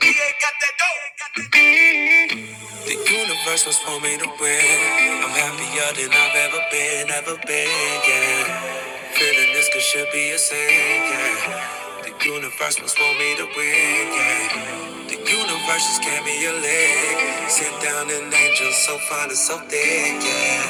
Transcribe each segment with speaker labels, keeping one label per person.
Speaker 1: The universe was for me to win. I'm happier than I've ever been, ever been, yeah. Feeling this could should be a sin, yeah. The universe was for me to win, yeah. The universe just gave me a leg. Sit down an angel so fine and so thick, yeah.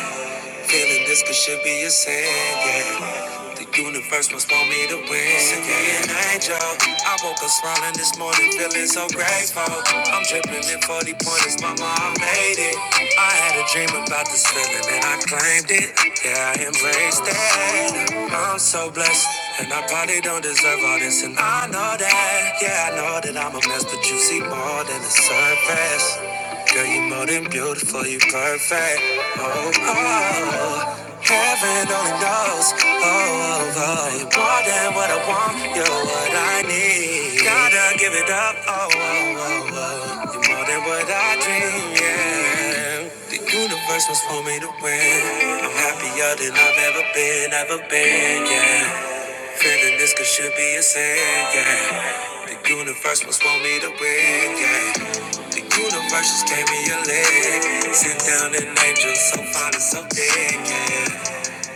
Speaker 1: Feeling this could should be a sin, yeah. The universe must want me to win. Sick yeah. an angel. I woke up smiling this morning, feeling so grateful. I'm dripping in 40 pointers, mama, I made it. I had a dream about this feeling and I claimed it. Yeah, I embraced it. I'm so blessed. And I probably don't deserve all this, and I know that. Yeah, I know that I'm a mess, but you see more than the surface. Girl, you more than beautiful, you perfect. Oh, oh, oh. heaven only knows. Oh, oh, oh, you more than what I want, you're what I need. Gotta give it up. Oh, oh, oh, oh. you more than what I dream. Yeah, the universe was for me to win. I'm happier than I've ever been, ever been. Yeah. Feeling this could should be a sin, yeah. The universe must want me to win, yeah. The universe just gave me a leg. Sent down an angel so fine and so big, yeah.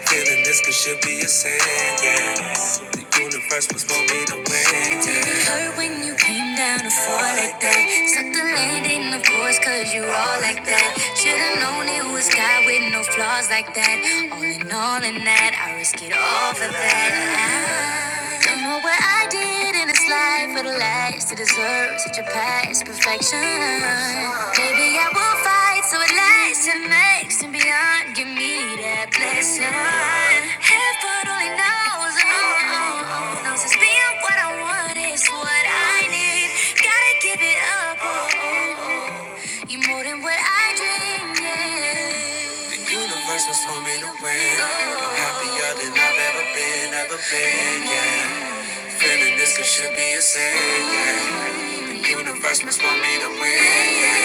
Speaker 1: Feeling this could should be a sin, yeah. The universe was for me to win, yeah. it hurt when you came down to fall like that? Suck the landing, of course, cause you all like that. Should've known it was God with no flaws like that. All in all, in that, I risk it all for that. I don't know what I did in this life for the last to deserve such a past perfection. Maybe I will fight so it lasts and makes and beyond. Give me that blessing. Heaven only knows, oh, oh, oh, knows it's being what I want is what I need. Gotta give it up, oh, oh, oh. you more than what I dreamed. Yeah. The universe was for me to win. I'm happier than I've ever been, ever been, yeah. Feeling this could should be a sin. yeah. Universe must want me to win.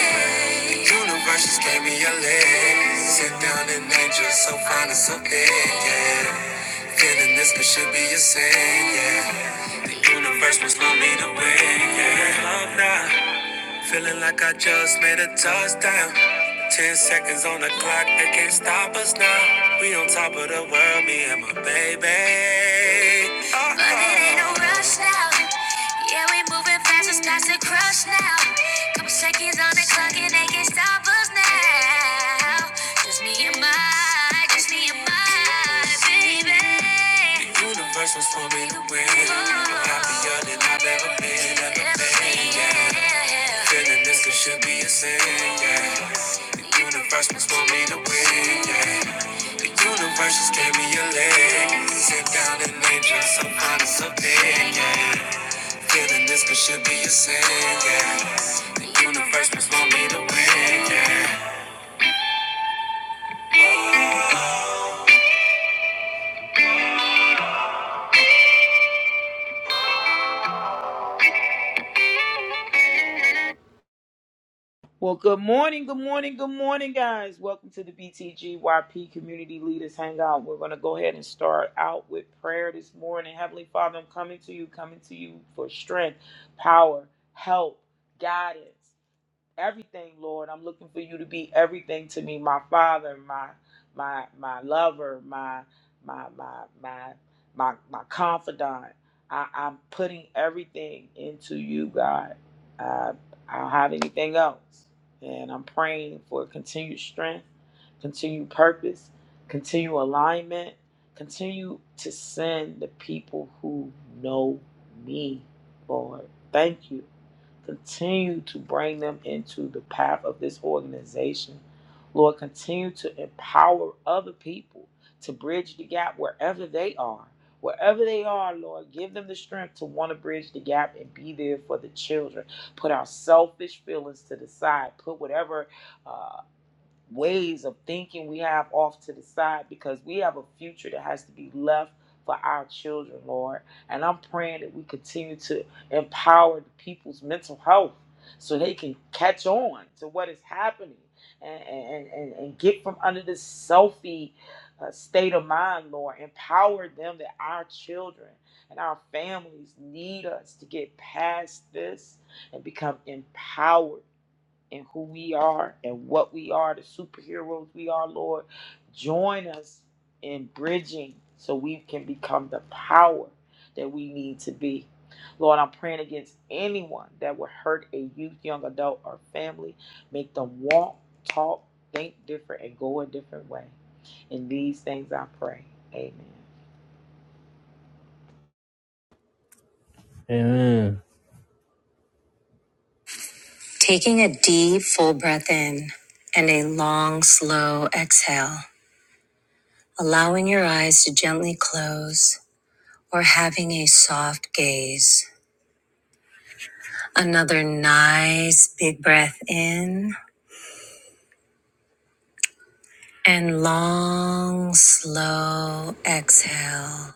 Speaker 1: yeah. Universe just gave me a leg. Sit down and angel, so fine and so big. Yeah. Feeling this could should be a sin. Yeah. The Universe must love me the way yeah. up now. Feeling like I just made a touchdown. Ten seconds on the clock, they can't stop us now. We on top of the world, me and my baby. Uh-oh. But it ain't no rush now. Yeah, we moving fast, it's starts to crush now. Couple seconds on the clock, and they can't stop us now. Just me and my, just me was for me to win. Happier than I've ever been, ever been, yeah. Feeling this could should be a sin, yeah. The universe was for me to win, yeah. The universe just gave me a leg. Sit down and enjoy some fun and some yeah. Feeling this could should be a sin, yeah. The universe was for me to win, yeah.
Speaker 2: Well, good morning, good morning, good morning, guys. Welcome to the BTGYP Community Leaders Hangout. We're going to go ahead and start out with prayer this morning. Heavenly Father, I'm coming to you, coming to you for strength, power, help, guidance everything, Lord. I'm looking for you to be everything to me, my father, my my my lover, my my my my my my confidant. I, I'm putting everything into you, God. Uh, I don't have anything else. And I'm praying for continued strength, continued purpose, continued alignment, continue to send the people who know me, Lord. Thank you. Continue to bring them into the path of this organization. Lord, continue to empower other people to bridge the gap wherever they are. Wherever they are, Lord, give them the strength to want to bridge the gap and be there for the children. Put our selfish feelings to the side. Put whatever uh, ways of thinking we have off to the side because we have a future that has to be left for our children, Lord. And I'm praying that we continue to empower the people's mental health so they can catch on to what is happening and, and, and, and get from under this selfie uh, state of mind, Lord. Empower them that our children and our families need us to get past this and become empowered and who we are and what we are, the superheroes we are, Lord. Join us in bridging so we can become the power that we need to be. Lord, I'm praying against anyone that would hurt a youth, young adult, or family. Make them walk, talk, think different, and go a different way. In these things I pray. Amen.
Speaker 1: Amen. Taking a deep, full breath in and a long, slow exhale, allowing your eyes to gently close or having a soft gaze. Another nice, big breath in and long, slow exhale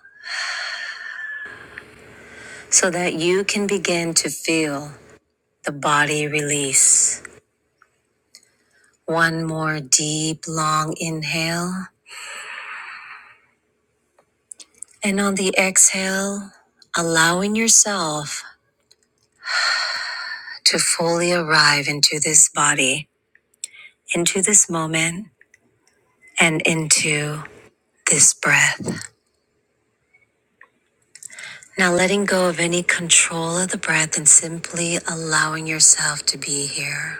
Speaker 1: so that you can begin to feel the body release. One more deep, long inhale. And on the exhale, allowing yourself to fully arrive into this body, into this moment, and into this breath. Now, letting go of any control of the breath and simply allowing yourself to be here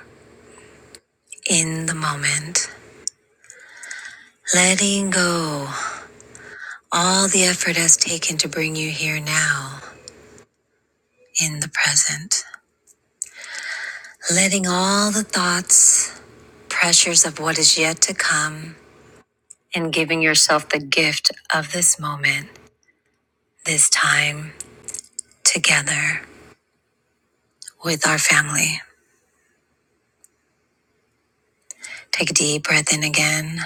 Speaker 1: in the moment. Letting go all the effort has taken to bring you here now in the present. Letting all the thoughts, pressures of what is yet to come, and giving yourself the gift of this moment, this time together. with our family. Take a deep breath in again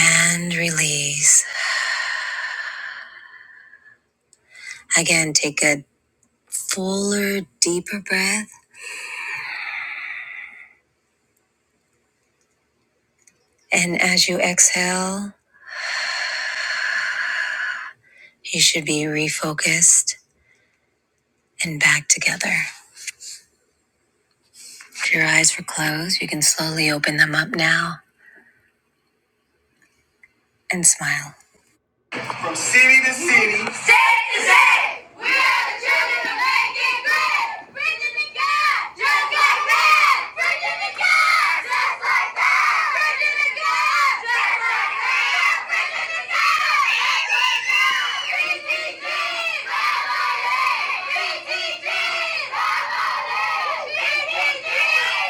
Speaker 1: and release. Again, take a fuller, deeper breath. And as you exhale, you should be refocused and back together. If your eyes were closed, you can slowly open them up now and smile. From city to city. State to state. We are the children of making great. Virginia God, just like that. Virginia God, just like that. Virginia God, just like that. Virginia God. BTG, family. BTG, family. BTG,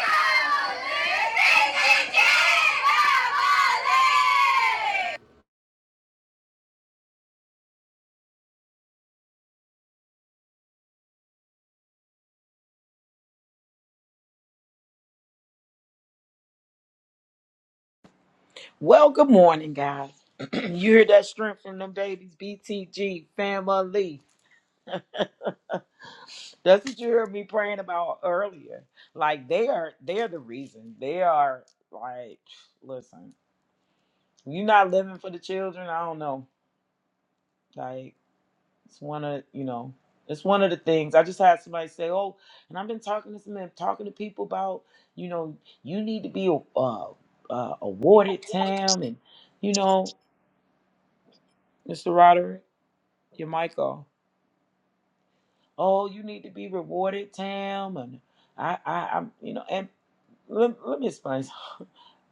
Speaker 1: family. BTG,
Speaker 2: Well, good morning, guys. you hear that strength from them babies, BTG family. That's what you heard me praying about earlier. Like they are they're the reason. They are like listen, you're not living for the children, I don't know. Like it's one of you know, it's one of the things. I just had somebody say, Oh, and I've been talking to some men, talking to people about, you know, you need to be uh, uh awarded Tam and you know, Mr. Roderick, your mic off. Oh, you need to be rewarded, Tam, and I, I, I'm, you know, and let, let me explain. something.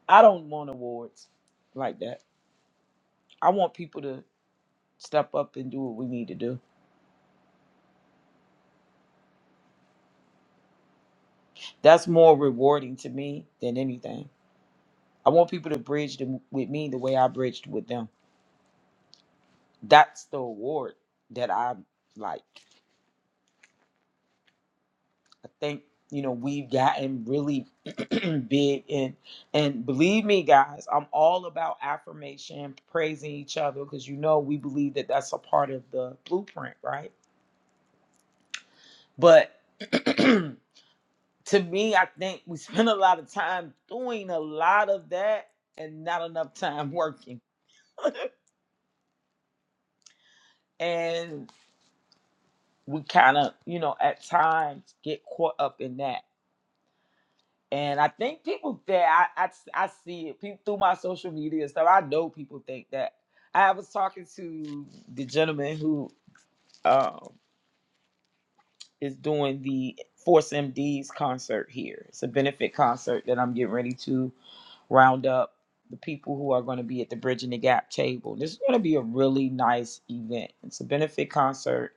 Speaker 2: I don't want awards like that. I want people to step up and do what we need to do. That's more rewarding to me than anything. I want people to bridge them with me the way I bridged with them. That's the award that I like. I think you know we've gotten really big and and believe me guys i'm all about affirmation praising each other because you know we believe that that's a part of the blueprint right but to me i think we spend a lot of time doing a lot of that and not enough time working and we kind of you know at times get caught up in that And I think people that I, I, I see it people, through my social media and stuff. I know people think that. I was talking to the gentleman who, um, is doing the Force MD's concert here. It's a benefit concert that I'm getting ready to round up the people who are going to be at the Bridging the Gap table. This is going to be a really nice event. It's a benefit concert.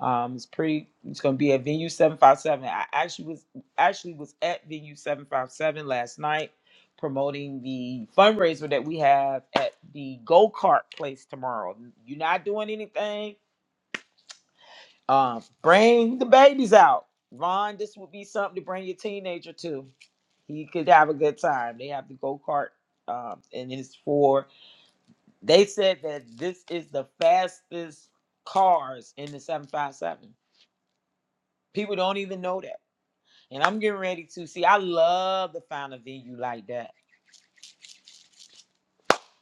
Speaker 2: Um, it's pretty. It's going to be at Venue Seven Five Seven. I actually was actually was at Venue Seven Five Seven last night, promoting the fundraiser that we have at the go kart place tomorrow. You're not doing anything. Um, bring the babies out. Ron, this would be something to bring your teenager to. He could have a good time. They have the go kart, um, and it's for. They said that this is the fastest cars in the 757. People don't even know that. And I'm getting ready to see. I love to find a venue like that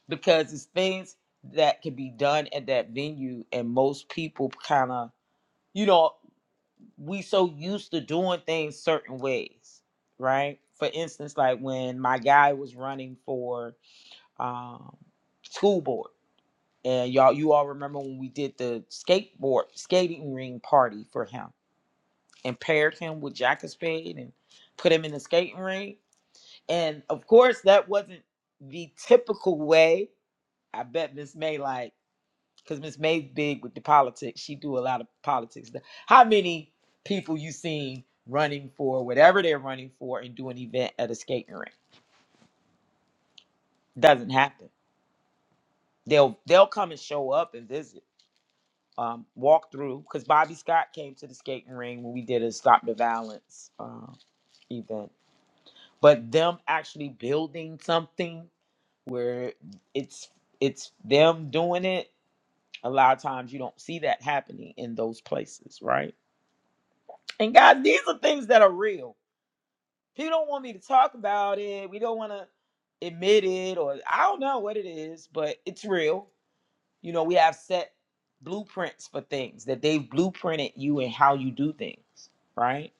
Speaker 2: because it's things that can be done at that venue, and most people kind of, you know. we so used to doing things certain ways, right? For instance, like when my guy was running for um, school board, and y'all, you all remember when we did the skateboard skating ring party for him and paired him with Jack of Spade and put him in the skating ring, and of course that wasn't the typical way. I bet Miss May like because Miss May's big with the politics. She do a lot of politics. The- How many people you seen running for whatever they're running for and do an event at a skating rink? Doesn't happen. They'll they'll come and show up and visit, um, walk through. Because Bobby Scott came to the skating ring when we did a Stop the Violence uh, event. But them actually building something where it's it's them doing it. A lot of times you don't see that happening in those places, right? And guys, these are things that are real. People don't want me to talk about it. We don't want to admit it, or I don't know what it is, but it's real. You know, we have set blueprints for things that they've blueprinted you and how you do things, right?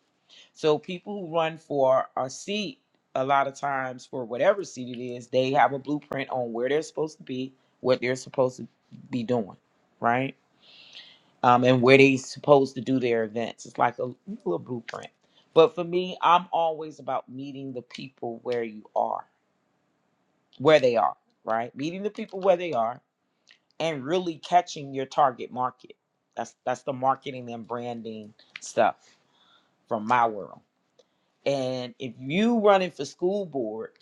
Speaker 2: So people who run for a seat, a lot of times for whatever seat it is, they have a blueprint on where they're supposed to be, what they're supposed to be doing, right? um, and where they supposed to do their events. It's like a little blueprint. But for me, I'm always about meeting the people where you are, where they are, right? Meeting the people where they are and really catching your target market. That's that's the marketing and branding stuff from my world. And if you running for school board,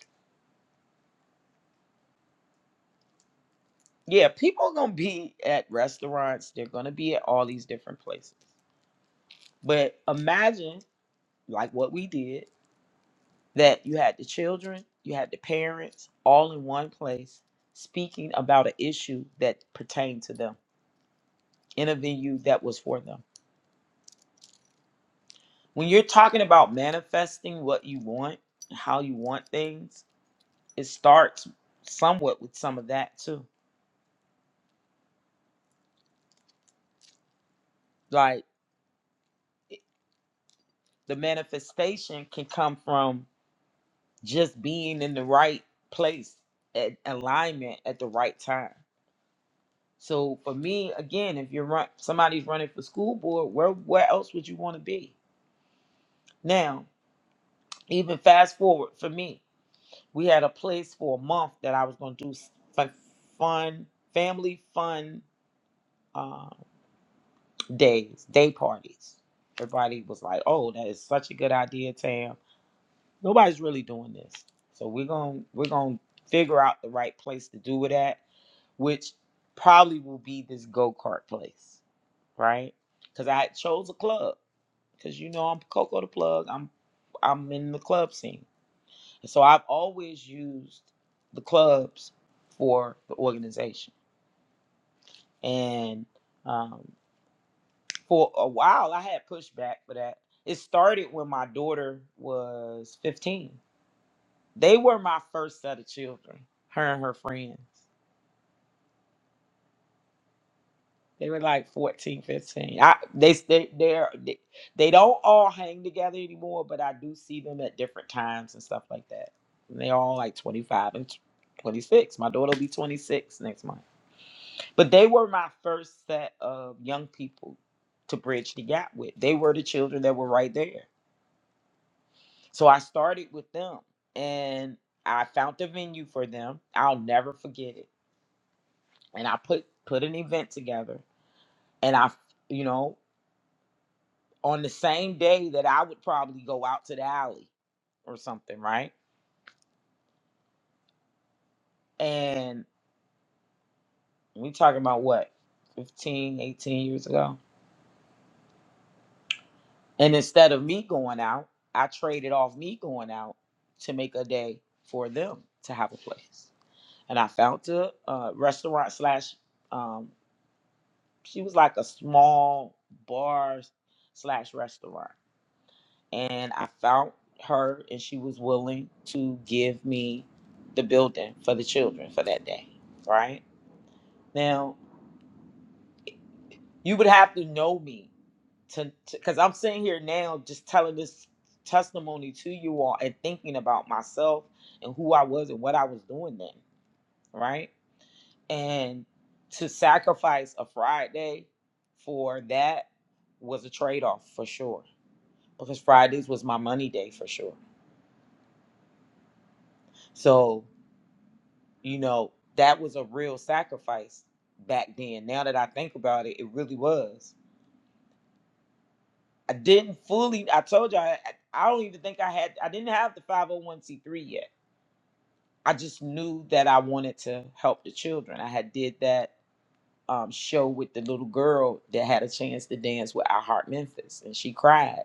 Speaker 2: yeah, people are gonna be at restaurants, they're gonna be at all these different places. But imagine like what we did that you had the children, you had the parents all in one place speaking about an issue that pertained to them in a venue that was for them. When you're talking about manifesting what you want, and how you want things, it starts somewhat with some of that too. Like it- the manifestation can come from just being in the right place at alignment at the right time. So for me, again, if you're run, somebody's running for school board, where where else would you want to be? Now, even fast forward for me, we had a place for a month that I was going to do s- fun, fun family fun uh, days, day parties. Everybody was like, "Oh, that is such a good idea, Tam." Nobody's really doing this, so we're gonna we're gonna figure out the right place to do it at, which probably will be this go kart place, right? Because I chose a club because you know I'm Coco the plug. I'm I'm in the club scene, so I've always used the clubs for the organization. And um, for a while, I had pushback for that. It started when my daughter was 15. They were my first set of children, her and her friends. They were like 14, 15. I, they, they, they're, they, they don't all hang together anymore, but I do see them at different times and stuff like that. And they're all like 25 and tw- 26. My daughter will be 26 next month. But they were my first set of young people to bridge the gap with. They were the children that were right there. So I started with them and I found the venue for them. I'll never forget it. And I put, put an event together and I, you know. on the same day that I would probably go out to the alley or something, right? And we talking about what, 15, 18 years ago? And instead of me going out, I traded off me going out to make a day for them to have a place. And I found a uh, restaurant slash, um, she was like a small bar slash restaurant and I found her, and she was willing to give me the building for the children for that day. Right now, you would have to know me to because I'm sitting here now just telling this testimony to you all and thinking about myself and who I was and what I was doing then. Right, and to sacrifice a Friday for that was a trade off for sure because Fridays was my money day for sure. So you know that was a real sacrifice back then now that i think about it it really was i didn't fully i told you i, I don't even think i had i didn't have the 501c3 yet i just knew that i wanted to help the children i had did that um, show with the little girl that had a chance to dance with i heart memphis and she cried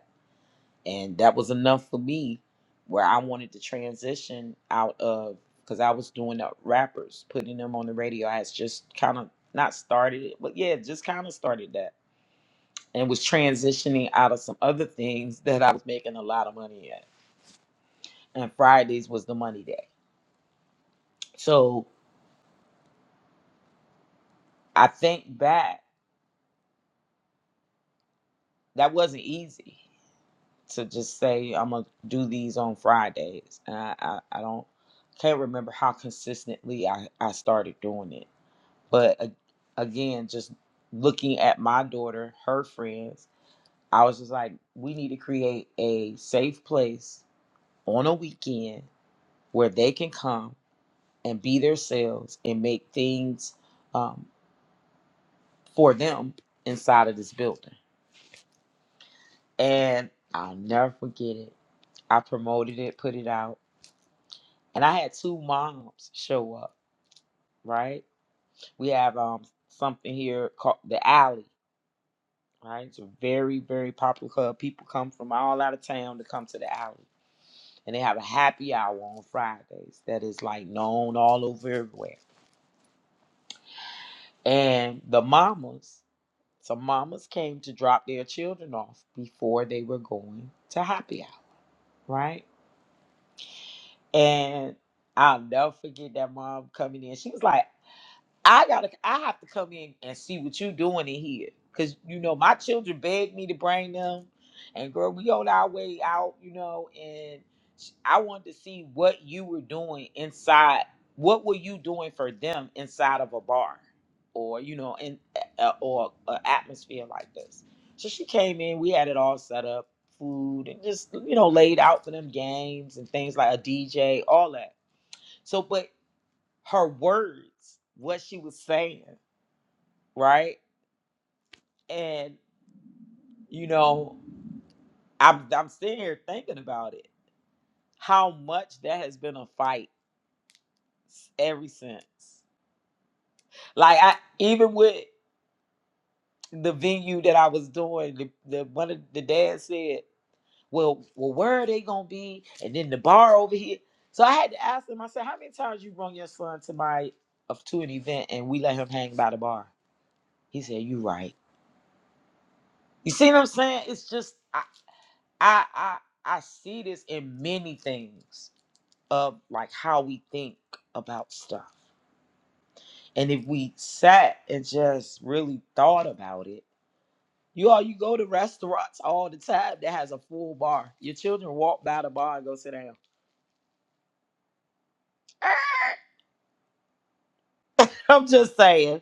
Speaker 2: and that was enough for me where i wanted to transition out of because i was doing the rappers putting them on the radio i had just kind of not started it but yeah just kind of started that and was transitioning out of some other things that i was making a lot of money at and fridays was the money day so i think back that wasn't easy to just say i'm gonna do these on fridays and i i, I don't can't remember how consistently I, I started doing it But a- again, just looking at my daughter, her friends, I was just like, we need to create a safe place on a weekend where they can come and be themselves and make things um, for them inside of this building. And I'll never forget it. I promoted it, put it out, and I had two moms show up. Right, we have um something here called the alley right? It's a very, very popular club. People come from all out of town to come to the alley. And they have a happy hour on Fridays that is like known all over everywhere. And the mamas, some mamas came to drop their children off before they were going to happy hour, right? And I'll never forget that mom coming in. She was like, I gotta I have to come in and see what you doing in here. Cause you know, my children begged me to bring them. And girl, we on our way out, you know, and sh- I wanted to see what you were doing inside. What were you doing for them inside of a bar or, you know, in uh, or an atmosphere like this? So she came in, we had it all set up, food, and just, you know, laid out for them games and things like a DJ, all that. So, but her words, what she was saying right? And you know, I'm I'm sitting here thinking about it. How much that has been a fight s- ever since. Like I even with the venue that I was doing, the, the one of the dad said, "Well, well, where are they gonna be?" And then the bar over here. So I had to ask him. I said, "How many times you brought your son to my of to an event and we let him hang by the bar?" He said, "You right." You see what I'm saying? It's just I I I, I see this in many things of like how we think about stuff. And if we sat and just really thought about it, you all you go to restaurants all the time that has a full bar. Your children walk by the bar and go sit down. I'm just saying,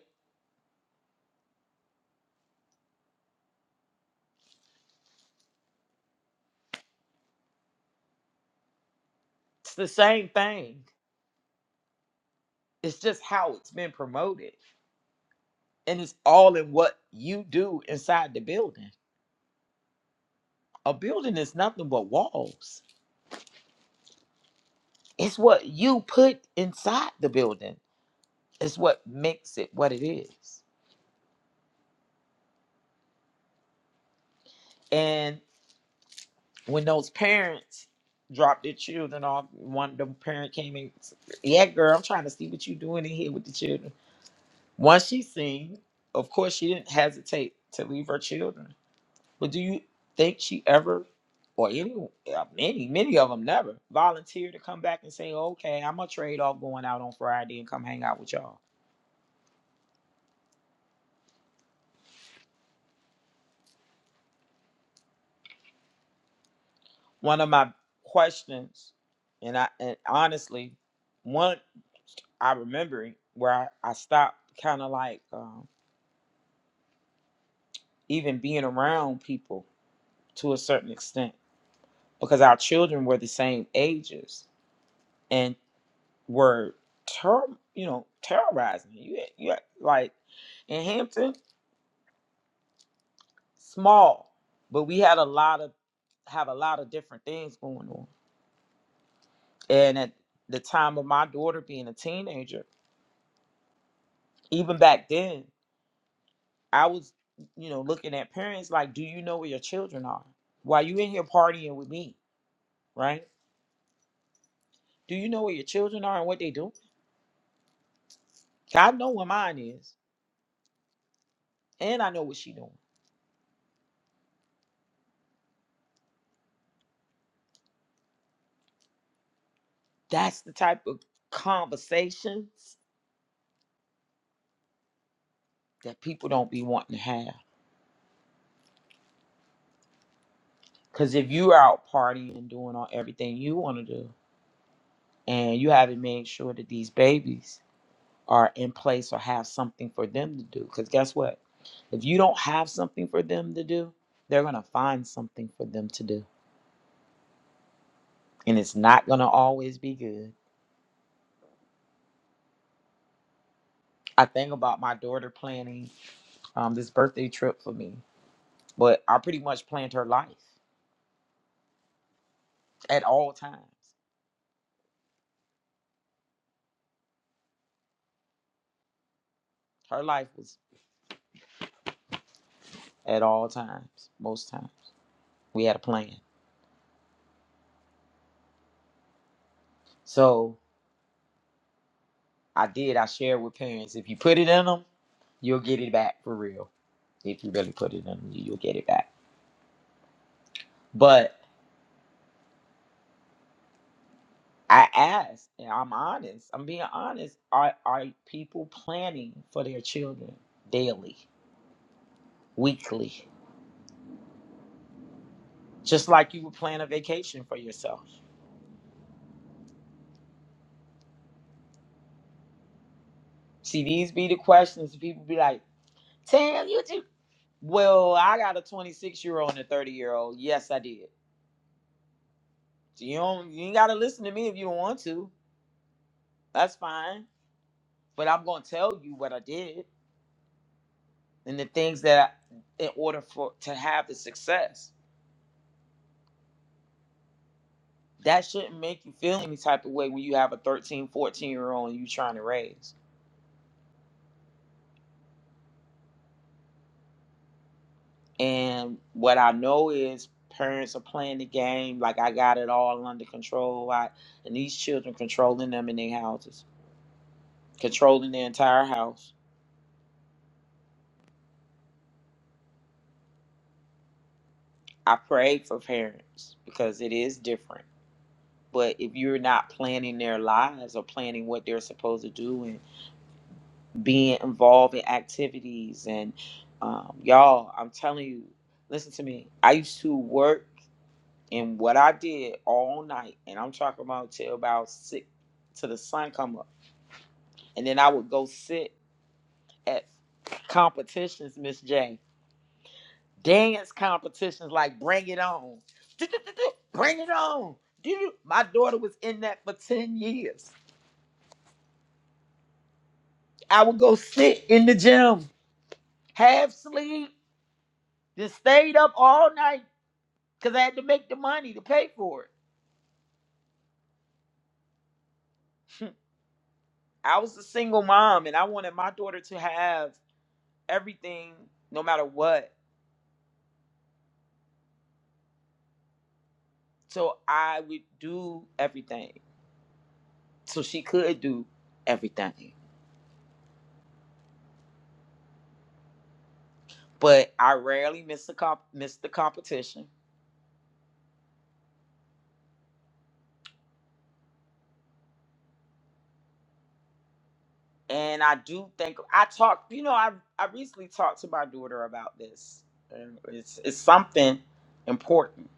Speaker 2: it's the same thing. It's just how it's been promoted. And it's all in what you do inside the building. A building is nothing but walls. It's what you put inside the building. It's what makes it what it is. and when those parents dropped their children off, one the parent came in, yeah, girl, I'm trying to see what you doing in here with the children. Once she seen, of course, she didn't hesitate to leave her children. But do you think she ever, or any, uh, many, many of them never volunteered to come back and say, okay, I'm gonna trade off going out on Friday and come hang out with y'all. One of my questions, and I, and honestly, one I remember where I, I stopped, kind of like. Um, even being around people to a certain extent because our children were the same ages and were ter- you know terrorizing you had- you had- like in Hampton small but we had a lot of have a lot of different things going on and at the time of my daughter being a teenager even back then I was you know looking at parents like do you know where your children are why you in here partying with me right do you know where your children are and what they doing I know where mine is, and I know what she doing. That's the type of conversations that people don't be wanting to have. Cause if you are out partying and doing all everything you want to do, and you haven't made sure that these babies are in place or have something for them to do, cause guess what? If you don't have something for them to do, they're gonna find something for them to do, and it's not gonna always be good. I think about my daughter planning um, this birthday trip for me, but I pretty much planned her life at all times. Her life was at all times, most times. We had a plan. So I did. I shared with parents. If you put it in them, you'll get it back for real. If you really put it in them, you'll get it back. But I asked, and I'm honest. I'm being honest. Are are people planning for their children daily, weekly, just like you would plan a vacation for yourself? See, these be the questions. People be like, "Tam, you too." Well, I got a 26 year old and a 30 year old. Yes, I did. So you don't you ain't gotta listen to me if you don't want to. That's fine. But I'm gonna tell you what I did and the things that I, in order for to have the success. That shouldn't make you feel any type of way when you have a 13, 14 year old and you trying to raise. And what I know is parents are playing the game like I got it all under control. I, and these children controlling them in their houses, controlling their entire house I pray for parents because it is different. But if you're not planning their lives or planning what they're supposed to do and being involved in activities and um, y'all, I'm telling you, listen to me. I used to work and what I did all night, and I'm talking about till about six till the sun come up, and then I would go sit at competitions, Miss J. dance competitions like Bring It On. Bring It On. My daughter was in that for 10 years. I would go sit in the gym, half sleep, just stayed up all night because I had to make the money to pay for it. I was a single mom and I wanted my daughter to have everything no matter what. So I would do everything. So she could do everything. But I rarely missed the comp- missed the competition. and I do think I talked. You know, I I recently talked to my daughter about this. And it's it's something important.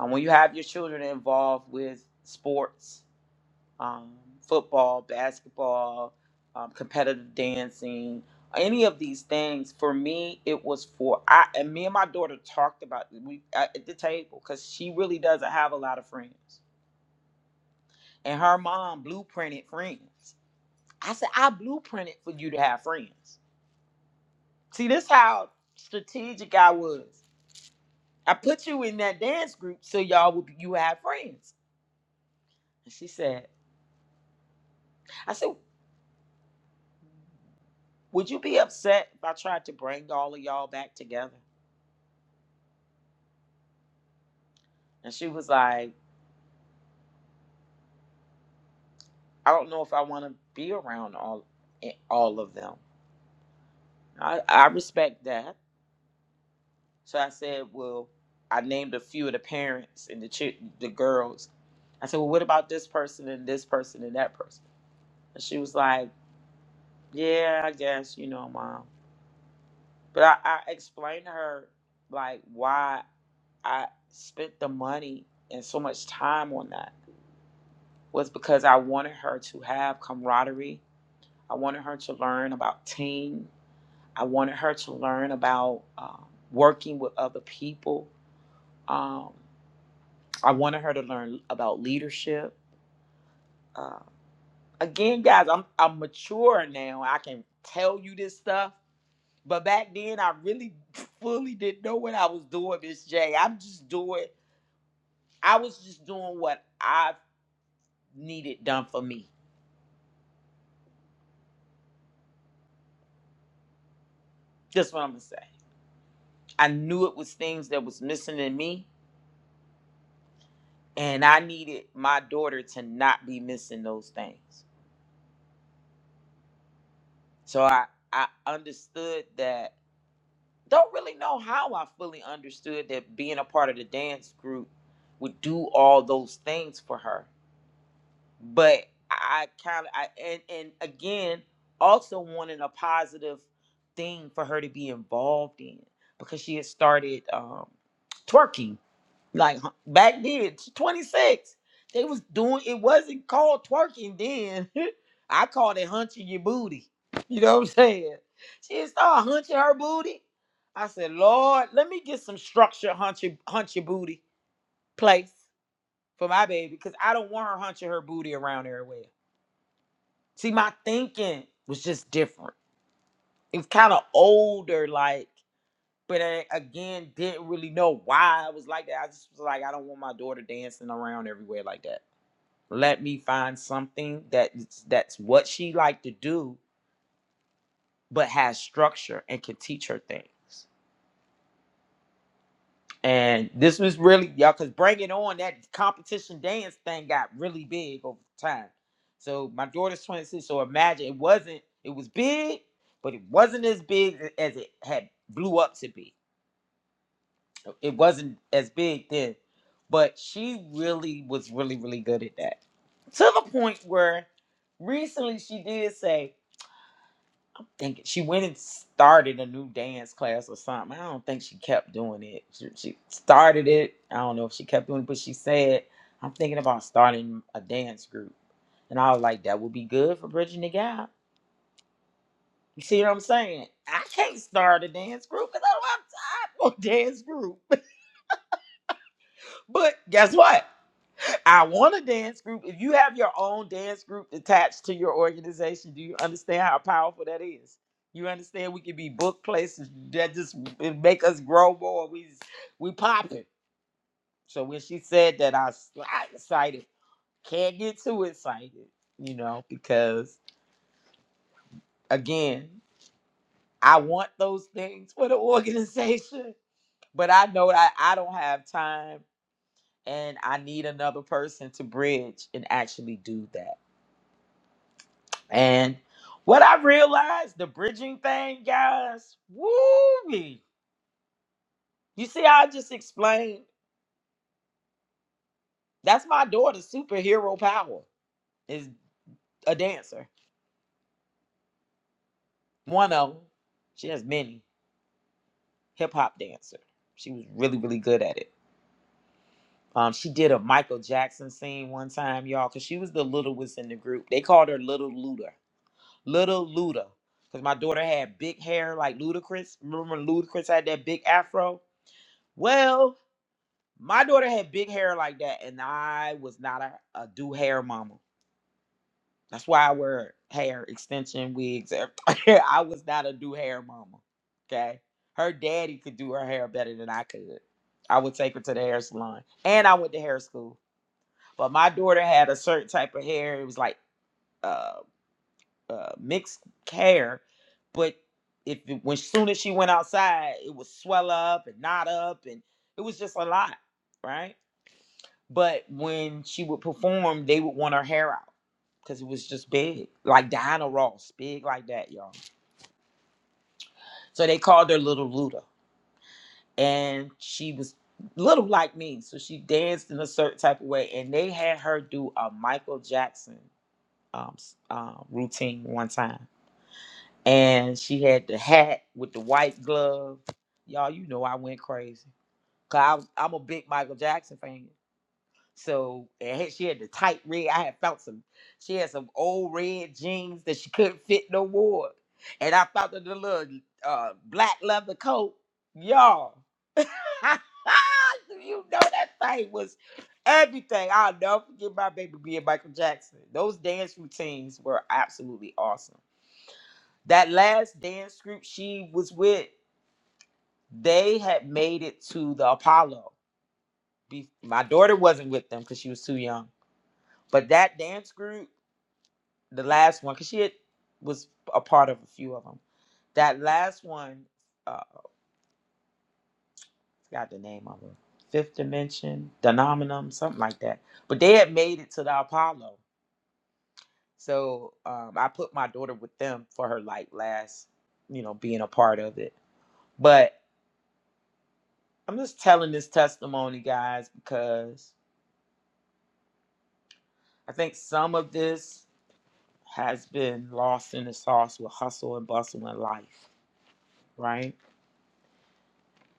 Speaker 2: And when you have your children involved with sports, um, football, basketball, um, competitive dancing, any of these things, for me, it was for I and me and my daughter talked about it. we at at the table because she really doesn't have a lot of friends, and her mom blueprinted friends. I said I blueprinted for you to have friends See, this how strategic I was. I put you in that dance group so y'all would be, you have friends. And she said, I said, would you be upset if I tried to bring all of y'all back together? And she was like, I don't know if I want to be around all eh, all of them. I, I respect that. So I said, well, I named a few of the parents and the chi- the girls. I said, well, what about this person and this person and that person? And she was like, yeah, I guess you know, mom. But I, I explained to her like why I spent the money and so much time on that was because I wanted her to have camaraderie. I wanted her to learn about team. I wanted her to learn about um, working with other people. Um, I wanted her to learn about leadership. Uh, again, guys, I'm I'm mature now. I can tell you this stuff. But back then, I really fully didn't know what I was doing, Miss J. I'm just doing I was just doing what I needed done for me. That's what I'm gonna say. I knew it was things that was missing in me, and I needed my daughter to not be missing those things. So I I understood that. Don't really know how I fully understood that being a part of the dance group would do all those things for her. but I kind of I and and again also wanting a positive thing for her to be involved in because she had started um twerking like huh, back then she's 26 they was doing it wasn't called twerking then I called it hunching your booty you know what I'm saying she had started hunching her booty I said Lord let me get some structure hunch your hunch your booty place for my baby because I don't want her hunching her booty around everywhere See, my thinking was just different. It was kind of older, like, but I, again, didn't really know why I was like that. I just was like, I don't want my daughter dancing around everywhere like that. Let me find something that that's what she like to do, but has structure and can teach her things. And this was really y'all cause bring it on that competition dance thing got really big over time. So my daughter's 26, so imagine it wasn't it was big, but it wasn't as big as it had blew up to be. It wasn't as big then. But she really was really, really good at that. To the point where recently she did say, think she went and started a new dance class or something. I don't think she kept doing it. She, she started it. I don't know if she kept doing it, but she said, "I'm thinking about starting a dance group," and I was like, "That would be good for bridging the gap." You see what I'm saying? I can't start a dance group because I don't have time for a dance group. but guess what? I want a dance group. If you have your own dance group attached to your organization, do you understand how powerful that is? You understand we could be book places that just it make us grow more. We we popping. So when she said that, I was slightly excited. Can't get too excited, you know, because again, I want those things for the organization, but I know that I don't have time, and I need another person to bridge and actually do that. And what I realized, the bridging thing, guys, woo You see how I just explained? That's my daughter's superhero power is a dancer. One of them. She has many. Hip hop dancer. She was really, really good at it. Um, she did a Michael Jackson scene one time, y'all, because she was the littlest in the group. They called her Little Luda. Little Luda. Because my daughter had big hair like Ludacris. Remember when Ludacris had that big afro? Well, My daughter had big hair like that, and I was not a, a do hair mama. That's why I wear hair extension wigs. everything. I was not a do hair mama. Okay. Her daddy could do her hair better than I could. I would take her to the hair salon, and I went to hair school. But my daughter had a certain type of hair. It was like uh, uh, mixed hair, but if it, when soon as she went outside, it would swell up and knot up, and it was just a lot, right? But when she would perform, they would want her hair out because it was just big, like Diana Ross, big like that, y'all. So they called her Little Luda, and she was little like me, so she danced in a certain type of way. And they had her do a Michael Jackson um, s- um, routine one time, and she had the hat with the white glove. Y'all, you know I went crazy. Cause I, I'm a big Michael Jackson fan. So and had- she had the tight red. I had found some. She had some old red jeans that she couldn't fit no more. And I found her the little uh, black leather coat, y'all. you know that thing was everything. I'll never forget my baby being Michael Jackson. Those dance routines were absolutely awesome. That last dance group she was with, they had made it to the Apollo. Be- My daughter wasn't with them because she was too young But that dance group, the last one, because she had, was a part of a few of them. That last one, uh, forgot the name of it. Fifth Dimension, Denominum, something like that. But they had made it to the Apollo. So um, I put my daughter with them for her like last, you know, being a part of it. But I'm just telling this testimony, guys, because I think some of this has been lost in the sauce with hustle and bustle in life, right?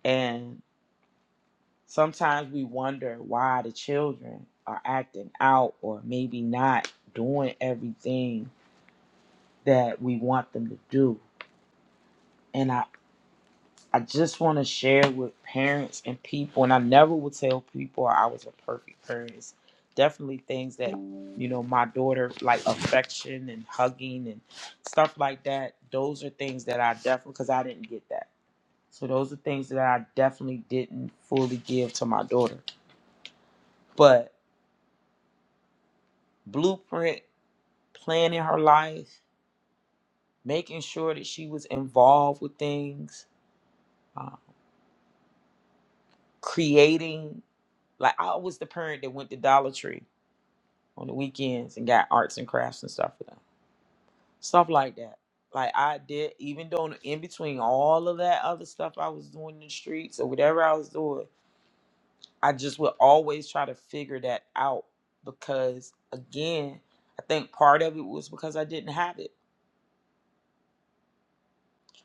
Speaker 2: And Sometimes we wonder why the children are acting out or maybe not doing everything that we want them to do. And I, I just want to share with parents and people, and I never would tell people I was a perfect parent. It's definitely things that, you know, my daughter, like affection and hugging and stuff like that, those are things that I definitely, because I didn't get that. So those are things that I definitely didn't fully give to my daughter. But blueprint planning her life, making sure that she was involved with things, uh, creating. Like I was the parent that went to Dollar Tree on the weekends and got arts and crafts and stuff for them, stuff like that. Like I did, even though in between all of that other stuff I was doing in the streets or whatever I was doing, I just would always try to figure that out because again, I think part of it was because I didn't have it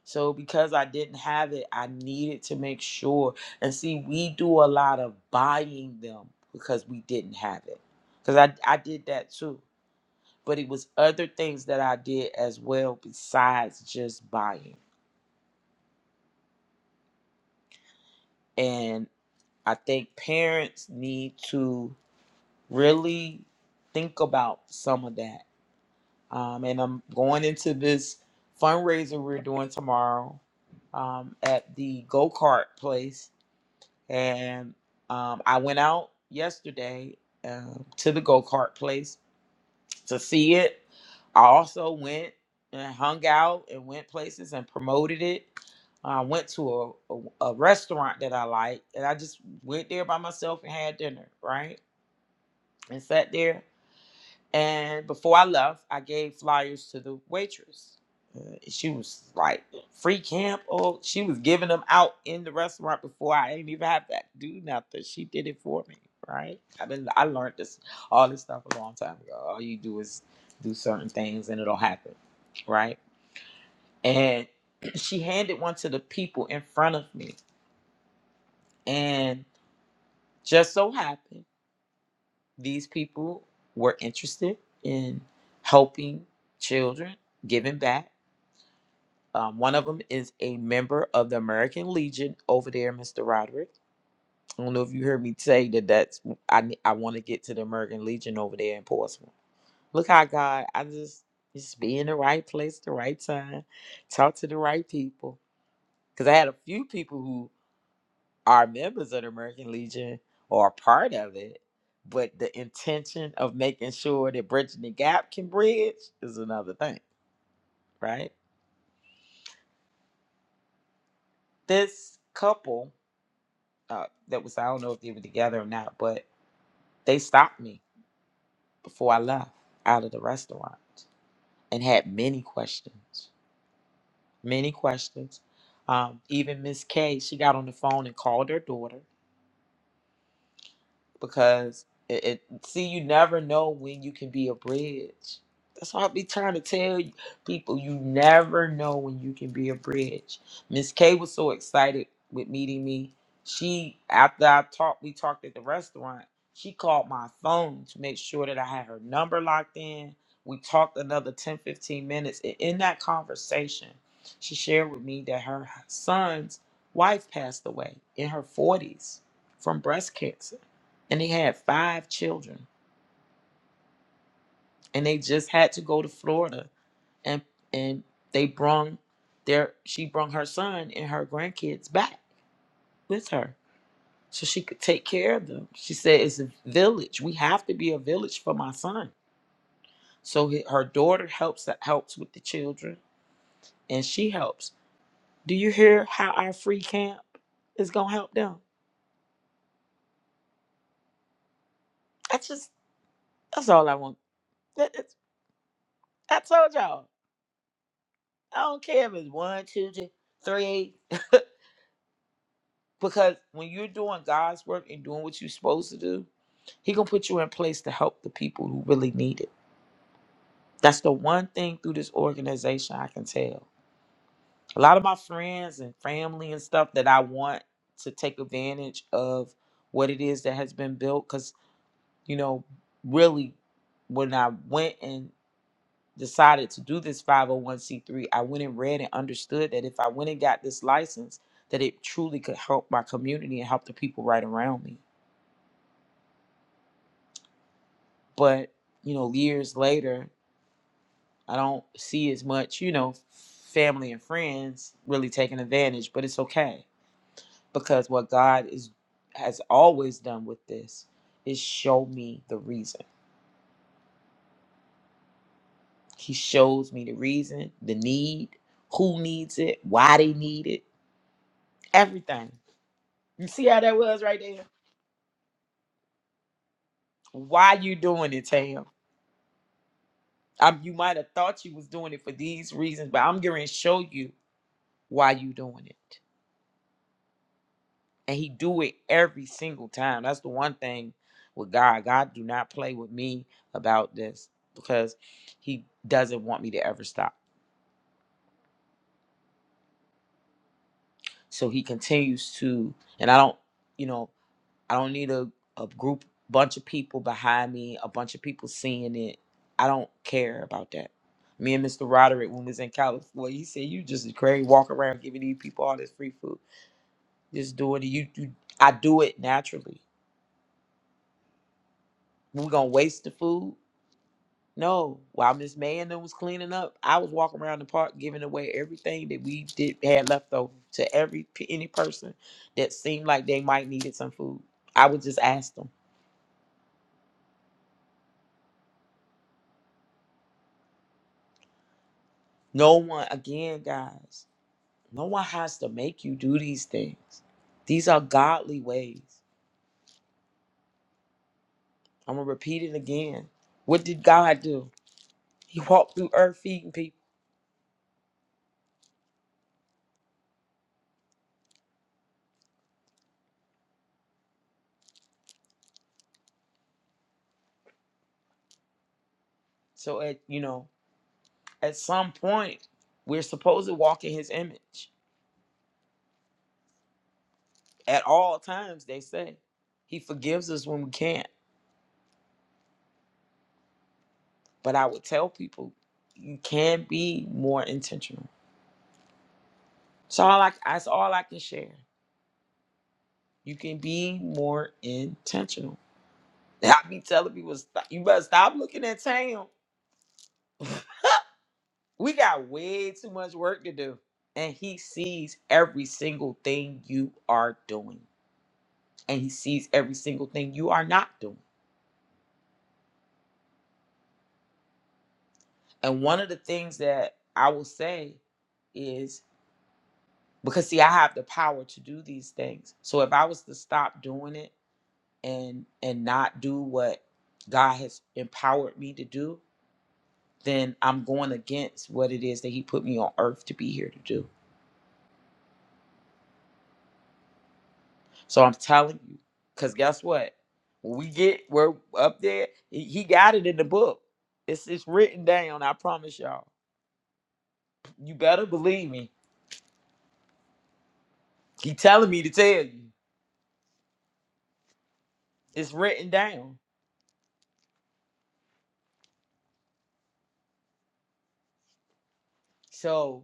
Speaker 2: So because I didn't have it, I needed to make sure. And see, we do a lot of buying them because we didn't have it. Because I, I did that too. But it was other things that I did as well besides just buying. And I think parents need to really think about some of that. Um, and I'm going into this fundraiser we're doing tomorrow um, at the go kart place and um, I went out yesterday uh, to the go kart place to see it. I also went and hung out and went places and promoted it. I went to a, a, a restaurant that I like, and I just went there by myself and had dinner, right? And sat there. And before I left, I gave flyers to the waitress. Uh, she was like, free camp. Oh, she was giving them out in the restaurant before I didn't even have to do nothing. She did it for me, right? I been I learned this all this stuff a long time ago. All you do is do certain things and it'll happen, right? And she handed one to the people in front of me, and just so happened. these people were interested in helping children, giving back. Um, one of them is a member of the American Legion over there, Mr. Roderick. I don't know if you heard me say that. That's I. I want to get to the American Legion over there in Portsmouth. Look how God, I just just be in the right place, at the right time, talk to the right people. Because I had a few people who. are members of the American Legion or are part of it, but the intention of making sure that bridging the gap can bridge is another thing, right? This couple uh, that was, I don't know if they were together or not, but they stopped me before I left out of the restaurant and had many questions, many questions. Um, even Miss K, she got on the phone and called her daughter because it, it see you never know when you can be a bridge. That's why I be trying to tell you, people. You never know when you can be a bridge. Miss K was so excited with meeting me. She after I talked, we talked at the restaurant. She called my phone to make sure that I had her number locked in. We talked another 10 15 minutes. And in that conversation, she shared with me that her son's wife passed away in her 40s from breast cancer and they had five children and they just had to go to Florida and and they brung their she brung her son and her grandkids back with her so she could take care of them she said it's a village we have to be a village for my son so he- her daughter helps helps with the children and she helps do you hear how our free camp is gonna help them that's just that's all i want That- that's- i told y'all i don't care if it's one two three three Because when you're doing God's work and doing what you're supposed to do, He gonna put you in place to help the people who really need it. That's the one thing through this organization I can tell. A lot of my friends and family and stuff that I want to take advantage of what it is that has been built. Cause you know, really, when I went and decided to do this 501c3, I went and read and understood that if I went and got this license, that it truly could help my community and help the people right around me. but you know years later i don't see as much you know family and friends really taking advantage but it's okay because what god is has always done with this is show me the reason he shows me the reason the need who needs it why they need it everything you see how that was right there why you doing it tam i you might have thought you was doing it for these reasons but i'm going to show you why you doing it and he do it every single time that's the one thing with god god do not play with me about this because he doesn't want me to ever stop so he continues to and i don't you know i don't need a, a group bunch of people behind me a bunch of people seeing it i don't care about that me and mr roderick when we was in california he said you just crazy walk around giving these people all this free food just do it you, you i do it naturally we're gonna waste the food No, while Miss May and them was cleaning up, I was walking around the park giving away everything that we did had left over to every p- any person that seemed like they might needed some food. I would just ask them. No one, again, guys, no one has to make you do these things. These are godly ways. I'm gonna repeat it again. What did God do? He walked through earth feeding people. So at you know, at some point, we're supposed to walk in His image. at all times they say he forgives us when we can't but i would tell people you can be more intentional so all I, that's all i can share you can be more intentional And i be telling people "Stop- you better stop looking at tam we got way too much work to do and he sees every single thing you are doing and he sees every single thing you are not doing and one of the things that i will say is. because see i have the power to do these things so if i was to stop doing it and and not do what god has empowered me to do then i'm going against what it is that he put me on earth to be here to do so i'm telling you because guess what when we get we're up there he he got it in the book it's it's written down i promise y'all you better believe me he telling me to tell you it's written down so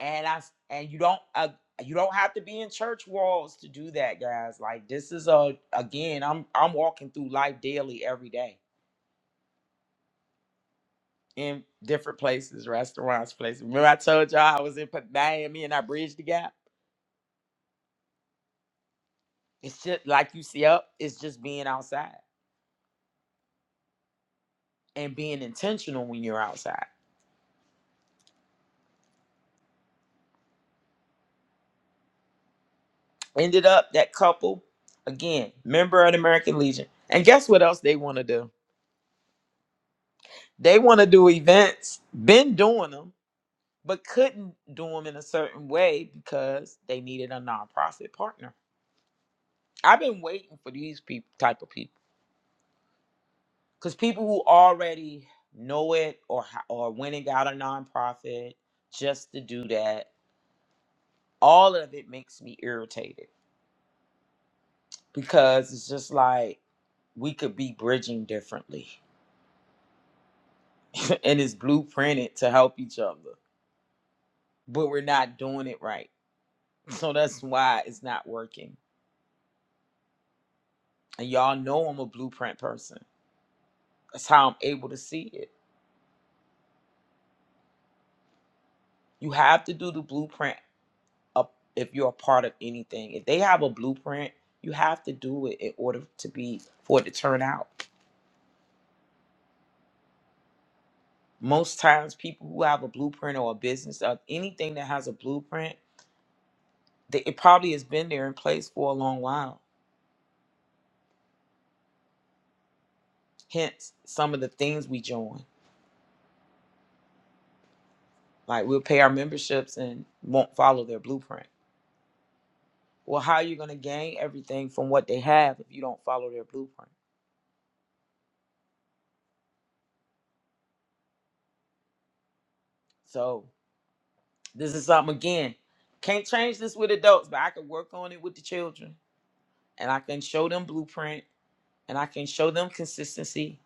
Speaker 2: and I and you don't uh, you don't have to be in church walls to do that, guys. Like this is a again, I'm I'm walking through life daily every day in different places, restaurants, places. Remember I told y'all I was in Miami and I bridged the gap. It's just like you see up. It's just being outside and being intentional when you're outside. Ended up that couple again, member of the American Legion, and guess what else they want to do? They want to do events. Been doing them but couldn't do them in a certain way because they needed a nonprofit partner. I've been waiting for these people, type of people, because people who already know it or or went and got a nonprofit just to do that, all of it makes me irritated because it's just like we could be bridging differently, and it's blueprinted to help each other, but we're not doing it right. So that's why it's not working. And y'all know I'm a blueprint person. That's how I'm able to see it. You have to do the blueprint up if you're a part of anything. If they have a blueprint, you have to do it in order to be for it to turn out. Most times, people who have a blueprint or a business or anything that has a blueprint, they, it probably has been there in place for a long while. Hence, some of the things we join, like we'll pay our memberships and won't follow their blueprint. Well, how are you going to gain everything from what they have if you don't follow their blueprint? So This is something again. Can't change this with adults, but I can work on it with the children. And I can show them blueprint and I can show them consistency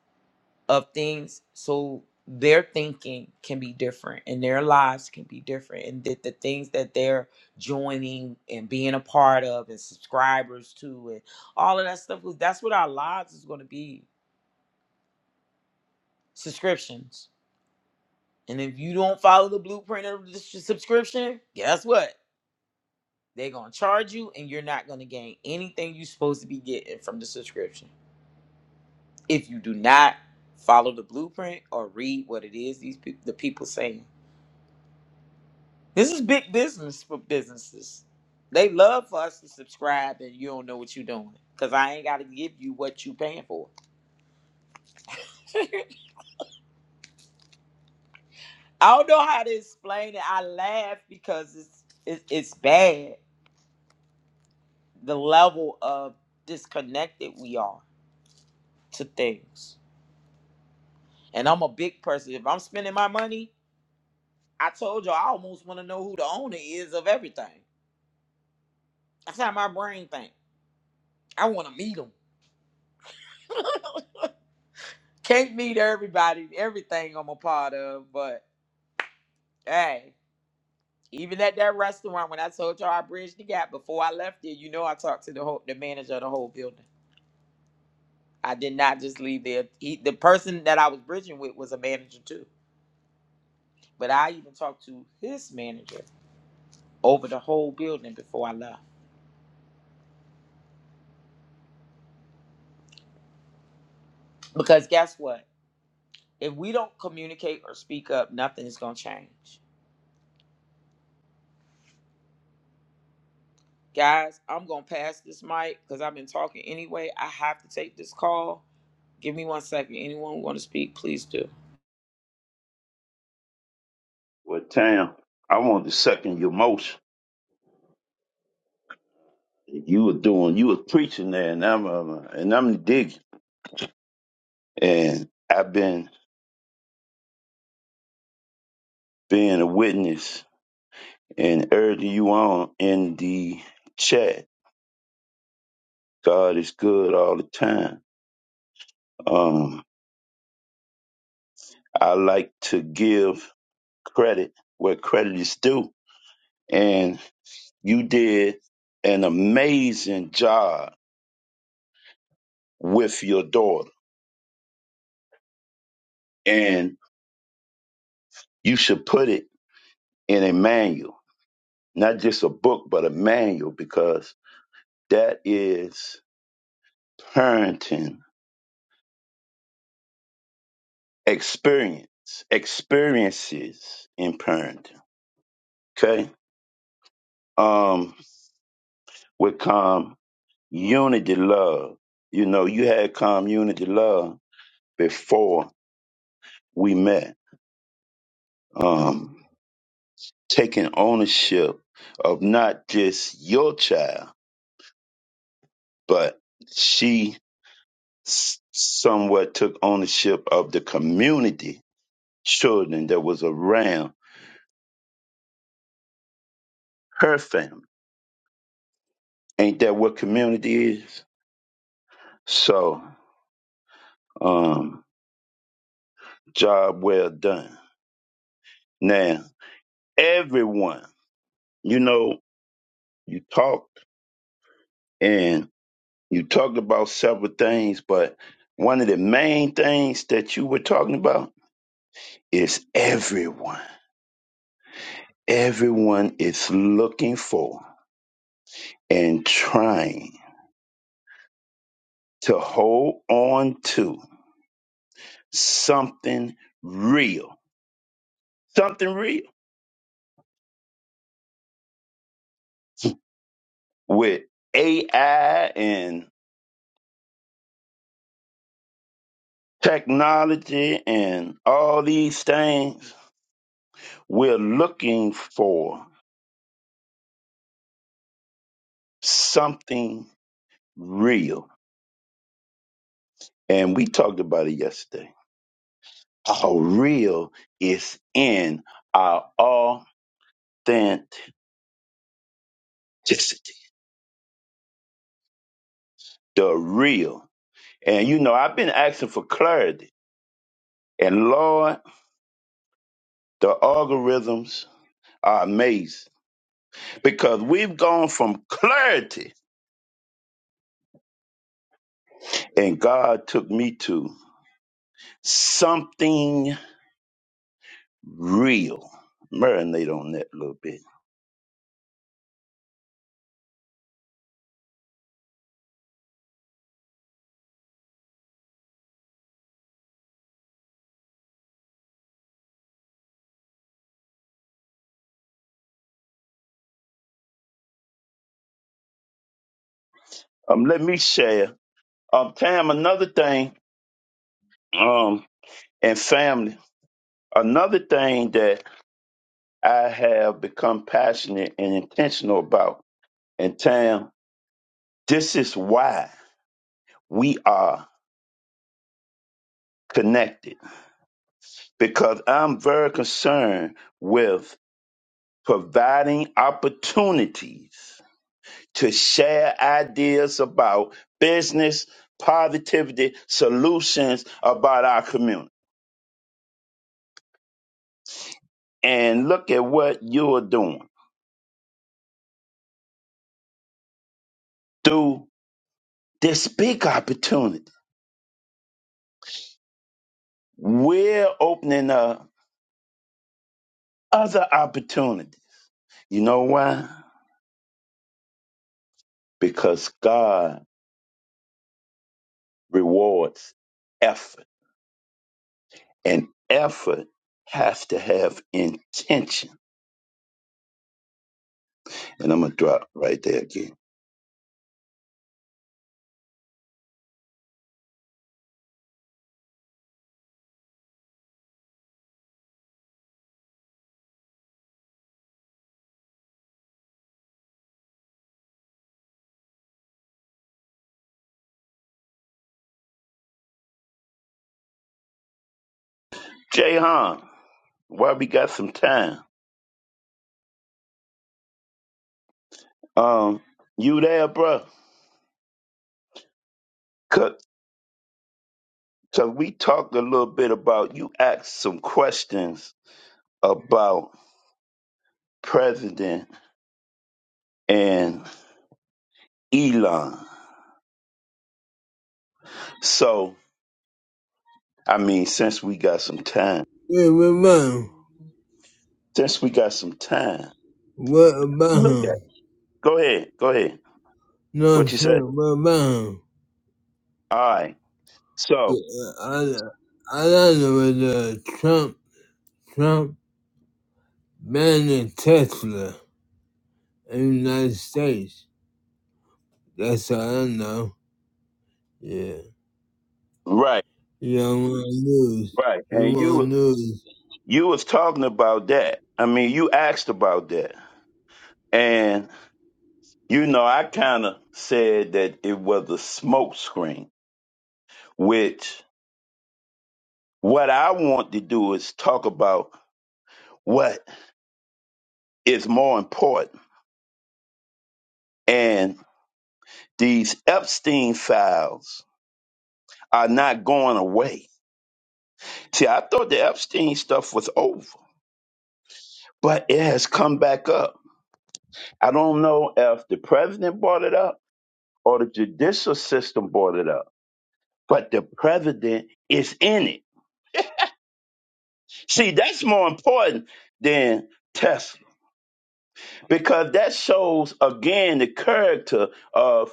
Speaker 2: of things so their thinking can be different and their lives can be different. And that the things that they're joining and being a part of and subscribers to and all of that stuff, 'cause that's what our lives is going to be subscriptions. And if you don't follow the blueprint of the s- subscription, guess what? They're gonna charge you, and you're not gonna gain anything you're supposed to be getting from the subscription if you do not follow the blueprint or read what it is these people, the people saying. This is big business for businesses. They love for us to subscribe, and you don't know what you're doing because I ain't gotta give you what you paying for. I don't know how to explain it. I laugh because it's it's, it's bad the level of disconnected we are to things. And I'm a big person. If I'm spending my money, I told you I almost want to know who the owner is of everything. That's how my brain think. I want to meet them. Can't meet everybody, everything I'm a part of, but hey, even at that restaurant when I told y'all I bridged the gap before I left there, you know I talked to the whole the manager of the whole building. I did not just leave there. He, the person that I was bridging with was a manager too, but I even talked to his manager over the whole building before I left. Because guess what? If we don't communicate or speak up, nothing is going to change. Guys, I'm going to pass this mic because I've been talking anyway. I have to take this call. Give me one second. Anyone want to speak, please do.
Speaker 3: Well, Tam, I want to second your motion. You were doing, you were preaching there, and I'm uh, and I'm digging. And I've been being a witness and urging you on in the chat. God is good all the time. Um, I like to give credit where credit is due, and you did an amazing job with your daughter. And you should put it in a manual not just a book, but a manual, because that is parenting experience, experiences in parenting. Okay. Um, with calm unity love. You know, you had calm unity love before we met. Um, taking ownership of not just your child, but she s- somewhat took ownership of the community children that was around her family. Ain't that what community is? So, um, job well done. Now, everyone, you know, you talked and you talked about several things, but one of the main things that you were talking about is everyone. Everyone is looking for and trying to hold on to something real, something real with AI and technology and all these things, we're looking for something real. And we talked about it yesterday. How real is in our authenticity, the real. And you know, I've been asking for clarity. And Lord, the algorithms are amazing because we've gone from clarity, and God took me to something real. Marinate on that a little bit. Um, let me share. Um, Tam, another thing, um, and family, another thing that I have become passionate and intentional about, and Tam, this is why we are connected because I'm very concerned with providing opportunities to share ideas about business, positivity, solutions about our community. and look at what you're doing through this big opportunity. We're opening up other opportunities. You know why? Because God rewards effort, and effort has to have intention. And I'm gonna drop right there again. Jay Han, while we got some time, um, you there, bro? bruh? Cause, 'cause we talked a little bit about you asked some questions about President and Elon. So, I mean, since we got some time,
Speaker 1: family. Yeah, man.
Speaker 3: since we got some time,
Speaker 1: What about
Speaker 3: look at.
Speaker 1: him?
Speaker 3: it. Go ahead, go ahead.
Speaker 1: No, I'm
Speaker 3: What you said?
Speaker 1: saying, what about him?
Speaker 3: All right. So,
Speaker 1: Yeah, I, I don't know. uh, Trump, Trump banning Tesla in the United States. That's all I know. Yeah.
Speaker 3: right,
Speaker 1: He don't want news.
Speaker 3: right.
Speaker 1: He
Speaker 3: And
Speaker 1: want
Speaker 3: you,
Speaker 1: news.
Speaker 3: you was talking about that. I mean, you asked about that, and you know, I kind of said that it was a smoke screen. Which, what I want to do is talk about what is more important, and these Epstein files are not going away. See, I thought the Epstein stuff was over, but it has come back up. I don't know if the president brought it up or the judicial system brought it up, but the president is in it. See, that's more important than Tesla because that shows again the character of,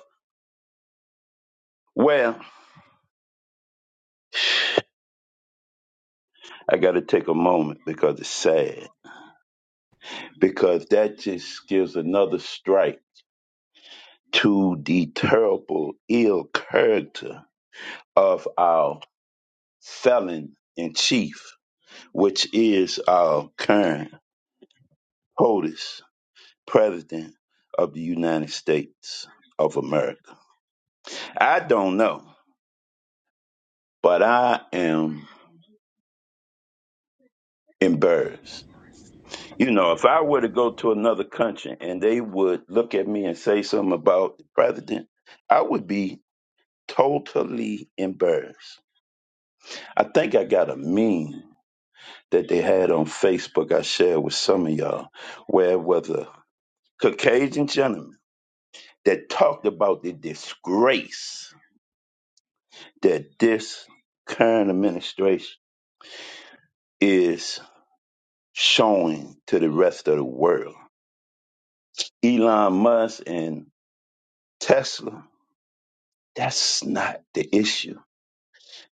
Speaker 3: well, I got to take a moment because it's sad, because that just gives another strike to the terrible, ill character of our felon in chief, which is our current POTUS, President of the United States of America. I don't know, but I am embarrassed. You know, if I were to go to another country and they would look at me and say something about the president, I would be totally embarrassed. I think I got a meme that they had on Facebook I shared with some of y'all where whether Caucasian gentlemen that talked about the disgrace that this current administration is showing to the rest of the world. Elon Musk and Tesla, that's not the issue.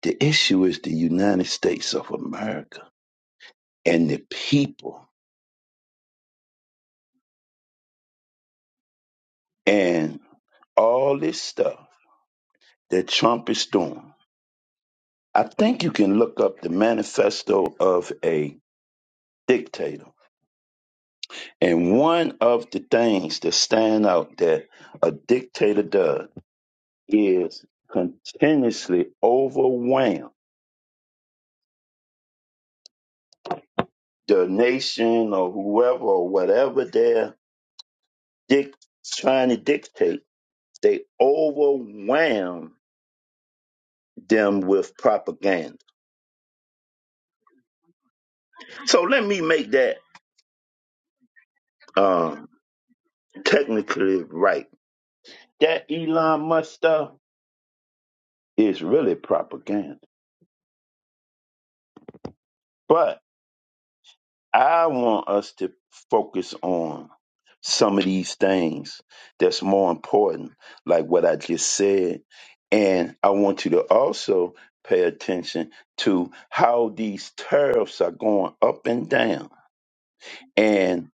Speaker 3: The issue is the United States of America and the people and all this stuff that Trump is doing. I think you can look up the manifesto of a dictator And one of the things that stand out that a dictator does is continuously overwhelm the nation or whoever or whatever they're dic- trying to dictate. They overwhelm them with propaganda. So let me make that um, technically right. That Elon Musk stuff is really propaganda. But I want us to focus on some of these things that's more important, like what I just said. And I want you to also pay attention to how these tariffs are going up and down. And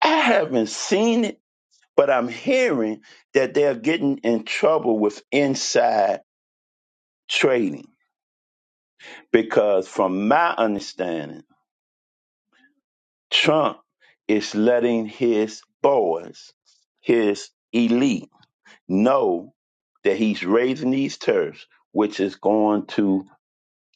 Speaker 3: I haven't seen it, but I'm hearing that they're getting in trouble with inside trading because, from my understanding, Trump is letting his boys, his elite, know that he's raising these tariffs, which is going to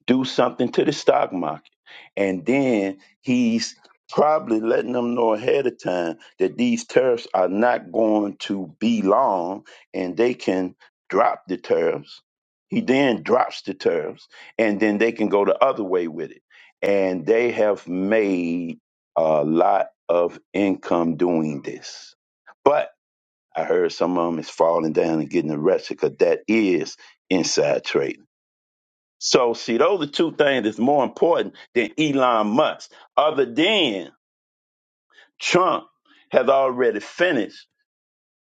Speaker 3: do something to the stock market. And then he's probably letting them know ahead of time that these tariffs are not going to be long and they can drop the tariffs. He then drops the tariffs and then they can go the other way with it. And they have made a lot of income doing this. But I heard some of them is falling down and getting arrested because that is inside trading so, see, those are two things that's more important than Elon Musk. Other than Trump has already finished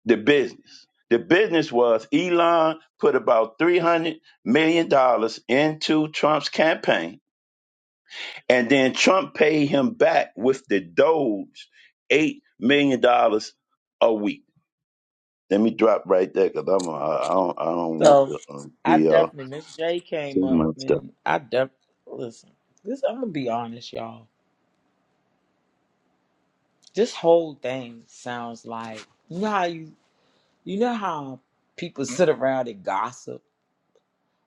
Speaker 3: the business. The business was Elon put about $300 million dollars into Trump's campaign, and then Trump paid him back with the Doge $8 million dollars a week. Let me drop right there because I, I don't, I don't want
Speaker 2: So
Speaker 3: to um, give
Speaker 2: I
Speaker 3: y'all
Speaker 2: definitely, Miss J came
Speaker 3: too
Speaker 2: up
Speaker 3: much stuff.
Speaker 2: and I definitely, listen, this, I'm going to be honest, y'all. This whole thing sounds like, you know how you, you know how people sit around and gossip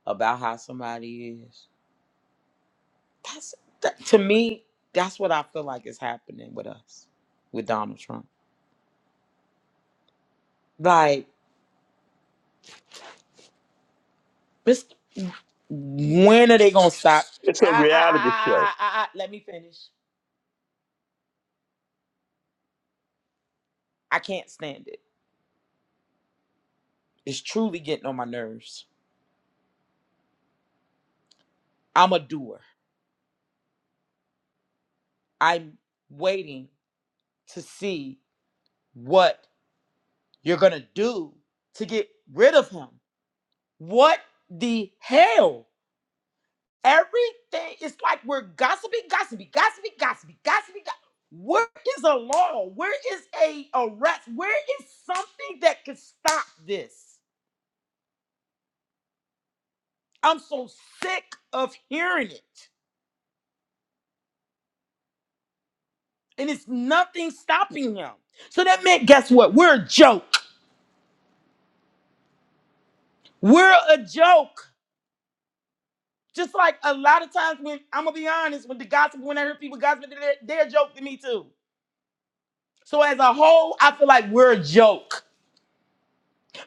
Speaker 2: about how somebody is? That's that, to me. That's what I feel like is happening with us, with Donald Trump. Like, Mr. when are they gonna stop?
Speaker 3: It's a
Speaker 2: Ah, ah, ah,
Speaker 3: reality show.
Speaker 2: ah, ah, ah, ah, let me finish. I can't stand it. It's truly getting on my nerves. I'm a doer. I'm waiting to see what you're gonna do to get rid of him. What the hell? Everything is like we're gossiping, gossiping, gossiping, gossiping, gossiping. go- Where is a law? Where is a arrest? Where is something that can stop this? I'm so sick of hearing it, and it's nothing stopping him. So that meant, guess what? We're a joke. We're a joke. Just like a lot of times when I'm gonna be honest, when the gossip, when I hear people gossip, they're, they're a joke to me too. So as a whole, I feel like we're a joke.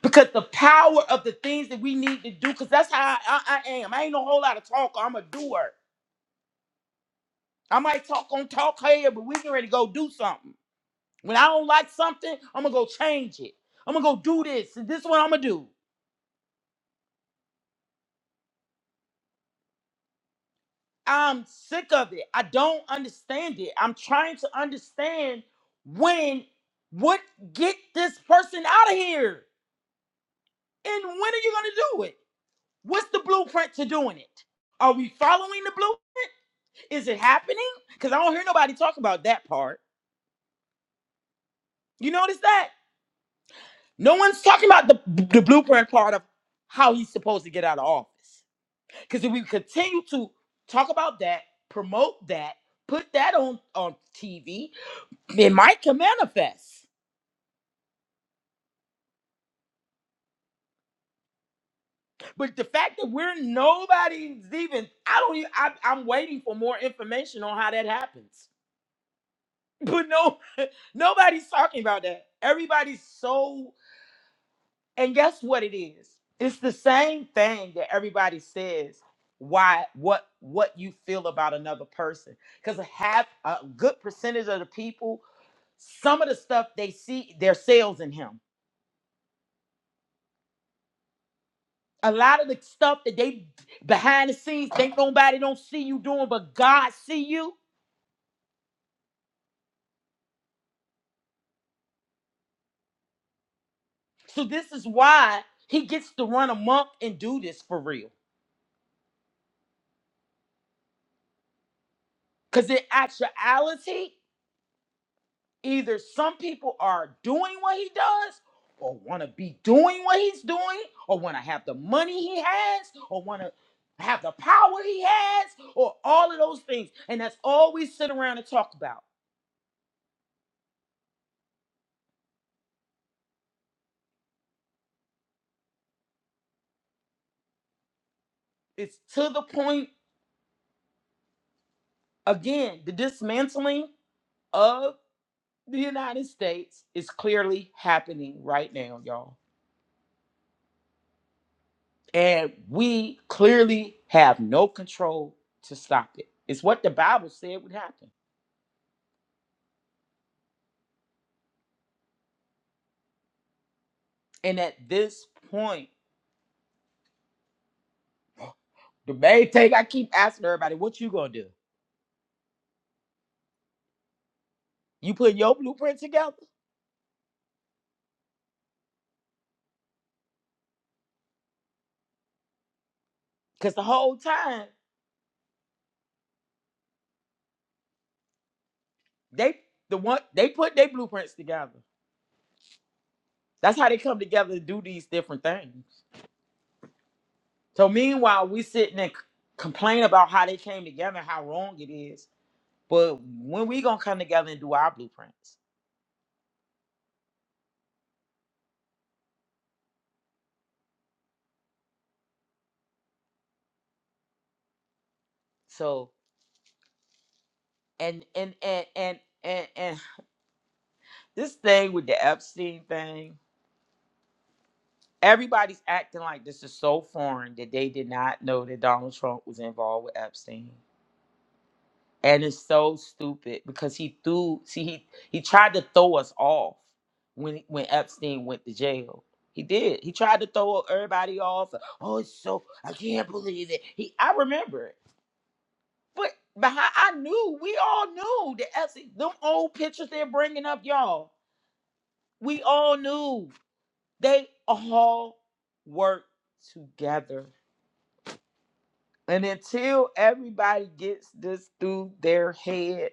Speaker 2: because the power of the things that we need to do, because that's how I, I am. I ain't no whole lot of talker. I'm a doer. I might talk on talk here, but we can ready to go do something. When I don't like something, I'm gonna go change it. I'm gonna go do this. And this is what I'm gonna do. I'm sick of it. I don't understand it. I'm trying to understand when what get this person out of here. And when are you gonna do it? What's the blueprint to doing it? Are we following the blueprint? Is it happening? Because I don't hear nobody talk about that part. You notice that? No one's talking about the, the blueprint part of how he's supposed to get out of office. Because if we continue to talk about that, promote that, put that on, on TV, it might can manifest. But the fact that we're nobody's even, I don't even, I, I'm waiting for more information on how that happens. But no, nobody's talking about that. Everybody's so And guess what it is? It's the same thing that everybody says. Why? What? What you feel about another person? Because half, a good percentage of the people, some of the stuff they see, their sales in him. A lot of the stuff that they behind the scenes think nobody don't see you doing, but God see you. So this is why he gets to run amok and do this for real. Because in actuality, Either some people are doing what he does, or want to be doing what he's doing, or want to have the money he has, or want to have the power he has, or all of those things. And that's all we sit around and talk about. It's to the point, again, the dismantling of the United States is clearly happening right now, y'all. And we clearly have no control to stop it. It's what the Bible said would happen. And at this point, The main thing I keep asking everybody, what you gonna do? You put your blueprint together? Cause the whole time they the one they put their blueprints together. That's how they come together to do these different things. So meanwhile, we sitting and c- complain about how they came together, how wrong it is. But when we gonna come together and do our blueprints? So and and and and and and this thing with the Epstein thing. Everybody's acting like this is so foreign that they did not know that Donald Trump was involved with Epstein. And it's so stupid because he threw see he he tried to throw us off when when Epstein went to jail. He did. He tried to throw everybody off. Oh, it's so I can't believe it. He I remember it. But behind I knew, we all knew that Epstein, them old pictures they're bringing up, y'all. We all knew. They all worked together. And until everybody gets this through their head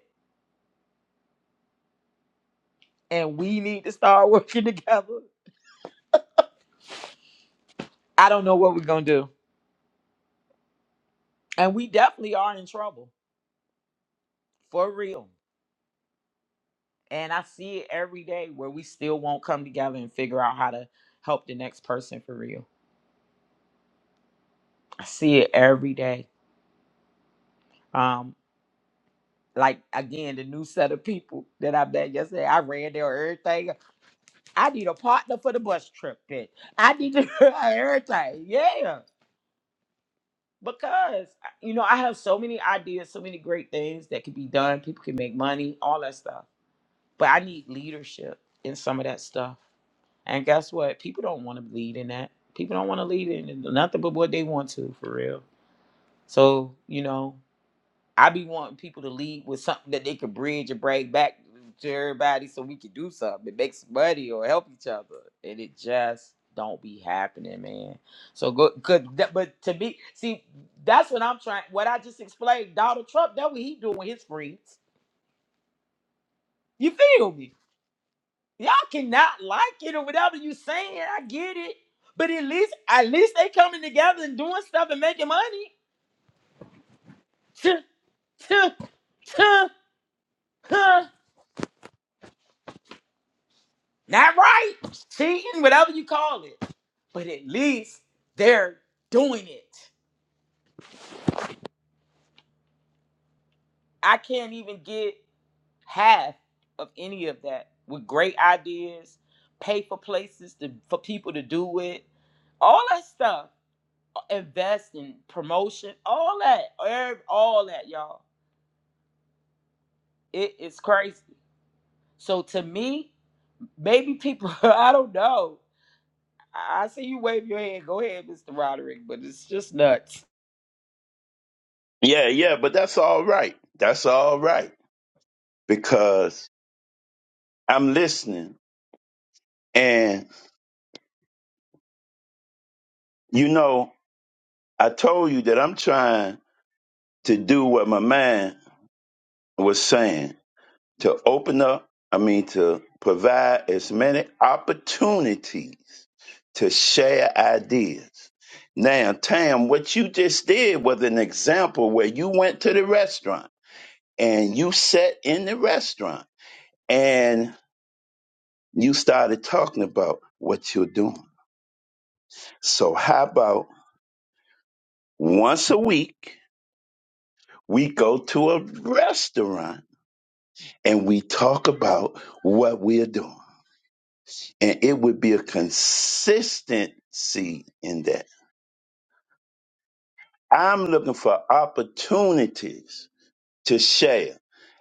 Speaker 2: and we need to start working together, I don't know what we're going to do. And we definitely are in trouble for real. And I see it every day where we still won't come together and figure out how to help the next person for real. I see it every day. Um, like again, the new set of people that I met yesterday, I ran their everything. I need a partner for the bus trip, bitch. I need to everything. Yeah. because you know I have so many ideas, so many great things that can be done. People can make money, all that stuff. But I need leadership in some of that stuff. And guess what? People don't want to lead in that. People don't want to lead in nothing but what they want to, for real. So you know, I be wanting people to lead with something that they could bridge and bring back to everybody so we could do something that makes money or help each other. And it just don't be happening, man. So good, good. that- But to me, see, that's what I'm trying. What I just explained, Donald Trump, that what he doing with his friends. You feel me? Y'all cannot like it or whatever you saying. I get it, but at least, at least they coming together and doing stuff and making money. Not right, cheating, whatever you call it. But at least they're doing it. I can't even get half of any of that with great ideas, pay for places to, for people to do it, all that stuff, invest in promotion, all that, ev- all that, y'all. It is crazy. So to me, maybe people, I don't know. I I see you wave your hand. Go ahead, Mr. Roderick, but it's just nuts.
Speaker 3: Yeah, yeah, but that's all right. That's all right because I'm listening. And, you know, I told you that I'm trying to do what my man was saying to open up, I mean, to provide as many opportunities to share ideas. Now, Tam, what you just did was an example where you went to the restaurant and you sat in the restaurant. and. You started talking about what you're doing. So how about once a week we go to a restaurant and we talk about what we're doing. And it would be a consistency in that. I'm looking for opportunities to share.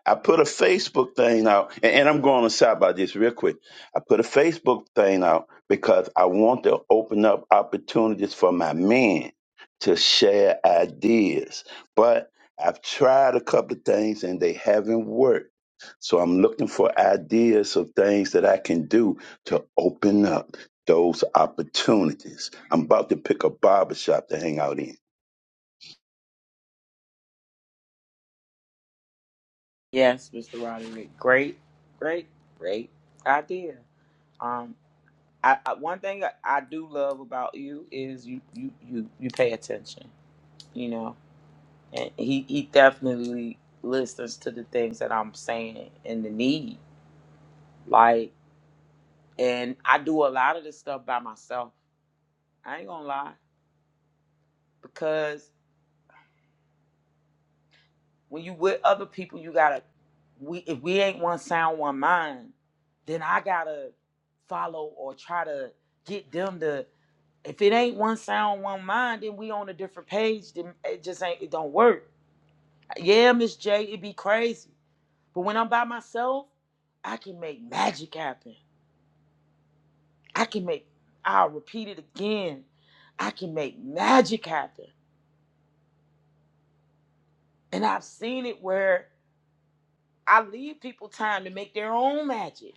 Speaker 3: I put a Facebook thing out, and, and I'm going aside by this real quick. I put a Facebook thing out because I want to open up opportunities for my men to share ideas. But I've tried a couple of things and they haven't worked. So I'm looking for ideas of things that I can do to open up those opportunities. I'm about to pick a barbershop to hang out in.
Speaker 2: Yes, Mr. Roderick. Great, great, great idea. Um, I, I one thing I, I do love about you is you you you you pay attention. You know, and he he definitely listens to the things that I'm saying and the need. Like, and I do a lot of this stuff by myself. I ain't gonna lie because when you with other people, you gotta. We if we ain't one sound, one mind, then I gotta follow or try to get them to if it ain't one sound, one mind, then we on a different page. Then it just ain't. It don't work. Yeah, Miss J, it be crazy. But when I'm by myself, I can make magic happen. I can make. I'll repeat it again. I can make magic happen. And I've seen it where I leave people time to make their own magic.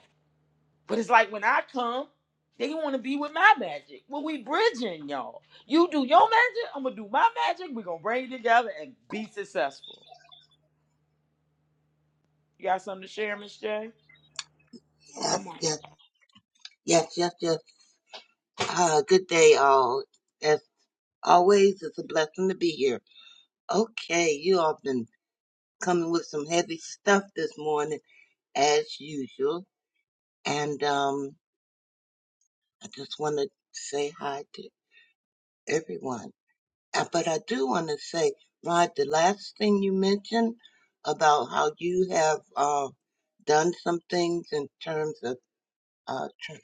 Speaker 2: But it's like when I come, they want to be with my magic. Well, we bridging, y'all. You do your magic, I'm gonna do my magic. We're gonna bring it together and be successful. You got something to share, Miss J?
Speaker 4: Yes,
Speaker 2: Come on.
Speaker 4: yes, yes, yes, yes. Uh, good day, all. As always, it's a blessing to be here. Okay, you all been coming with some heavy stuff this morning, as usual. And um, I just want to say hi to everyone. Uh, But I do want to say, Rod, the last thing you mentioned about how you have uh, done some things in terms of uh, tr-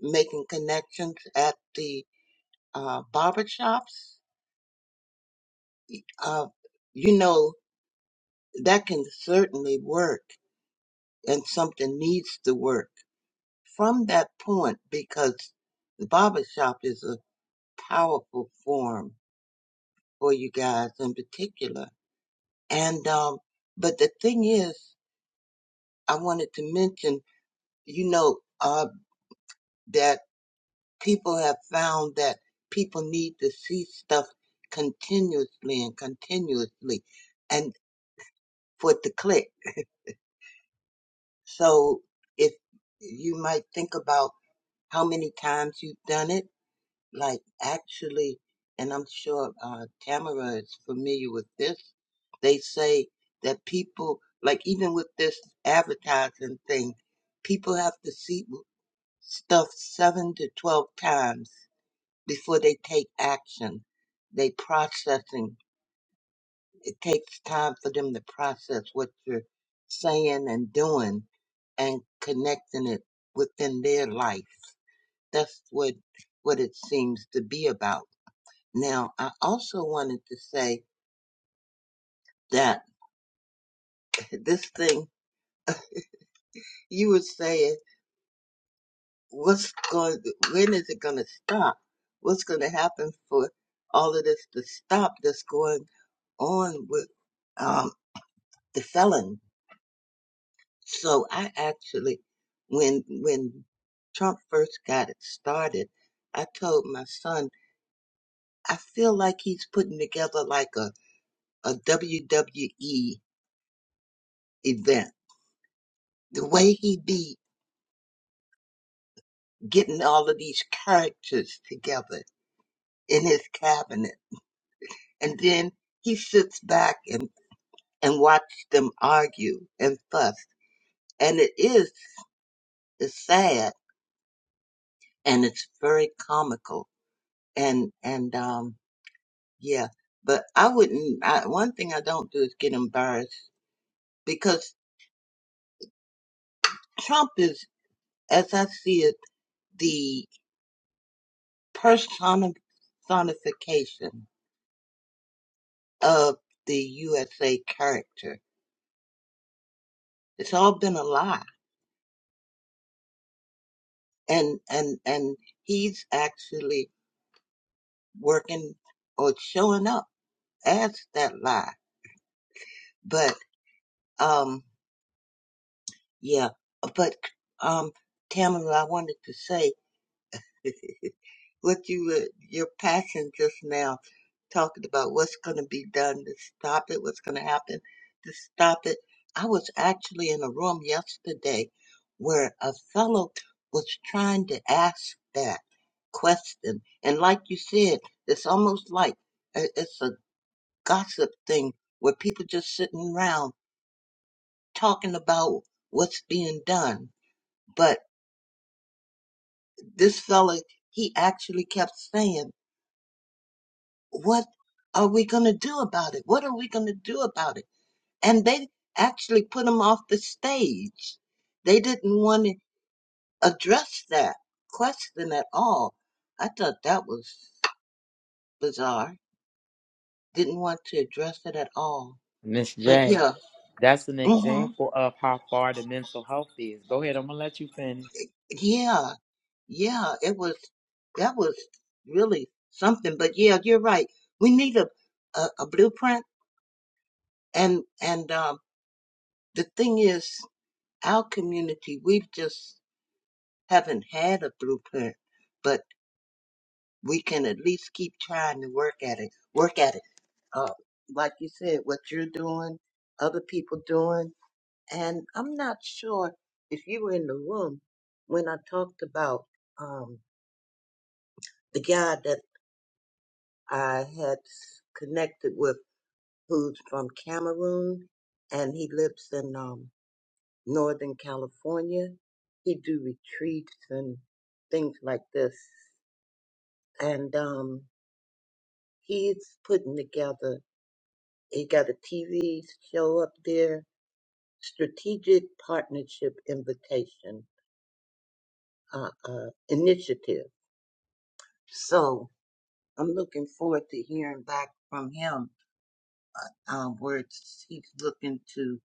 Speaker 4: making connections at the uh, barber shops Uh, you know, that can certainly work and something needs to work from that point because the barber shop is a powerful form for you guys in particular. And, um, but the thing is, I wanted to mention, you know, uh, that people have found that people need to see stuff continuously and continuously and for it to click. So if you might think about how many times you've done it. Like actually, and I'm sure uh, Tamara is familiar with this. They say that people, like even with this advertising thing, people have to see stuff seven to twelve times before they take action. They processing. It takes time for them to process what you're saying and doing and connecting it within their life that's what what it seems to be about. Now, I also wanted to say that this thing you were saying, what's going, when is it going to stop? What's going to happen for all of this to stop that's going on with um, the felon? So I actually, when when Trump first got it started, I told my son, I feel like he's putting together like a, a WWE event the way he be getting all of these characters together in his cabinet. And then he sits back and, and watches them argue and fuss. And it is it's sad and it's very comical. And, and, um, yeah, but I wouldn't, I, one thing I don't do is get embarrassed because Trump is, as I see it, the personification of the USA character It's all been a lie. And and and he's actually working or showing up as that lie. But um yeah. But um Tamara, I wanted to say what you were, your passion just now, talking about what's going to be done to stop it, what's going to happen to stop it. I was actually in a room yesterday where a fellow was trying to ask that question. And like you said, it's almost like a- it's a gossip thing where people just sitting around talking about what's being done. But this fella, he actually kept saying, what are we going to do about it? What are we going to do about it? And they actually put him off the stage. They didn't want to address that question at all. I thought that was bizarre. Didn't want to address it at all.
Speaker 2: Miss
Speaker 4: But
Speaker 2: J,
Speaker 4: yeah,
Speaker 2: that's an
Speaker 4: hmm
Speaker 2: example of how far the mental health is. Go ahead, I'm gonna let you finish.
Speaker 4: yeah, yeah, it was, that was really something. But yeah, you're right. We need a, a, a blueprint. And, and, um, the thing is, our community, we've just haven't had a blueprint, but we can at least keep trying to work at it. Work at it. Uh, like you said, what you're doing, other people doing, and I'm not sure if you were in the room when I talked about um, the guy that I had s- connected with, who's from Cameroon, and he lives in um, Northern California. He do retreats and things like this, and um, He's putting together, he got a TV show up there, Strategic Partnership Invitation uh, uh, Initiative. So I'm looking forward to hearing back from him um, where it's- he's looking to,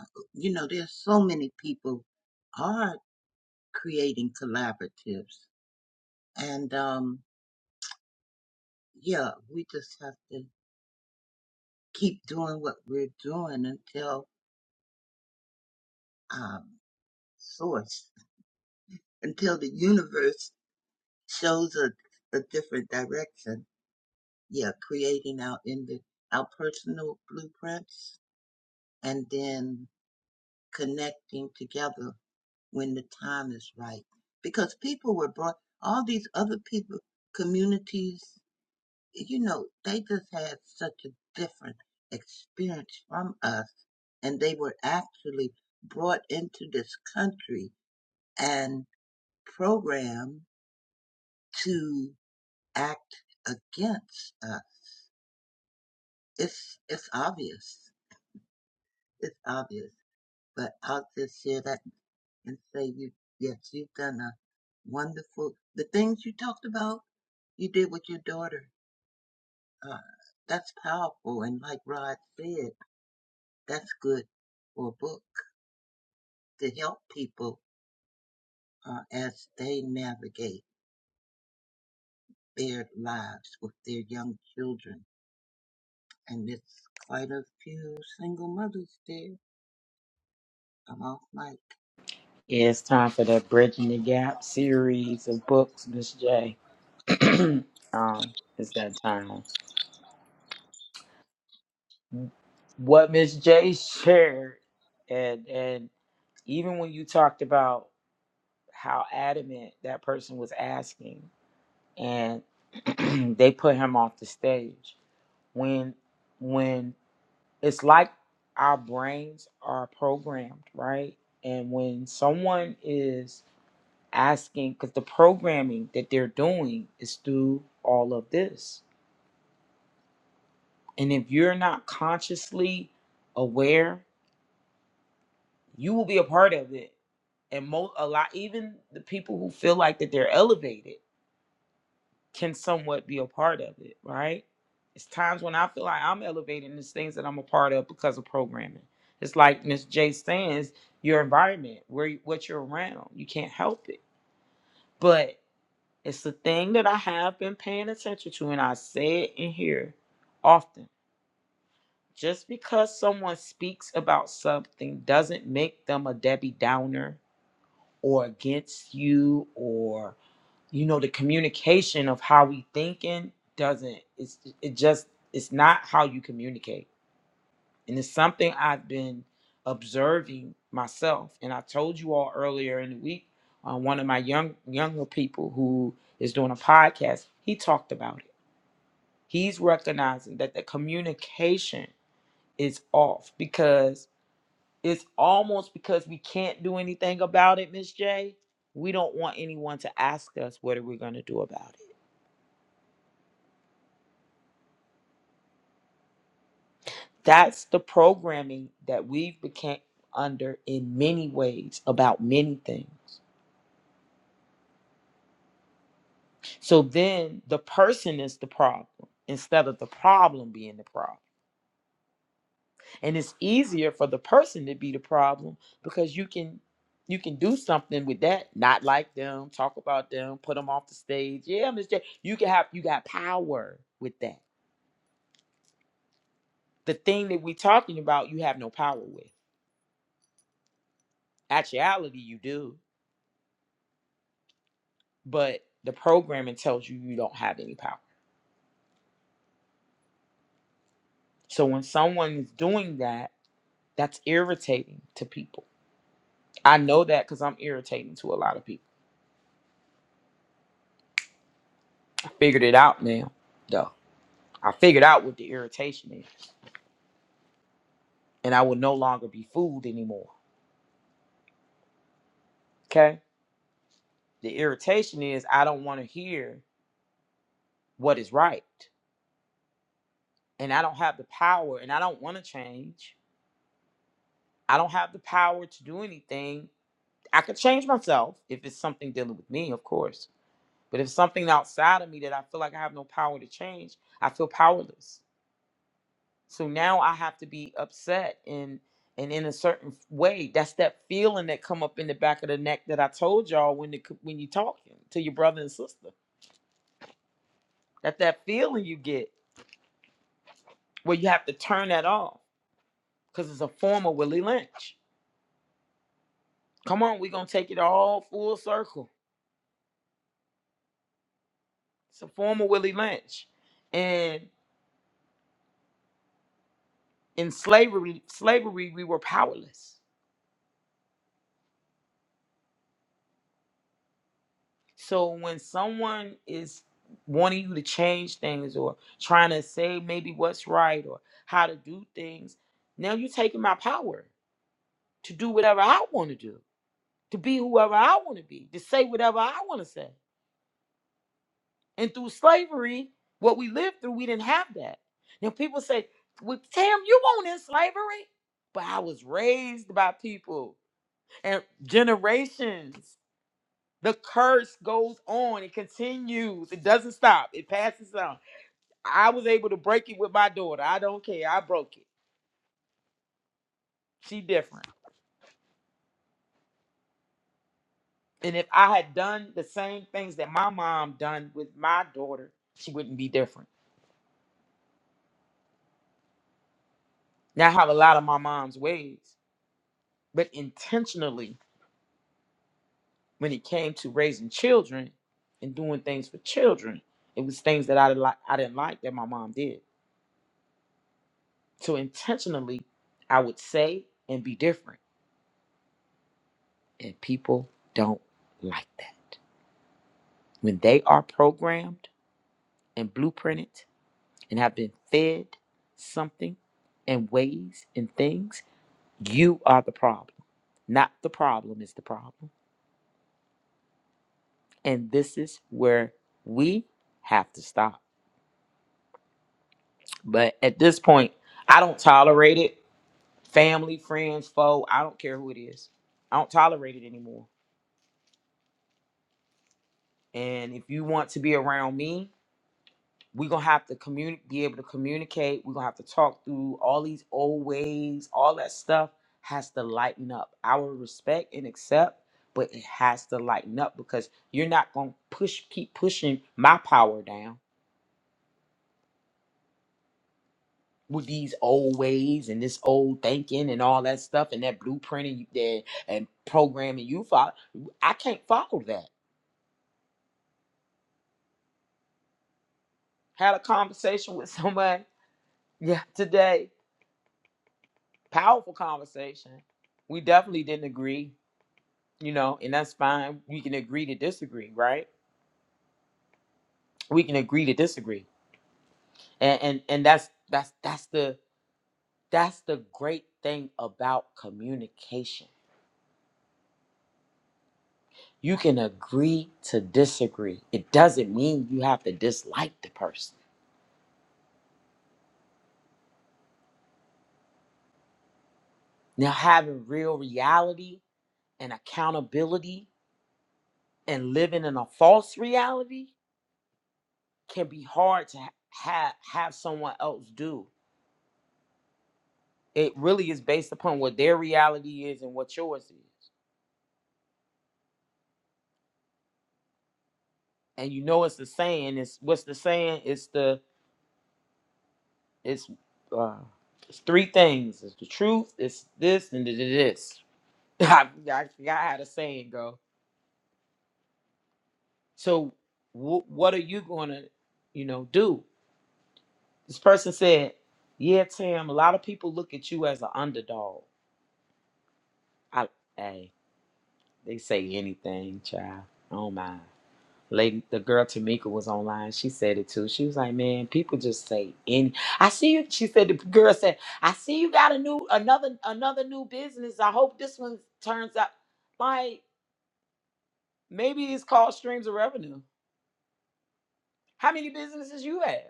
Speaker 4: uh, you know, there's so many people are creating collaboratives. And um, yeah, we just have to keep doing what we're doing until um, source, until the universe shows a, a different direction. Yeah, creating our in the, our personal blueprints and then connecting together when the time is right. Because people were brought, all these other people, communities, you know, they just had such a different experience from us and they were actually brought into this country and programmed to act against us it's it's obvious. It's obvious. But I'll just share that and say you yes, you've done a wonderful the things you talked about, you did with your daughter. Uh that's powerful and like Rod said, that's good for a book to help people uh, as they navigate their lives with their young children. And it's quite a few single mothers there. I'm off mic.
Speaker 2: It's time for the Bridging the Gap series of books, Miss J. um, it's that time. What Miss J shared, and and even when you talked about how adamant that person was asking, and they put him off the stage when when it's like our brains are programmed, right? And when someone is asking, because the programming that they're doing is through all of this. And if you're not consciously aware, you will be a part of it. And most, a lot, even the people who feel like that they're elevated can somewhat be a part of it, right? It's times when I feel like I'm elevating these things that I'm a part of because of programming. It's like Miss J stands your environment, where you- what you're around. You can't help it. But it's the thing that I have been paying attention to, and I say it in here often. Just because someone speaks about something doesn't make them a Debbie Downer or against you or you know the communication of how we thinking doesn't it's it just it's not how you communicate and it's something i've been observing myself and i told you all earlier in the week on one of my young younger people who is doing a podcast he talked about it he's recognizing that the communication is off because it's almost because we can't do anything about it miss j we don't want anyone to ask us what are we going to do about it That's the programming that we've become under in many ways about many things. So then the person is the problem instead of the problem being the problem. And it's easier for the person to be the problem because you can you can do something with that, not like them, talk about them, put them off the stage. Yeah, Miss J, you can have you got power with that. The thing that we're talking about, you have no power with. Actuality, you do but the programming tells you you don't have any power. So when someone is doing that, that's irritating to people. I know that because I'm irritating to a lot of people. I figured it out now, though. I figured out what the irritation is, and I will no longer be fooled anymore. Okay? The irritation is I don't want to hear what is right, and I don't have the power, and I don't want to change. I don't have the power to do anything. I could change myself if it's something dealing with me, of course But if something outside of me that I feel like I have no power to change, I feel powerless. So now I have to be upset and and in a certain way, that's that feeling that come up in the back of the neck that I told y'all when the, when you talking to your brother and sister. That that feeling you get where you have to turn that off because it's a form of Willie Lynch. Come on, we're gonna take it all full circle. It's a form of Willie Lynch, and in slavery, slavery we were powerless So when someone is wanting you to change things or trying to say maybe what's right or how to do things, now you're taking my power to do whatever I want to do, to be whoever I want to be, to say whatever I want to say. And through slavery, what we lived through, we didn't have that. Now people say, "Well, Tam, you weren't in slavery," but I was raised by people and generations. The curse goes on. It continues. It doesn't stop. It passes on. I was able to break it with my daughter. I don't care. I broke it. She different. And if I had done the same things that my mom done with my daughter, she wouldn't be different. Now I have a lot of my mom's ways, but intentionally, when it came to raising children and doing things for children, it was things that I didn't like. I didn't like that my mom did. So intentionally, I would say and be different And people don't like that. When they are programmed and blueprinted and have been fed something and ways and things, you are the problem. Not the problem is the problem. And this is where we have to stop. But at this point, I don't tolerate it. Family, friends, foe, I don't care who it is. I don't tolerate it anymore. And if you want to be around me, we're gonna have to communi- be able to communicate we're gonna have to talk through all these old ways all that stuff has to lighten up I will respect and accept but it has to lighten up because you're not gonna push keep pushing my power down with these old ways and this old thinking and all that stuff and that blueprinting you did and programming you follow i can't follow that had a conversation with someone yeah today powerful conversation we definitely didn't agree you know, and that's fine. We can agree to disagree, right? We can agree to disagree. And and, and that's that's that's the that's the great thing about communication. You can agree to disagree. It doesn't mean you have to dislike the person. Now having real reality and accountability and living in a false reality can be hard to ha- have have someone else do. It really is based upon what their reality is and what yours is. and you know it's the saying. It's what's the saying? It's the it's uh, it's three things. It's the truth. It's this and it it is. I, I forgot how the saying go. So wh- what are you gonna you know do? This person said, "Yeah, Tam. A lot of people look at you as an underdog. I hey, they say anything, child. I don't mind. Like the girl Tamika was online. She said it too. She was like, "Man, people just say any." I see you. She said the girl said, "I see you got a new another another new business. I hope this one turns out like maybe it's called streams of revenue. How many businesses you have?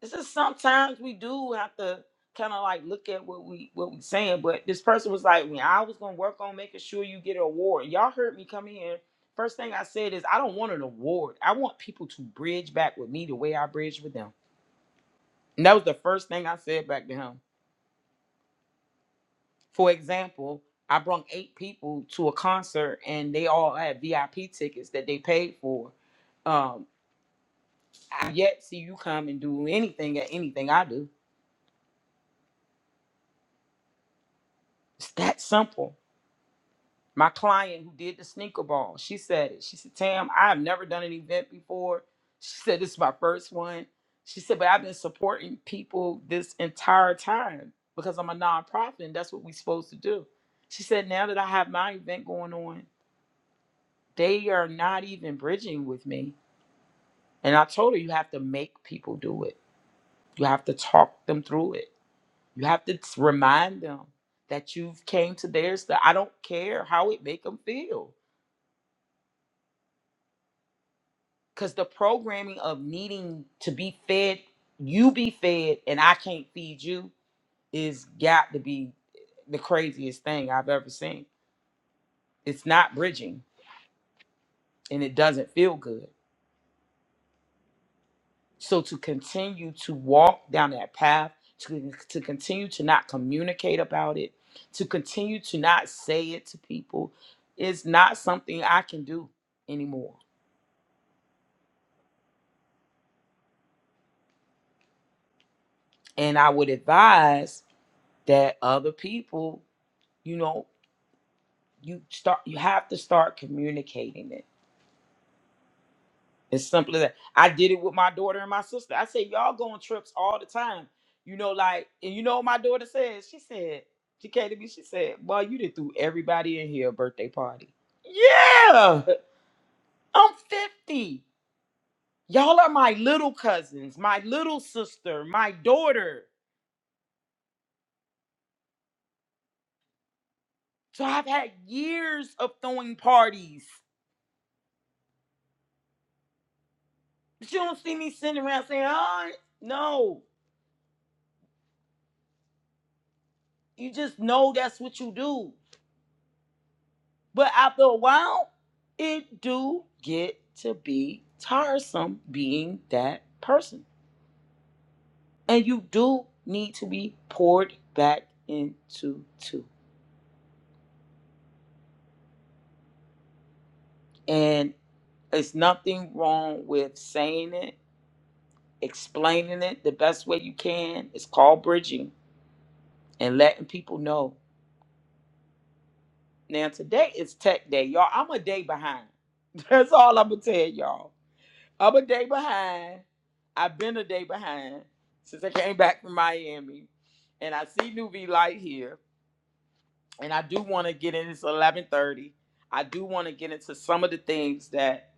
Speaker 2: it's just sometimes we do have to kind of like look at what we what we saying. But this person was like, "When I was gonna work on making sure you get an award." Y'all heard me come in. First thing I said is, I don't want an award. I want people to bridge back with me the way I bridged with them. And that was the first thing I said back to him. For example, I brought eight people to a concert and they all had VIP tickets that they paid for. Um, I yet see you come and do anything at anything I do. It's that simple my client who did the sneaker ball, she said it. She said, Tam, I have never done an event before. She said, This is my first one. She said, But I've been supporting people this entire time because I'm a nonprofit and that's what we're supposed to do. She said, Now that I have my event going on, they are not even bridging with me. And I told her, You have to make people do it, you have to talk them through it, you have to t- remind them that you've came to theirs that I don't care how it make them feel because the programming of needing to be fed, you be fed, and I can't feed you is got to be the craziest thing I've ever seen. It's not bridging and it doesn't feel good. So to continue to walk down that path, to, to continue to not communicate about it, to continue to not say it to people, is not something I can do anymore. And I would advise that other people you know. you start you have to start communicating it it's simply that i did it with my daughter and my sister i said y'all go on trips all the time you know like and you know what my daughter says she said she came to me she said well you did threw everybody in here a birthday party yeah i'm 50 y'all are my little cousins my little sister my daughter so i've had years of throwing parties but you don't see me sitting around saying oh no you just know that's what you do But after a while, it do get to be tiresome being that person. And you do need to be poured back into too. And it's nothing wrong with saying it, explaining it the best way you can. It's called bridging and letting people know. Now today is tech day, y'all. I'm a day behind. That's all I'm gonna tell y'all. I'm a day behind. I've been a day behind since I came back from Miami, and I see Nuvi Light here, and I do want to get in. It's 11:30. I do want to get into some of the things that,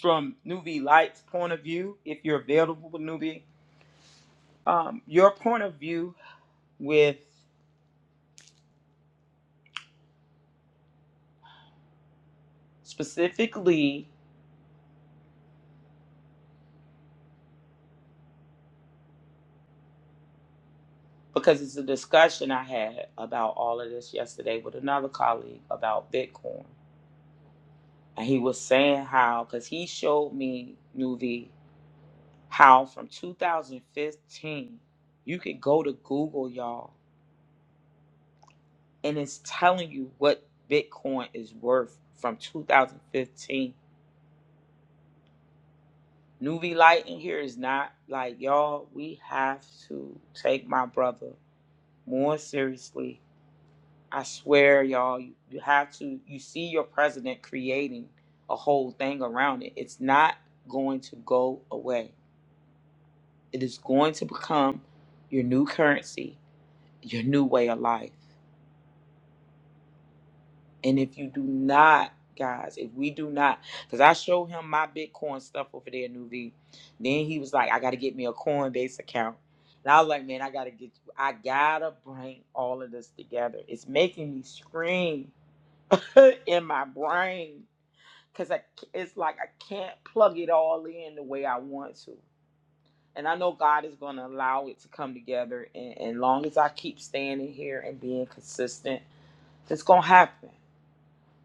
Speaker 2: from Nuvi Light's point of view, if you're available, New V, um, your point of view with specifically because it's a discussion I had about all of this yesterday with another colleague about Bitcoin, and he was saying how because he showed me Nuvi. how from 2015 you could go to Google, y'all, and it's telling you what Bitcoin is worth from 2015. Nuvi Light in here is not like y'all. We have to take my brother more seriously. I swear, y'all, you, you have to. You see your president creating a whole thing around it. It's not going to go away. It is going to become your new currency, your new way of life. And if you do not, guys, if we do not, because I showed him my Bitcoin stuff over there, Nuvi, Then he was like, I gotta get me a Coinbase account. And I was like, man, I gotta get you. I gotta bring all of this together. It's making me scream in my brain. Cause I, c- it's like I can't plug it all in the way I want to. And I know God is gonna allow it to come together. And as long as I keep standing here and being consistent, it's gonna happen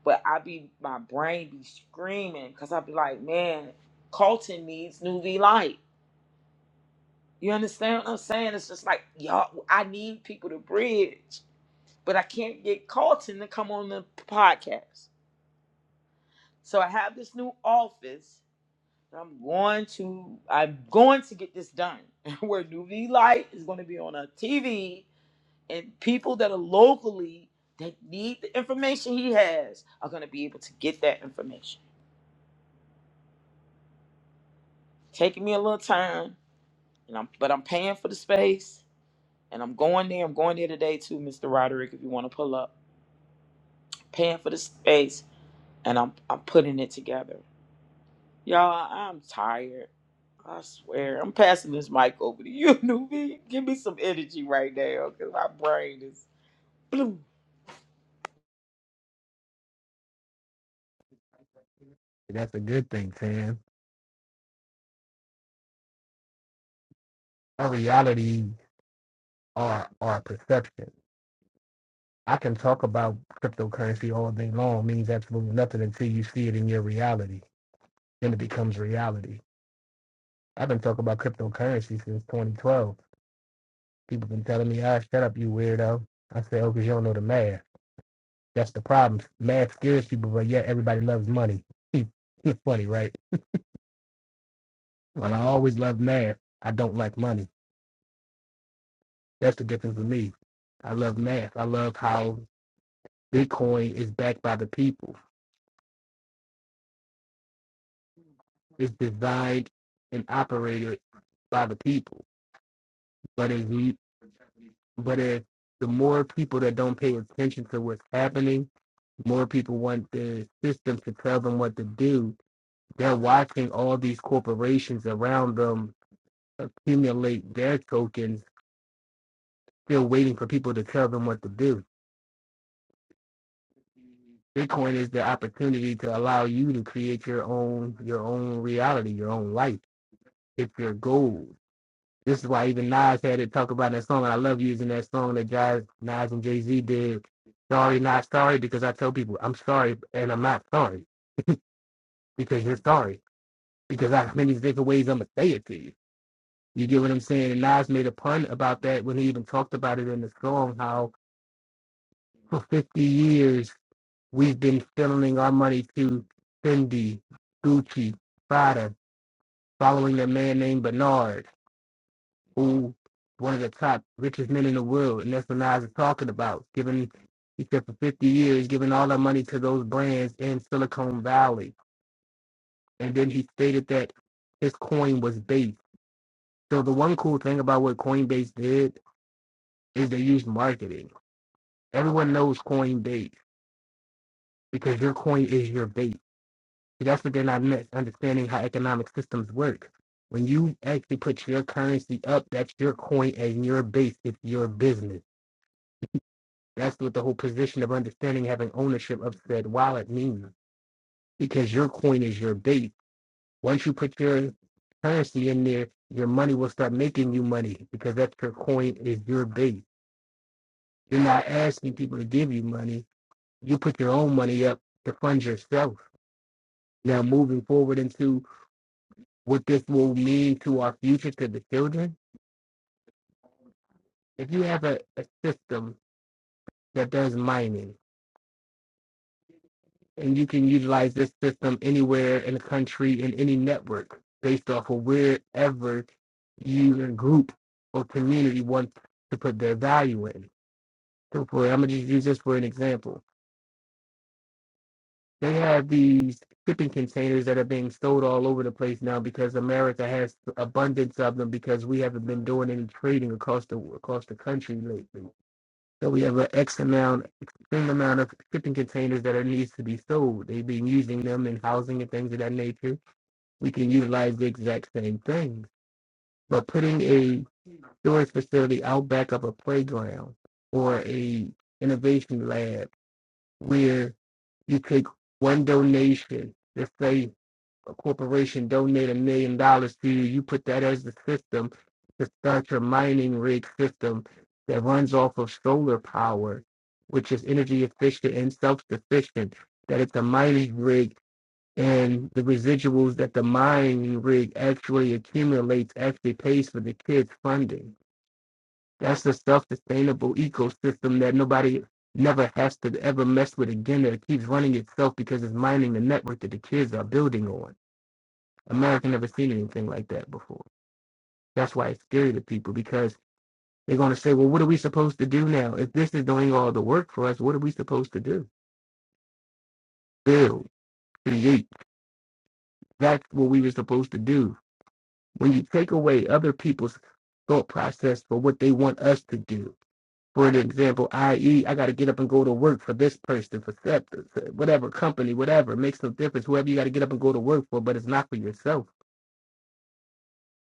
Speaker 2: but I be my brain be screaming because I be like, man, Colton needs new V light. You understand what I'm saying? It's just like y'all, I need people to bridge, but I can't get Colton to come on the podcast. So I have this new office. and I'm going to I'm going to get this done. Where new V light is going to be on a TV, and people that are locally that need the information he has are going to be able to get that information. Taking me a little time and I'm but I'm paying for the space and I'm going there. I'm going there today too, Mr. Roderick, if you want to pull up. Paying for the space and I'm I'm putting it together. Y'all, I'm tired. I swear. I'm passing this mic over to you, newbie. Give me some energy right now, cause my brain is blue.
Speaker 5: That's a good thing, Tan. Our realities are our perception. I can talk about cryptocurrency all day long, means absolutely nothing until you see it in your reality. Then it becomes reality. I've been talking about cryptocurrency since 2012. People been telling me, ah, shut up, you weirdo. I say, oh, because you don't know the math. That's the problem. Math scares people, but yet everybody loves money. it's funny, right? When I always love math, I don't like money. That's the difference with me. I love math. I love how Bitcoin is backed by the people. It's designed and operated by the people. But if you, but if the more people that don't pay attention to what's happening, more people want the system to tell them what to do. They're watching all these corporations around them accumulate their tokens, still waiting for people to tell them what to do. Bitcoin is the opportunity to allow you to create your own your own reality, your own life. It's your goal. This is why even Nas had it talk about that song, and I love using that song that Jazz, Nas and Jay Z did. Sorry, not sorry, because I tell people I'm sorry and I'm not sorry because you're sorry because I have many different ways I'm gonna say it to you. You get what I'm saying? And Nas made a pun about that when he even talked about it in the song. How for 50 years we've been funneling our money to Fendi, Gucci, Prada, following a man named Bernard. who one of the top richest men in the world, and that's what Nas is talking about. Giving he said for 50 years, giving all that money to those brands in Silicon Valley, and then he stated that his coin was base. So the one cool thing about what Coinbase did is they used marketing. Everyone knows Coinbase because your coin is your base. See, that's what they're not understanding how economic systems work. When you actually put your currency up, that's your coin and your base. It's your business. That's what the whole position of understanding having ownership of said wallet means. Because your coin is your base. Once you put your currency in there, your money will start making you money because that's your coin is your base. You're not asking people to give you money. You put your own money up to fund yourself. Now moving forward into what this will mean to our future to the children. If you have a, a system that does mining and you can utilize this system anywhere in the country in any network based off of wherever user group or community wants to put their value in. So for I'm gonna just use this for an example. They have these shipping containers that are being sold all over the place now because America has abundance of them because we haven't been doing any trading across the across the country lately. So we have an X amount extreme amount of shipping containers that are needs to be sold. They've been using them in housing and things of that nature. we can utilize the exact same things. But putting a storage facility out back of a playground or a innovation lab where you take one donation, let's say a corporation donate a million dollars to you, you put that as the system to start your mining rig system that runs off of solar power, which is energy efficient and self-sufficient, that it's a mining rig and the residuals that the mining rig actually accumulates actually pays for the kids' funding. That's a self-sustainable ecosystem that nobody never has to ever mess with again. That it keeps running itself because it's mining the network that the kids are building on. America never seen anything like that before. That's why it's scary to people because they're going to say, "Well, what are we supposed to do now? If this is doing all the work for us, what are we supposed to do? Build, create. That's what we were supposed to do when you take away other people's thought process for what they want us to do. For an example, i.e., I got to get up and go to work for this person, for whatever company, whatever. It makes no difference. Whoever you got to get up and go to work for, but it's not for yourself.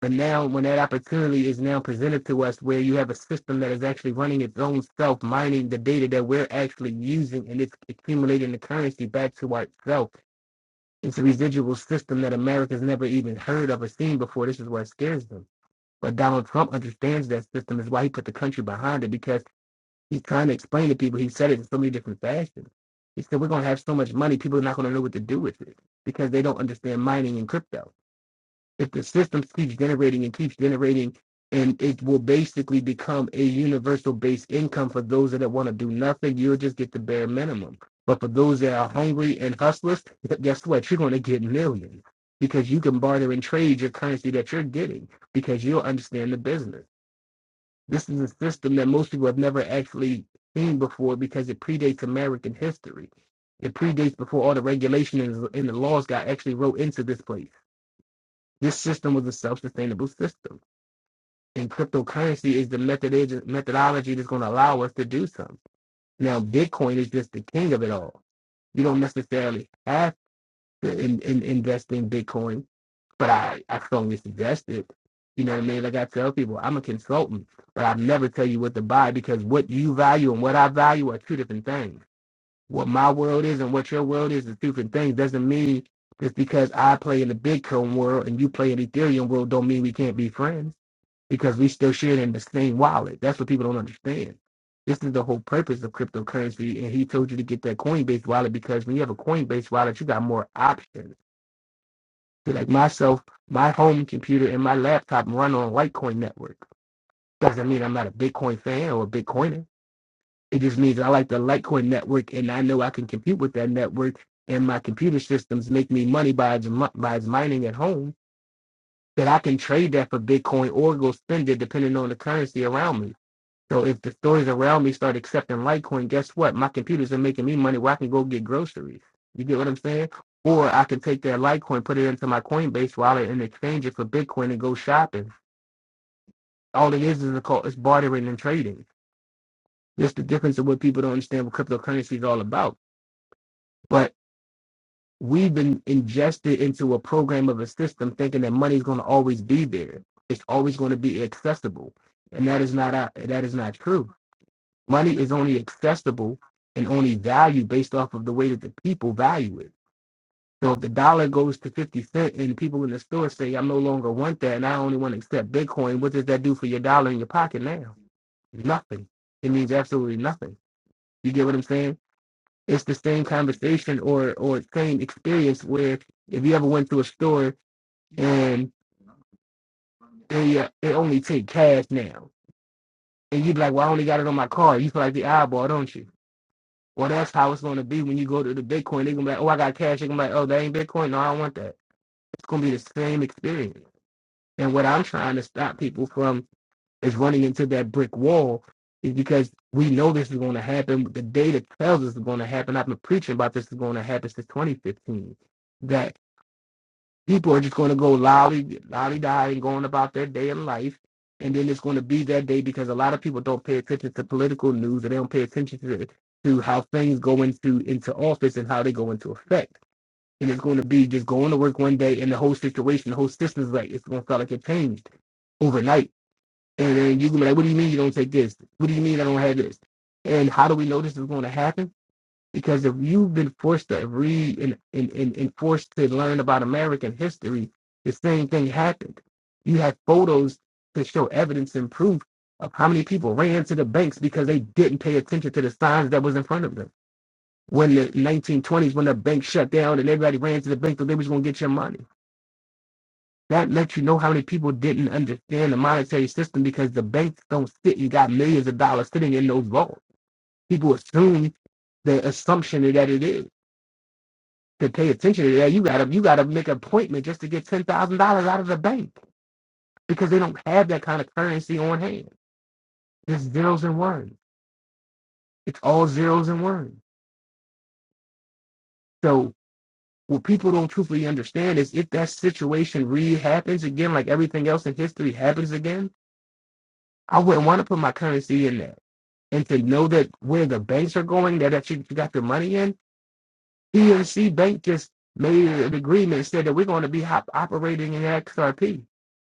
Speaker 5: But now, when that opportunity is now presented to us, where you have a system that is actually running its own self, mining the data that we're actually using, and it's accumulating the currency back to ourself. It's a residual system that America's never even heard of or seen before. This is what scares them But Donald Trump understands that system is why he put the country behind it because he's trying to explain to people. He said it in so many different fashions. He said we're going to have so much money, people are not going to know what to do with it because they don't understand mining and crypto. If the system keeps generating and keeps generating, and it will basically become a universal base income for those that want to do nothing, you'll just get the bare minimum. But for those that are hungry and hustlers, guess what? You're going to get millions because you can barter and trade your currency that you're getting because you'll understand the business. This is a system that most people have never actually seen before because it predates American history. It predates before all the regulation and, and the laws got actually wrote into this place. This system was a self-sustainable system, and cryptocurrency is the method methodology that's going to allow us to do something. Now, Bitcoin is just the king of it all. You don't necessarily have to in, in, invest in Bitcoin but I, I strongly suggest it. You know what I mean? Like I tell people, I'm a consultant, but I never tell you what to buy because what you value and what I value are two different things. What my world is and what your world is is two different things. Doesn't mean just because I play in the Bitcoin world and you play in the Ethereum world don't mean we can't be friends because we still share in the same wallet. That's what people don't understand. This is the whole purpose of cryptocurrency. And he told you to get that Coinbase wallet because when you have a Coinbase wallet, you got more options so, like myself, my home computer and my laptop run on Litecoin network. Doesn't mean I'm not a Bitcoin fan or a Bitcoiner. It just means I like the Litecoin network and I know I can compute with that network and my computer systems make me money by its, by its mining at home that I can trade that for Bitcoin or go spend it depending on the currency around me. So if the stores around me start accepting Litecoin, guess what? My computers are making me money where I can go get groceries. You get what I'm saying? Or I can take that Litecoin, put it into my Coinbase wallet, and exchange it for Bitcoin and go shopping. All it is is a call, it's bartering and trading. That's the difference of what people don't understand what cryptocurrency is all about. But we've been ingested into a program of a system thinking that money is going to always be there. It's always going to be accessible, and that is not uh, that is not true Money is only accessible and only valued based off of the way that the people value it. So if the dollar goes to 50 cent and people in the store say, I no longer want that and I only want to accept Bitcoin, what does that do for your dollar in your pocket now? Nothing. It means absolutely nothing. You get what I'm saying? It's the same conversation or or same experience where if you ever went to a store and they, uh, they only take cash now and you'd be like, well, I only got it on my card. You feel like the eyeball, don't you? Or that's how it's going to be when you go to the Bitcoin. They're going to be like, oh, I got cash. They're going to be like, oh, that ain't Bitcoin. No, I don't want that. It's going to be the same experience. And what I'm trying to stop people from is running into that brick wall is because we know this is going to happen. The data tells us it's going to happen. I've been preaching about this is going to happen since 2015. That. People are just going to go lolly, lolly die and going about their day in life. And then it's going to be that day because a lot of people don't pay attention to political news and they don't pay attention to, to how things go into, into office and how they go into effect. And it's going to be just going to work one day and the whole situation, the whole system's like, it's going to feel like it changed overnight. And then you can be like, what do you mean you don't take this? What do you mean I don't have this? And how do we know this is going to happen? Because if you've been forced to read and, and, and, and forced to learn about American history, the same thing happened. You had photos to show evidence and proof of how many people ran to the banks because they didn't pay attention to the signs that was in front of them. When the 1920s, when the bank shut down and everybody ran to the bank because they was going to get your money. That lets you know how many people didn't understand the monetary system because the banks don't sit. You got millions of dollars sitting in those vaults. People assume the assumption that it is. to pay attention to that. You gotta you gotta make an appointment just to get ten thousand dollars out of the bank because they don't have that kind of currency on hand. It's zeros and ones. It's all zeros and ones. So what people don't truthfully understand is if that situation really happens again, like everything else in history happens again, I wouldn't want to put my currency in there. And to know that where the banks are going, that, that you got your money in, PNC Bank just made an agreement and said that we're going to be hop- operating in XRP.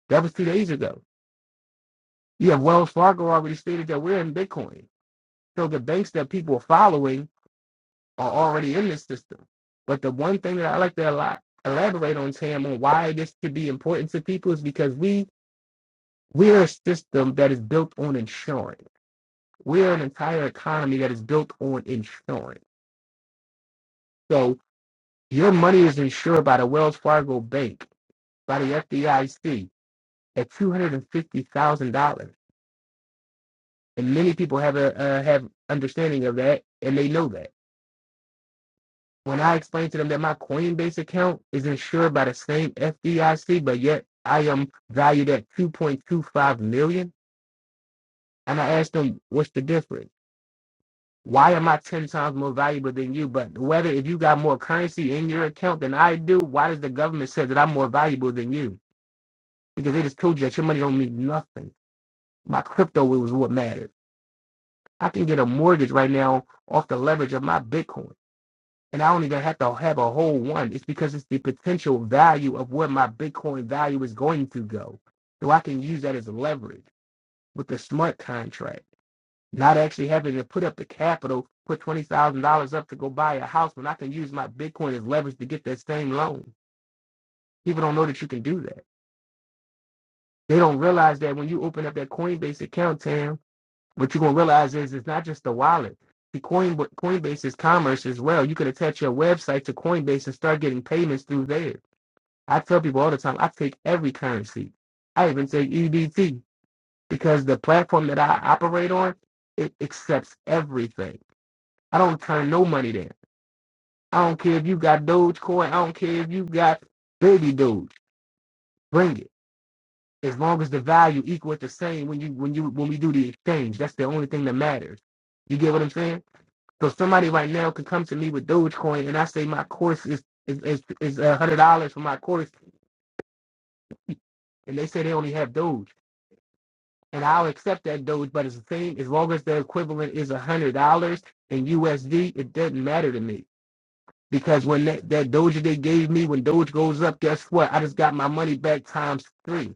Speaker 5: That was two days ago. Yeah, Wells Fargo already stated that we're in Bitcoin. So the banks that people are following are already in this system. But the one thing that I like to ela- elaborate on, Tam, on why this should be important to people is because we we're a system that is built on insurance. We're an entire economy that is built on insurance. So your money is insured by the Wells Fargo Bank, by the FDIC at two hundred and fifty thousand dollars, and many people have a uh, have understanding of that, and they know that. When I explained to them that my Coinbase account is insured by the same FDIC, but yet I am valued at 2.25 million, dollars, and I asked them, what's the difference? Why am I 10 times more valuable than you? But whether if you got more currency in your account than I do, why does the government say that I'm more valuable than you? Because they just told you that your money don't mean nothing. My crypto was what mattered. I can get a mortgage right now off the leverage of my Bitcoin. and I don't even have to have a whole one. It's because it's the potential value of where my Bitcoin value is going to go. So I can use that as leverage with the smart contract, not actually having to put up the capital, put $20,000 up to go buy a house when I can use my Bitcoin as leverage to get that same loan. People don't know that you can do that. They don't realize that when you open up that Coinbase account, Tam, what you're going to realize is it's not just the wallet. The Coin, Coinbase is commerce as well. You could attach your website to Coinbase and start getting payments through there I tell people all the time, I take every currency. I even take EBT because the platform that I operate on, it accepts everything. I don't turn no money down. I don't care if you got Dogecoin. I don't care if you got baby Doge. Bring it. As long as the value equal at the same when you when you when we do the exchange, that's the only thing that matters. You get what I'm saying? So somebody right now could come to me with Dogecoin and I say my course is is is, a hundred dollars for my course, and they say they only have Doge. and I'll accept that Doge. But it's the same as long as the equivalent is a hundred dollars in USD, it doesn't matter to me because when that, that Doge they gave me, when Doge goes up, guess what? I just got my money back times three.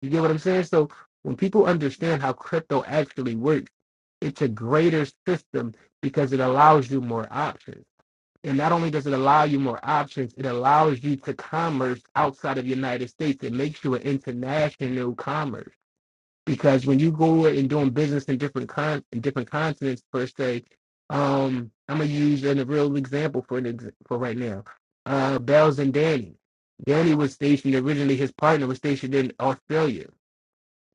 Speaker 5: You get what I'm saying? So when people understand how crypto actually works, it's a greater system because it allows you more options. And not only does it allow you more options, it allows you to commerce outside of the United States. It makes you an international commerce because when you go and doing business in different con in different continents per se, um, I'm gonna use an, a real example for an ex- for right now. Uh, Bells and Danny. Danny was stationed originally. His partner was stationed in Australia.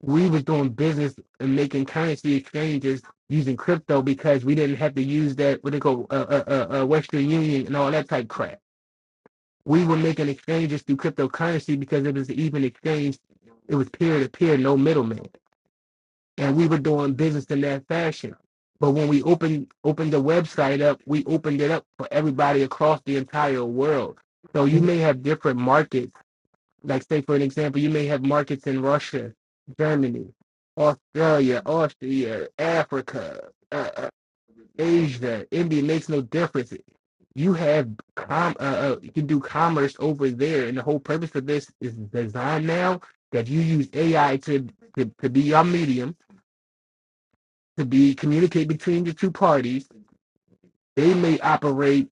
Speaker 5: We was doing business and making currency exchanges using crypto because we didn't have to use that what they call uh, uh, uh, uh, Western Union and all that type crap. We were making exchanges through cryptocurrency because it was even exchange. It was peer to peer, no middleman and we were doing business in that fashion. But when we opened opened the website up, we opened it up for everybody across the entire world. So you may have different markets. Like say for an example, you may have markets in Russia, Germany, Australia, Austria, Africa, uh, uh, Asia, India. It makes no difference. You have com- uh, uh, you can do commerce over there, and the whole purpose of this is design now that you use AI to to, to be your medium to be communicate between the two parties. They may operate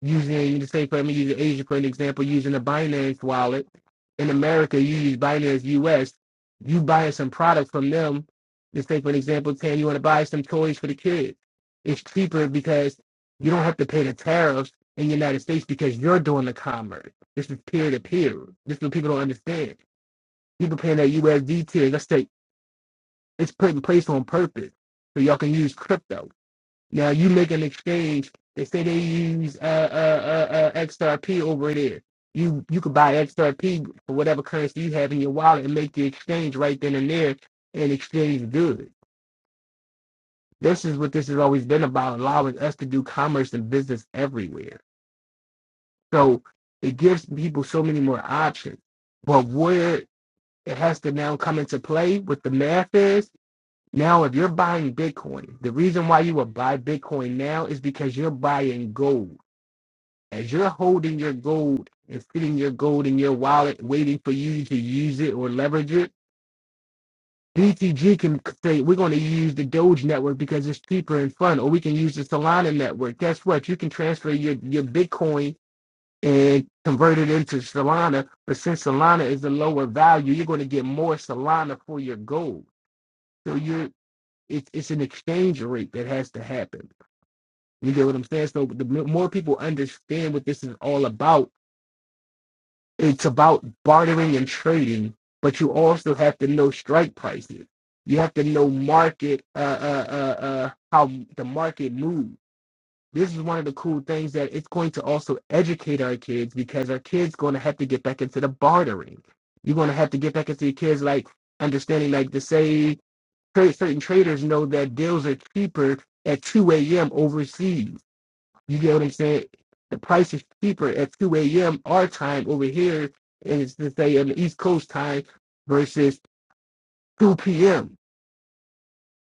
Speaker 5: using, say, for me, using Asia for an example, using a Binance wallet. In America, you use Binance US. You buying some products from them. Just take for an example, Tam, you want to buy some toys for the kids. It's cheaper because you don't have to pay the tariffs in the United States because you're doing the commerce. This is peer to peer. This is what people don't understand. People paying that USD tier. us the it's put in place on purpose so y'all can use crypto. Now you make an exchange. They say they use uh, uh, uh, uh, XRP over there. You you could buy XRP for whatever currency you have in your wallet and make the exchange right then and there and exchange goods. This is what this has always been about, allowing us to do commerce and business everywhere. So it gives people so many more options. But where it has to now come into play with the math is now if you're buying Bitcoin, the reason why you would buy Bitcoin now is because you're buying gold as you're holding your gold and sitting your gold in your wallet waiting for you to use it or leverage it, BTG can say, we're going to use the Doge network because it's cheaper and fun, or we can use the Solana network. Guess what? You can transfer your, your Bitcoin and convert it into Solana. But since Solana is a lower value, you're going to get more Solana for your gold. So you're, it's it's an exchange rate that has to happen. You get what I'm saying? So the more people understand what this is all about, it's about bartering and trading, but you also have to know strike prices. You have to know market, uh, uh, uh, uh, how the market moves. This is one of the cool things that it's going to also educate our kids because our kids going to have to get back into the bartering. You're going to have to get back into your kids like understanding, like to say, certain traders know that deals are cheaper at 2 a.m. overseas you get what I'm saying? The price is cheaper at 2 a.m. our time over here, and it's to say on the East Coast time versus 2 p.m.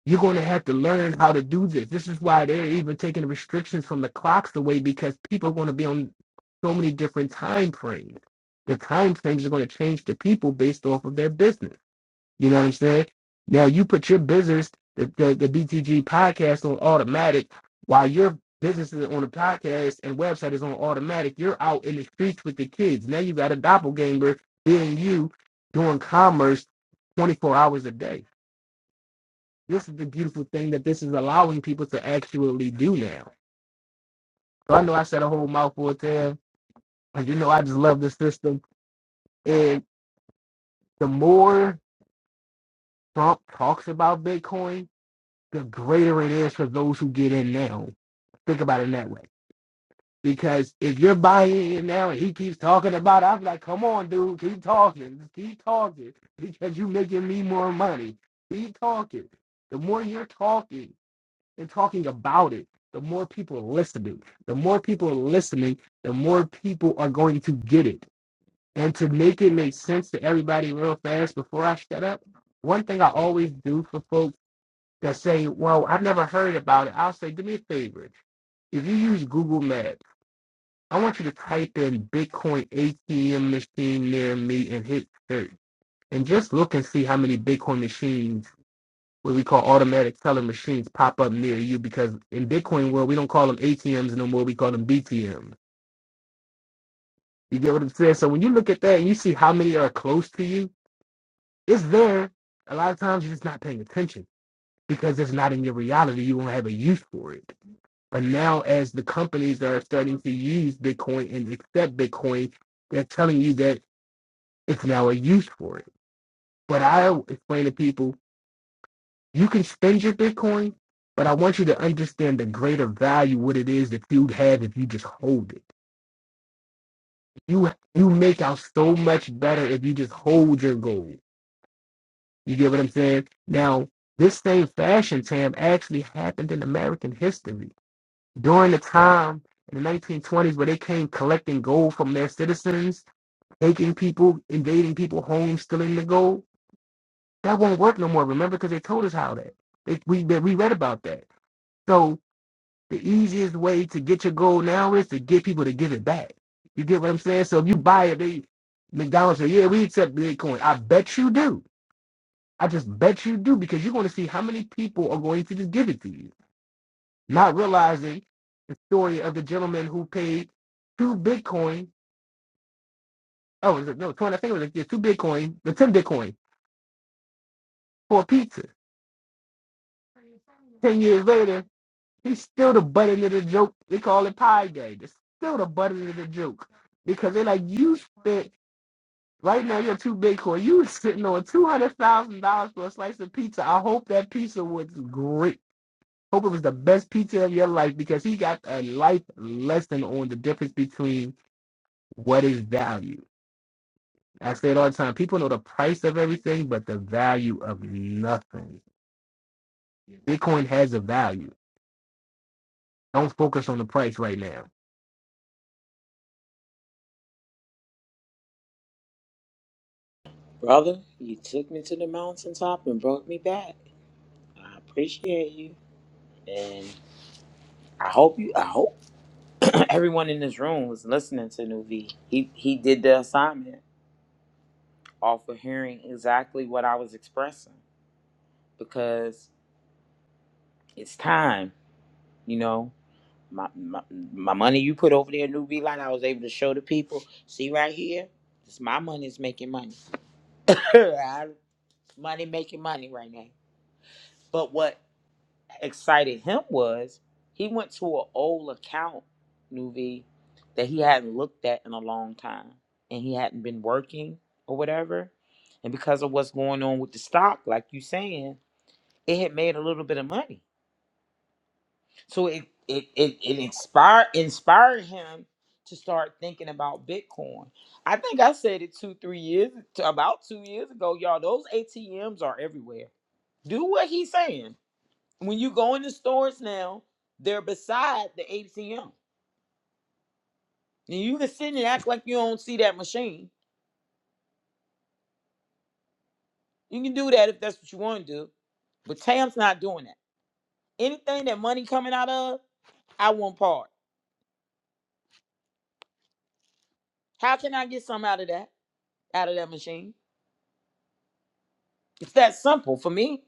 Speaker 5: You're going to have to learn how to do this. This is why they're even taking the restrictions from the clocks away because people are going to be on so many different time frames. The time frames are going to change to people based off of their business. You know what I'm saying? Now you put your business, the, the, the BTG podcast on automatic while your business is on the podcast and website is on automatic. You're out in the streets with the kids. Now you got a doppelganger being you doing commerce 24 hours a day. This is the beautiful thing that this is allowing people to actually do now. So I know I said a whole mouthful there, and you know I just love the system. And the more Trump talks about Bitcoin, the greater it is for those who get in now. Think about it that way. Because if you're buying in now and he keeps talking about it, I'm like, come on, dude, keep talking. Just keep talking. Because you're making me more money. Keep talking. The more you're talking and talking about it, the more people are listening. The more people are listening, the more people are going to get it. And to make it make sense to everybody real fast before I shut up, one thing I always do for folks that say, Well, I've never heard about it, I'll say, Do me a favor. If you use Google Maps, I want you to type in Bitcoin ATM machine near me and hit search. And just look and see how many Bitcoin machines, what we call automatic teller machines, pop up near you because in Bitcoin world, we don't call them ATMs no more, we call them BTMs. You get what I'm saying? So when you look at that and you see how many are close to you, it's there. A lot of times you're just not paying attention because it's not in your reality. You won't have a use for it. But now, as the companies that are starting to use Bitcoin and accept Bitcoin, they're telling you that it's now a use for it. But I explain to people, you can spend your Bitcoin, but I want you to understand the greater value what it is that you'd have if you just hold it. You you make out so much better if you just hold your gold. You get what I'm saying? Now, this same fashion, Tam, actually happened in American history during the time in the 1920s where they came collecting gold from their citizens, taking people, invading people homes, stealing the gold, that won't work no more. Remember, because they told us how that. They, we that we read about that. So the easiest way to get your gold now is to get people to give it back. You get what I'm saying? So if you buy it, they McDonald's say, "Yeah, we accept Bitcoin." I bet you do. I just bet you do because you're going to see how many people are going to just give it to you. not realizing the story of the gentleman who paid two Bitcoin. Oh, was it, no, 20, I think it was like, yeah, two Bitcoin, the 10 Bitcoin for a pizza. 10 years later, he's still the butt end of the joke. They call it Pie Day. It's still the butt end of the joke because they're like, you spent, right now, you're two Bitcoin. You was sitting on $200,000 for a slice of pizza. I hope that pizza was great. Hope it was the best pizza of your life because he got a life lesson on the difference between what is value? I say it all the time. People know the price of everything, but the value of nothing. Bitcoin has a value. Don't focus on the price right now.
Speaker 2: Brother, you took me to the mountaintop and brought me back. I appreciate you. And I hope you I hope everyone in this room was listening to New V. He he did the assignment off of hearing exactly what I was expressing because it's time, you know. My, my my money you put over there, New V Line, I was able to show the people. See right here, it's my money is making money. I- money making money right now. But what excited him was he went to an old account, New V, that he hadn't looked at in a long time, and he hadn't been working or whatever. And because of what's going on with the stock, like you saying, it had made a little bit of money. So it it it, it inspired inspired him to start thinking about Bitcoin. I think I said it two, three years t- about two years ago, y'all. Those ATMs are everywhere. Do what he's saying. When you go in the stores now, they're beside the ATM. And you can sit and act like you don't see that machine. You can do that if that's what you want to do. But Tam's not doing that. Anything that money coming out of, I want part. How can I get some out of that? out of that machine. It's that simple for me.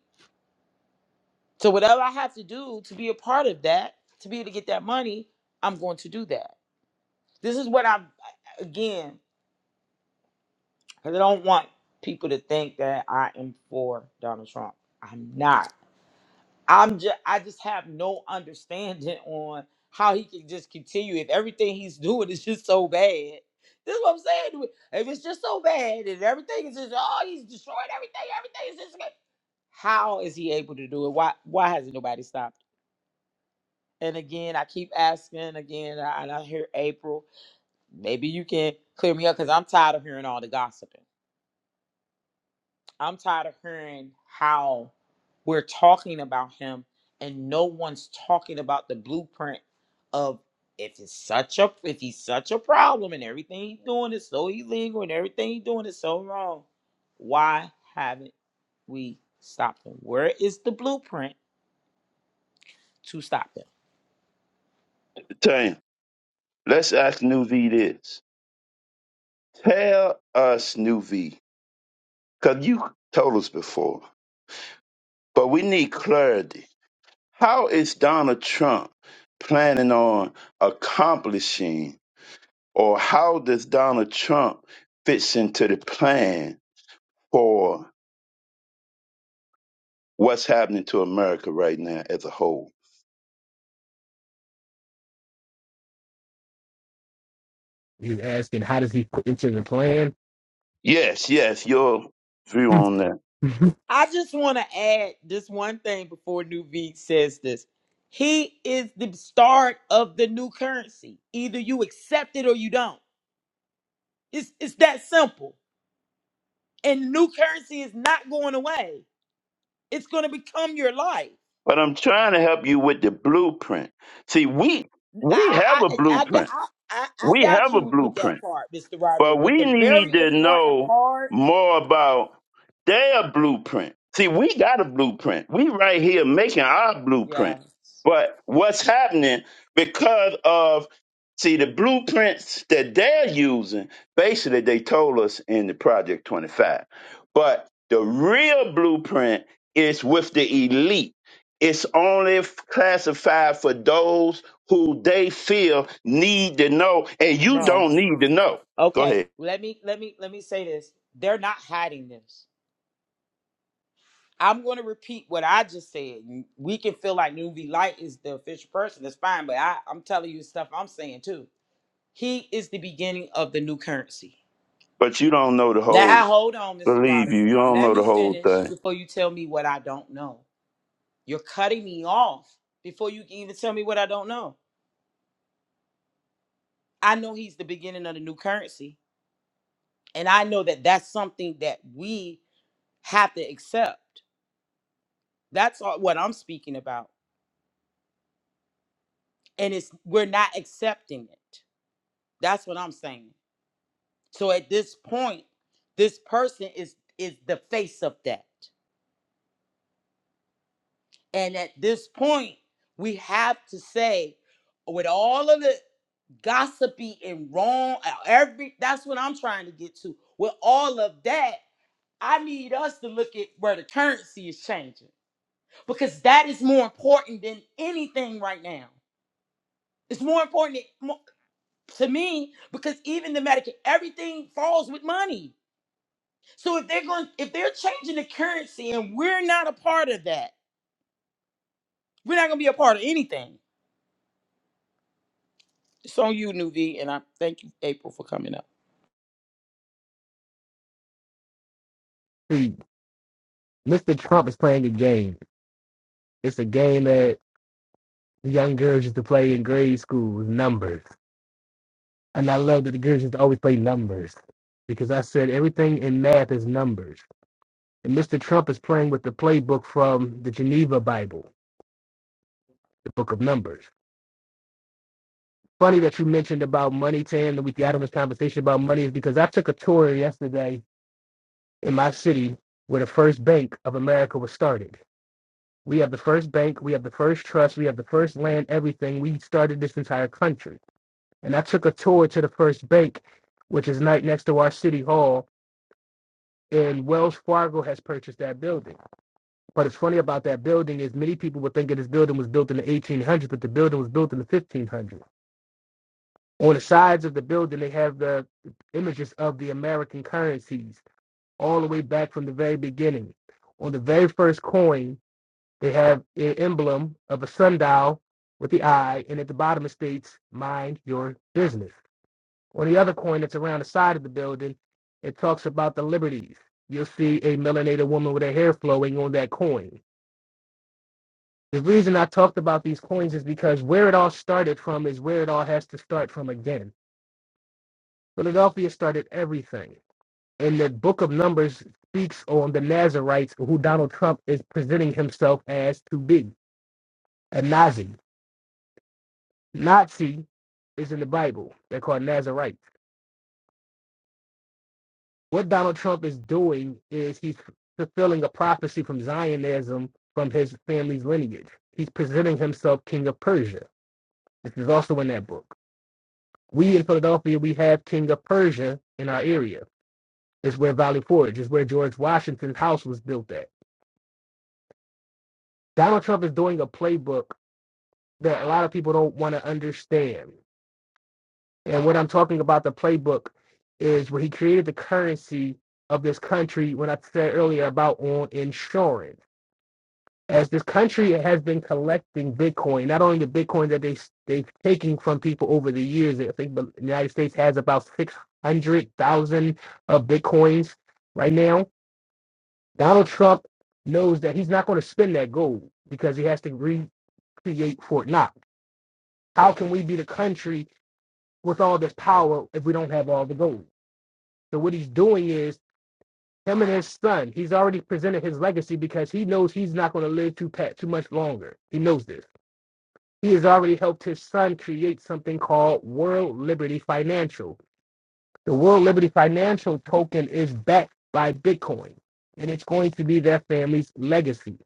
Speaker 2: So whatever I have to do to be a part of that, to be able to get that money, I'm going to do that. This is what I'm again, because I don't want people to think that I am for Donald Trump. I'm not. I'm just I just have no understanding on how he can just continue if everything he's doing is just so bad. This is what I'm saying. If it's just so bad and everything is just oh he's destroying everything, everything is just good. How is he able to do it? Why why hasn't nobody stopped? And again, I keep asking again, and I and I hear April. Maybe you can clear me up because I'm tired of hearing all the gossiping. I'm tired of hearing how we're talking about him and no one's talking about the blueprint of if it's such a if he's such a problem and everything he's doing is so illegal and everything he's doing is so wrong, why haven't we stopped him? Where is the blueprint to stop him?
Speaker 3: Tell you, let's ask Newsy this. Tell us, New because you told us before, but we need clarity. How is Donald Trump planning on accomplishing, or how does Donald Trump fits into the plan for what's happening to America right now as a whole?
Speaker 5: He's asking, how does he put into the plan?
Speaker 3: Yes, yes, your view on that.
Speaker 2: I just want to add this one thing before New V says this. He is the start of the new currency. Either you accept it or you don't. It's it's that simple. And new currency is not going away. It's going to become your life.
Speaker 3: But I'm trying to help you with the blueprint. See, we
Speaker 2: I
Speaker 3: we
Speaker 2: I
Speaker 3: have a
Speaker 2: I, I, got-
Speaker 3: blueprint.
Speaker 2: I I I
Speaker 3: We
Speaker 2: got
Speaker 3: have a
Speaker 2: you with
Speaker 3: blueprint
Speaker 2: that part, Mr.
Speaker 3: But
Speaker 2: Roderick. But
Speaker 3: we
Speaker 2: the
Speaker 3: need
Speaker 2: very
Speaker 3: to
Speaker 2: important
Speaker 3: know
Speaker 2: part,
Speaker 3: more about their blueprint. See, we got a blueprint. We right here making our blueprint.
Speaker 2: yeah,
Speaker 3: But what's happening because of see the blueprints that they're using, basically they told us in the Project 25. But the real blueprint is with the elite. It's only f- classified for those who they feel need to know, and you
Speaker 2: no.
Speaker 3: don't need to know. Go
Speaker 2: Okay,
Speaker 3: ahead.
Speaker 2: let me let me let me say this. They're not hiding this. I'm going to repeat what I just said. We can feel like Nuvi Light is the official person. That's fine, but I, I'm telling you stuff I'm saying too. He is the beginning of the new currency.
Speaker 3: But you don't know the
Speaker 2: Now,
Speaker 3: whole.
Speaker 2: hold on, Mr.
Speaker 3: Believe you,
Speaker 2: Roderick.
Speaker 3: you don't
Speaker 2: Let
Speaker 3: know the
Speaker 2: me
Speaker 3: whole
Speaker 2: finish
Speaker 3: thing.
Speaker 2: before you tell me what I don't know. You're cutting me off before you can even tell me what I don't know. I know he's the beginning of the new currency, and I know that that's something that we have to accept. That's all, what I'm speaking about, and it's we're not accepting it. That's what I'm saying. So at this point, this person is is the face of that, and at this point, we have to say with all of the. gossipy and wrong. uh, Every that's what I'm trying to get to. With all of that, I need us to look at where the currency is changing because that is more important than anything right now. It's more important than- mo- to me because even the Medicare, everything falls with money. So if they're going, if they're changing the currency and we're not a part of that, we're not going to be a part of anything. It's on you, Nuvi, and I thank you, April, for coming up.
Speaker 5: See, Mr. Trump is playing a game. It's a game that young girls used to play in grade school with numbers. And I love that the girls used to always play numbers because I said everything in math is numbers. And Mr. Trump is playing with the playbook from the Geneva Bible, the book of numbers. funny that you mentioned about money, Tam, that we got on this conversation about money is because I took a tour yesterday in my city where the first Bank of America was started. We have the first bank, we have the first trust, we have the first land, everything. We started this entire country. And I took a tour to the first bank, which is right next to our city hall, and Wells Fargo has purchased that building. But it's funny about that building is many people would think that this building was built in the 1800s, but the building was built in the 1500s. On the sides of the building, they have the images of the American currencies all the way back from the very beginning. On the very first coin, they have an emblem of a sundial with the eye, and at the bottom it states, Mind your business. On the other coin that's around the side of the building, it talks about the liberties. You'll see a melanated woman with her hair flowing on that coin. The reason I talked about these coins is because where it all started from is where it all has to start from again. Philadelphia started everything. in the book of Numbers speaks on the Nazarites who Donald Trump is presenting himself as to be a Nazi. Nazi is in the Bible. They're called Nazarites. What Donald Trump is doing is he's fulfilling a prophecy from Zionism from his family's lineage. He's presenting himself king of Persia. This is also in that book. We in Philadelphia, we have king of Persia in our area. It's where Valley Forge is where George Washington's house was built at. Donald Trump is doing a playbook that a lot of people don't want to understand. And what I'm talking about the playbook is where he created the currency of this country when I said earlier about on insurance. As this country has been collecting Bitcoin, not only the Bitcoin that they they've taken from people over the years, I think the United States has about six hundred thousand of Bitcoins right now. Donald Trump knows that he's not going to spend that gold because he has to recreate Fort Knox. How can we be the country with all this power if we don't have all the gold. So what he's doing is him and his son. He's already presented his legacy because he knows he's not going to live too pat too much longer. He knows this. He has already helped his son create something called World Liberty Financial. The World Liberty Financial token is backed by Bitcoin, and it's going to be their family's legacy.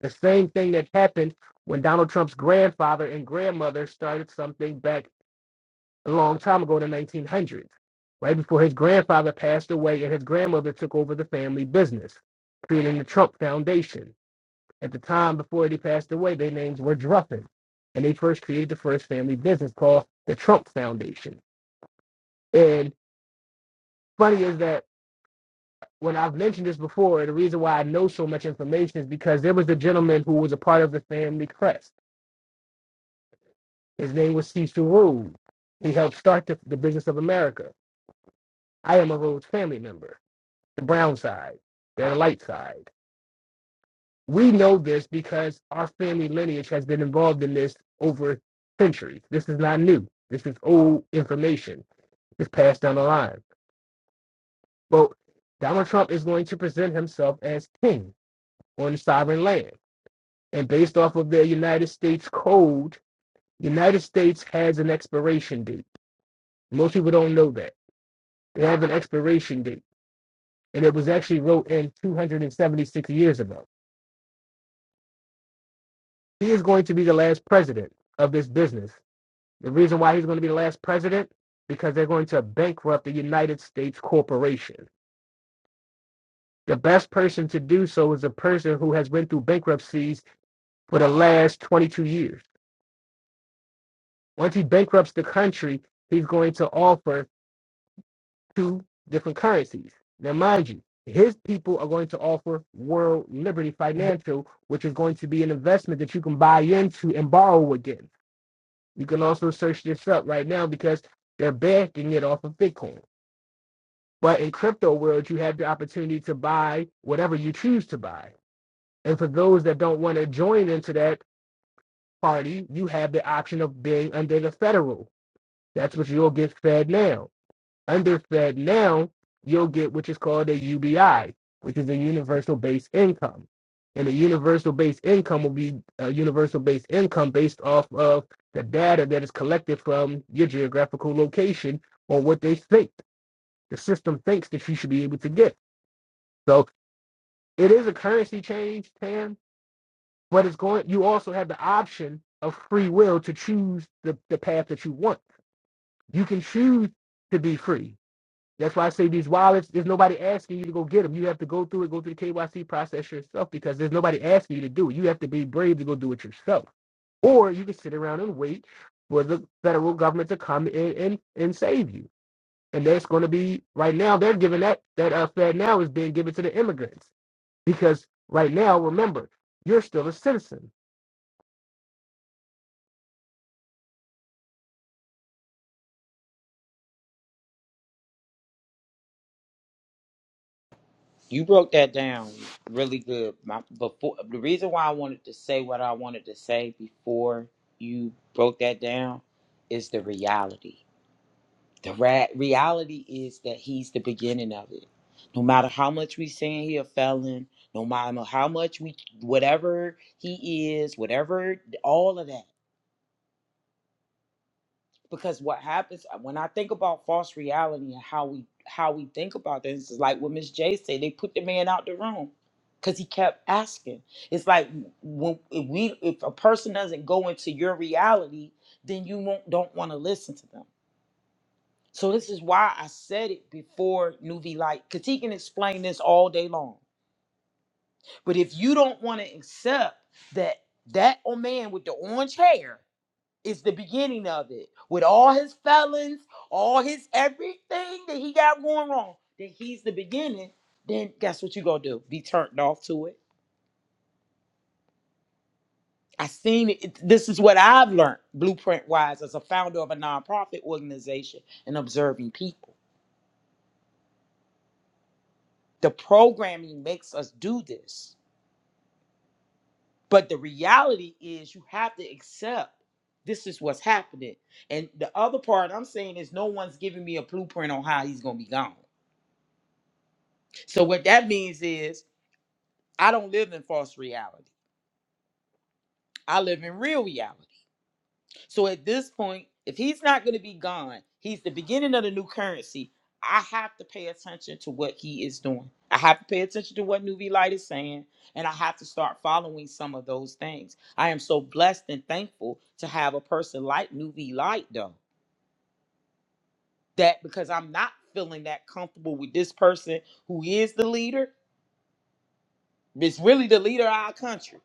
Speaker 5: The same thing that happened when Donald Trump's grandfather and grandmother started something back a long time ago in the 1900s, right before his grandfather passed away and his grandmother took over the family business, creating the Trump Foundation. At the time before he passed away, their names were Druffin, and they first created the first family business called the Trump Foundation. And funny is that when I've mentioned this before, the reason why I know so much information is because there was a gentleman who was a part of the family crest. His name was Cecil Rhodes. He helped start the, the business of America. I am a Rhodes family member. the brown side, they're the light side. We know this because our family lineage has been involved in this over centuries. This is not new. This is old information. It's passed down the line. But Donald Trump is going to present himself as king on the sovereign land. And based off of their United States code, United States has an expiration date. Most people don't know that. They have an expiration date. And it was actually wrote in 276 years ago. he is going to be the last president of this business. The reason why he's going to be the last president because they're going to bankrupt the United States corporation. The best person to do so is a person who has been through bankruptcies for the last 22 years. Once he bankrupts the country, he's going to offer two different currencies. Now, mind you, his people are going to offer World Liberty Financial, which is going to be an investment that you can buy into and borrow again. You can also search this up right now because they're backing it off of Bitcoin. But in crypto world, you have the opportunity to buy whatever you choose to buy. And for those that don't want to join into that party, you have the option of being under the federal. That's what you'll get fed now. Underfed now, you'll get what is called a UBI, which is a universal base income. And a universal base income will be a universal base income based off of the data that is collected from your geographical location or what they think. The system thinks that you should be able to get. So it is a currency change, Tam, but it's going you also have the option of free will to choose the, the path that you want. You can choose to be free That's why I say these wallets, there's nobody asking you to go get them. You have to go through it, go through the KYC process yourself because there's nobody asking you to do it. You have to be brave to go do it yourself. Or you can sit around and wait for the federal government to come in and, and save you. And that's going to be right now, they're giving that, that uh, Fed now is being given to the immigrants because right now, remember, you're still a citizen.
Speaker 2: You broke that down really good. My before the reason why I wanted to say what I wanted to say before you broke that down is the reality. The ra- reality is that he's the beginning of it. No matter how much we saying he a felon, no matter how much we whatever he is, whatever all of that. because what happens uh, when I think about false reality and how we how we think about things is like what Miss J said. They put the man out the room because he kept asking. It's like when if we if a person doesn't go into your reality, then you won't don't want to listen to them. So this is why I said it before Nuvi Light because he can explain this all day long. But if you don't want to accept that that old man with the orange hair is the beginning of it with all his felons, all his everything that he got going wrong. That he's the beginning. Then guess what you gonna do? Be turned off to it. I seen it. It- This is what I've learned blueprint wise as a founder of a nonprofit organization and observing people. The programming makes us do this, but the reality is you have to accept this is what's happening. And the other part I'm saying is no one's giving me a blueprint on how he's gonna be gone. So what that means is I don't live in false reality. I live in real reality. So at this point, if he's not going to be gone, he's the beginning of the new currency. I have to pay attention to what he is doing. I have to pay attention to what Nuvi Light is saying, and I have to start following some of those things. I am so blessed and thankful to have a person like Nuvi Light, though, that because I'm not feeling that comfortable with this person who is the leader, it's really the leader of our country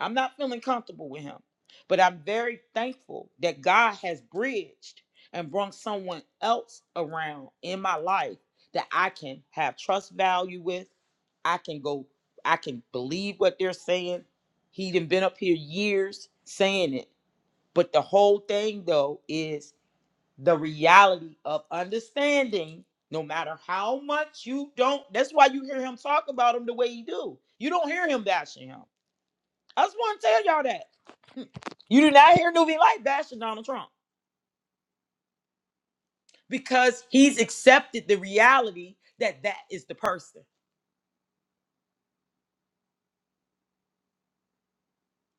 Speaker 2: I'm not feeling comfortable with him, but I'm very thankful that God has bridged and brought someone else around in my life that I can have trust value with. I can go, I can believe what they're saying. He done been up here years saying it. But the whole thing though is the reality of understanding no matter how much you don't that's why you hear him talk about him the way he do you don't hear him bashing him i just want to tell y'all that you do not hear Nuvi Light bashing Donald Trump because he's accepted the reality that that is the person.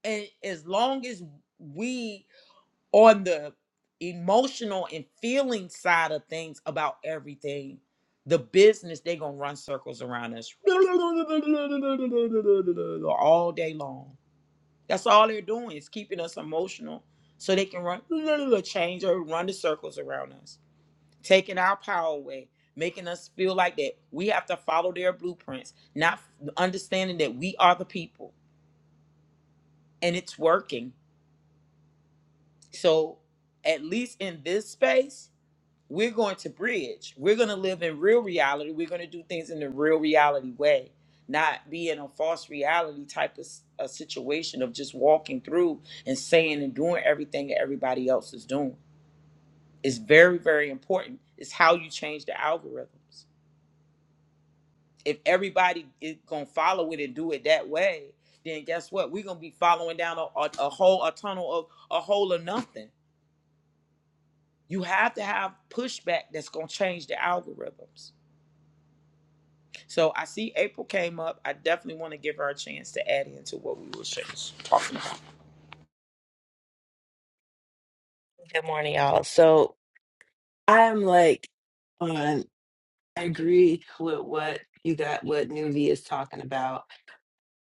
Speaker 2: And as long as we on the emotional and feeling side of things about everything, the business they gonna run circles around us all day long. That's all they're doing is keeping us emotional so they can run change or run the circles around us. taking our power away, making us feel like that we have to follow their blueprints, not f- understanding that we are the people and it's working. So, at least in this space, we're going to bridge. We're going to live in real reality. We're going to do things in the real reality way, not be in a false reality type of s- a situation of just walking through and saying and doing everything that everybody else is doing. It's very, very important. It's how you change the algorithms. if everybody is gonna follow it and do it that way, then guess what? We're gonna be following down a, a, a whole a tunnel of a hole of nothing. You have to have pushback that's gonna change the algorithms. So I see April came up. I definitely want to give her a chance to add into what we were sh- talking about.
Speaker 6: Good morning, y'all. So I um, I agree with what you got what Nuvi is talking about,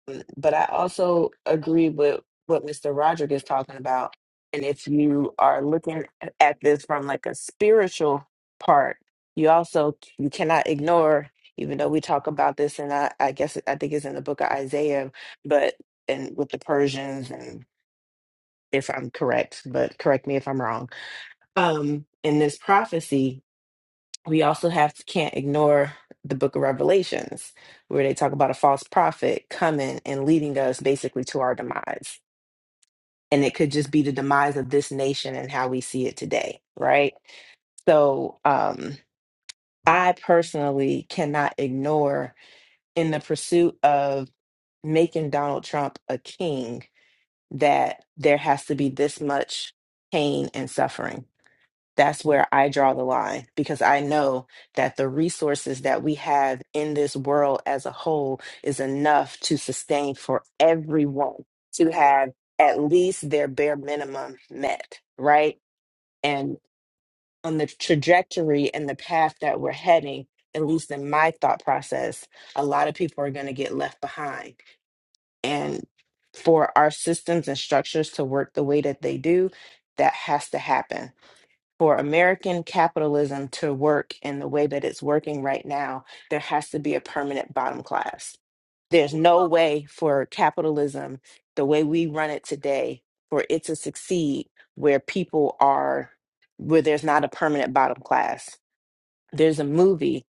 Speaker 6: um, but I also agree with what Mr. Roderick is talking about. And if you are looking at this from like a spiritual part, you also you cannot ignore, even though we talk about this, and I, I guess I think it's in the book of Isaiah, but and with the Persians, and if I'm correct, but correct me if I'm wrong. Um, in this prophecy, we also have can't ignore the book of revelations where they talk about a false prophet coming and leading us basically to our demise and it could just be the demise of this nation and how we see it today right so um i personally cannot ignore in the pursuit of making donald trump a king that there has to be this much pain and suffering that's where I draw the line because I know that the resources that we have in this world as a whole is enough to sustain for everyone to have at least their bare minimum met, right? And on the trajectory and the path that we're heading, at least in my thought process, a lot of people are going to get left behind. And for our systems and structures to work the way that they do, that has to happen for American capitalism to work in the way that it's working right now, there has to be a permanent bottom class. There's no way for capitalism, the way we run it today, for it to succeed where people are, where there's not a permanent bottom class. There's a movie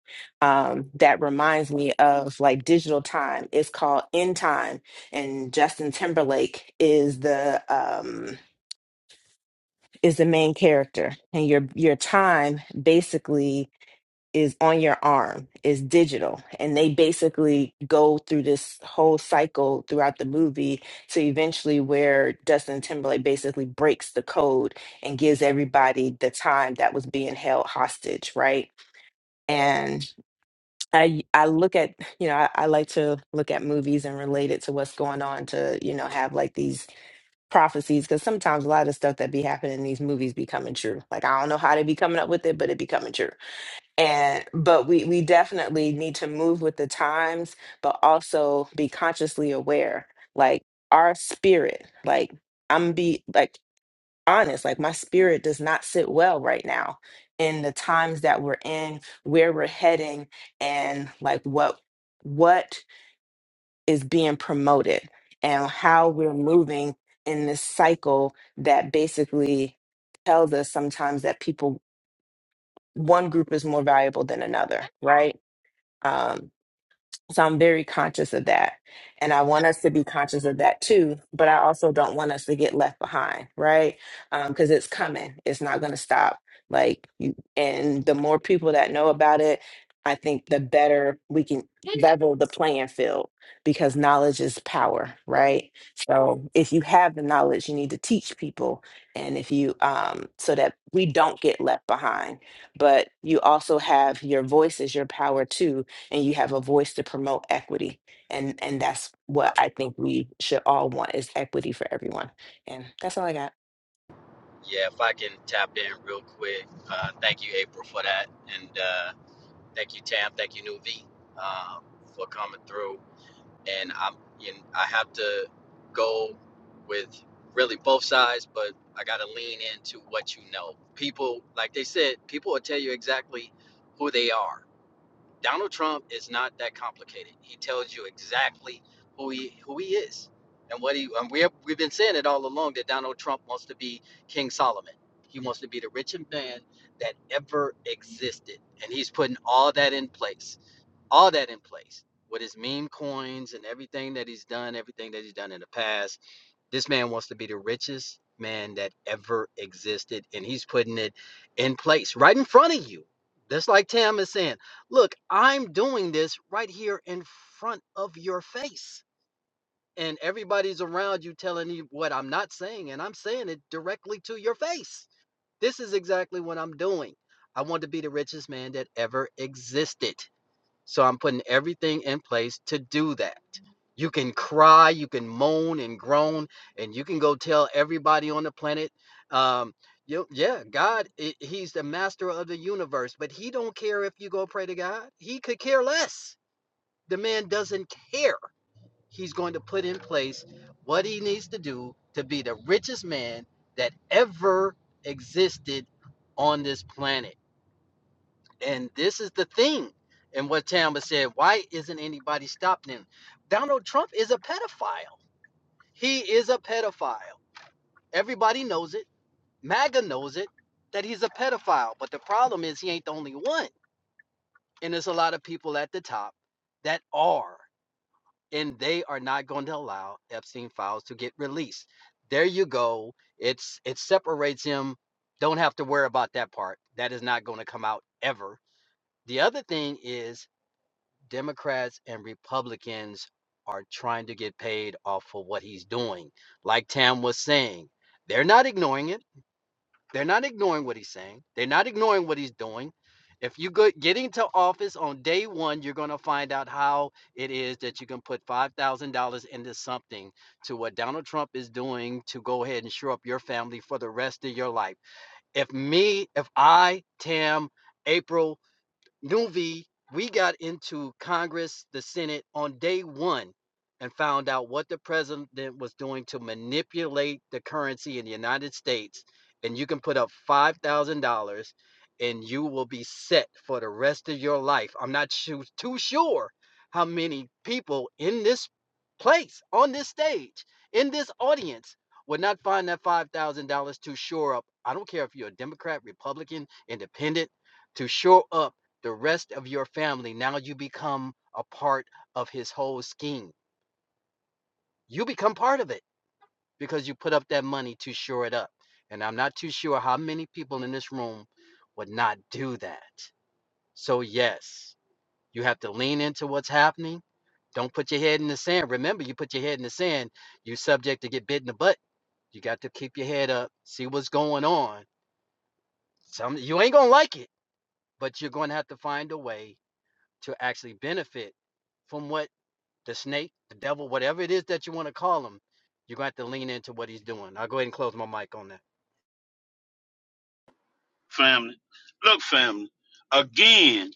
Speaker 6: um, that reminds me of like digital time. It's called In Time, and Justin Timberlake is the um, is the main character and your your time basically is on your arm is digital and they basically go through this whole cycle throughout the movie to eventually where Justin Timberlake basically breaks the code and gives everybody the time that was being held hostage right and I I look at you know I, I like to look at movies and relate it to what's going on to you know have like these prophecies because sometimes a lot of stuff that be happening in these movies be coming true. Like I don't know how they be coming up with it, but it be coming true. And but we we definitely need to move with the times, but also be consciously aware. Like our spirit, like I'm be like honest, like my spirit does not sit well right now in the times that we're in, where we're heading, and like what what is being promoted and how we're moving in this cycle that basically tells us sometimes that people one group is more valuable than another right Um, so I'm very conscious of that. And I want us to be conscious of that too. But I also don't want us to get left behind, right? Because it's coming, it's not going to stop. Like, you, and the more people that know about it, I think the better we can level the playing field because knowledge is power, right? So if you have the knowledge, you need to teach people. And if you, um, so that we don't get left behind, but you also have your voice is your power too and you have a voice to promote equity and and that's what i think we should all want is equity for everyone and that's all i got
Speaker 7: Yeah, if I can tap in real quick. Uh, thank you, April, for that. And uh, thank you, Tam. Thank you, New V, uh, for coming through. And I'm, you know, I have to go with really both sides, but I got to lean into what you know. People, like they said, people will tell you exactly who they are Donald Trump is not that complicated. He tells you exactly who he who he is and what he and we have, we've been saying it all along that Donald Trump wants to be King Solomon. He wants to be the richest man that ever existed, and he's putting all that in place. All that in place with his meme coins and everything that he's done, everything that he's done in the past this man wants to be the richest man that ever existed, and he's putting it in place right in front of you. That's like Tam is saying, Look, I'm doing this right here in front of your face. And everybody's around you telling you what I'm not saying, and I'm saying it directly to your face. This is exactly what I'm doing. I want to be the richest man that ever existed. So I'm putting everything in place to do that. You can cry, you can moan and groan, and you can go tell everybody on the planet, um, you, yeah, God, i- He's the master of the universe, but He don't care if you go pray to God. He could care less. The man doesn't care. He's going to put in place what he needs to do to be the richest man that ever existed on this planet. And this is the thing. And what Tamba said, why isn't anybody stopping him? Donald Trump is a pedophile. He is a pedophile. Everybody knows it. MAGA knows it that he's a pedophile. But the problem is he ain't the only one. And there's a lot of people at the top that are, and they are not going to allow Epstein files to get released. There you go. It's it separates him. Don't have to worry about that part. That is not going to come out ever. The other thing is Democrats and Republicans are trying to get paid off for what he's doing. Like Tam was saying, they're not ignoring it. They're not ignoring what he's saying. They're not ignoring what he's doing. If you go get into office on day one, you're going to find out how it is that you can put $5,000 into something to what Donald Trump is doing to go ahead and shore up your family for the rest of your life. If me, if I, Tam, April, Nuvi, we got into Congress, the Senate on day one and found out what the president was doing to manipulate the currency in the United States. And you can put up $5,000 and you will be set for the rest of your life. I'm not su- too sure how many people in this place, on this stage, in this audience, would not find that $5,000 to shore up. I don't care if you're a Democrat, Republican, Independent, to shore up the rest of your family. Now you become a part of his whole scheme. You become part of it because you put up that money to shore it up. And I'm not too sure how many people in this room would not do that. So, yes, you have to lean into what's happening. Don't put your head in the sand. Remember, you put your head in the sand, you're subject to get bit in the butt. You got to keep your head up, see what's going on. Some you ain't gonna like it, but you're gonna have to find a way to actually benefit from what the snake, the devil, whatever it is that you want to call him, you're going to have to lean into what he's doing. I'll go ahead and close my mic on that.
Speaker 3: family. Look, family. Again,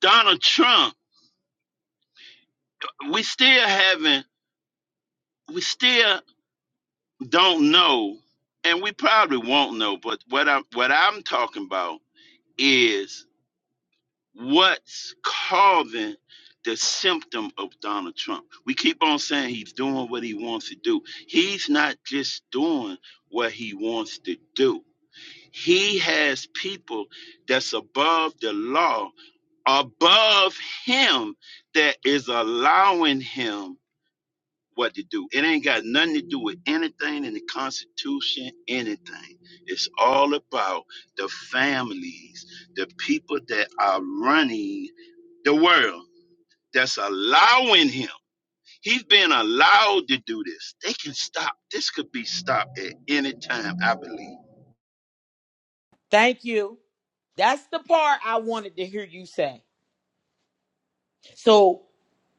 Speaker 3: Donald Trump. We still haven't. We still don't know, and we probably won't know. But what I'm what I'm talking about is what's causing the symptom of Donald Trump. We keep on saying he's doing what he wants to do. He's not just doing what he wants to do. He has people that's above the law, above him that is allowing him what to do. It ain't got nothing to do with anything in the Constitution, anything. It's all about the families, the people that are running the world that's allowing him. He's been allowed to do this. They can stop. This could be stopped at any time, I believe.
Speaker 2: Thank you. That's the part I wanted to hear you say. So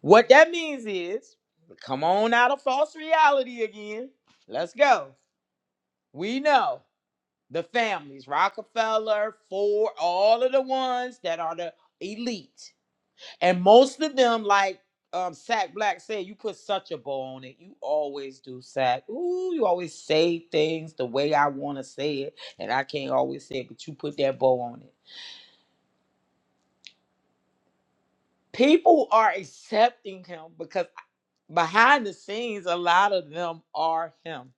Speaker 2: what that means is, come on out of false reality again. Let's go. We know. the families Rockefeller, Ford, all of the ones that are the elite. And most of them, like um, Sack Black said, you put such a bow on it. You always do, Sack. Ooh, you always say things the way I want to say it. And I can't always say it, but you put that bow on it. People are accepting him because behind the scenes, a lot of them are him.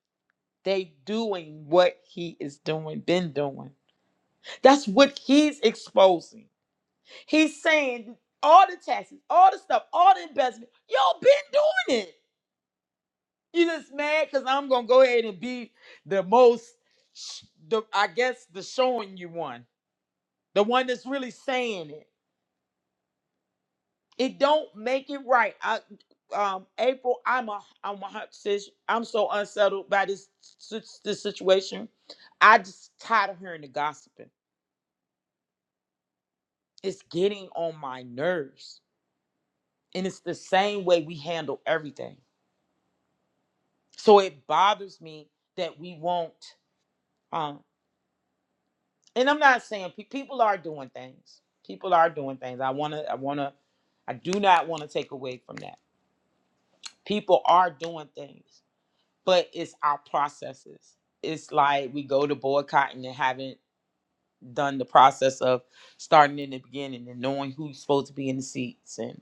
Speaker 2: They doing what he is doing, been doing. That's what he's exposing. He's saying all the taxes, all the stuff, all the investment, y'all been doing it. You just mad because I'm gonna go ahead and be the most, sh- the I guess the showing you one, the one that's really saying it. It don't make it right. I, um, April, I'm a, I'm a, hot sis, I'm so unsettled by this si- this situation. I just tired of hearing the gossiping. It's getting on my nerves, and it's the same way we handle everything So it bothers me that we won't. Um, and I'm not saying pe- people are doing things. People are doing things. I wanna. I wanna. I do not want to take away from that. People are doing things, but it's our processes. It's like we go to boycotting and haven't done the process of starting in the beginning and knowing who's supposed to be in the seats, and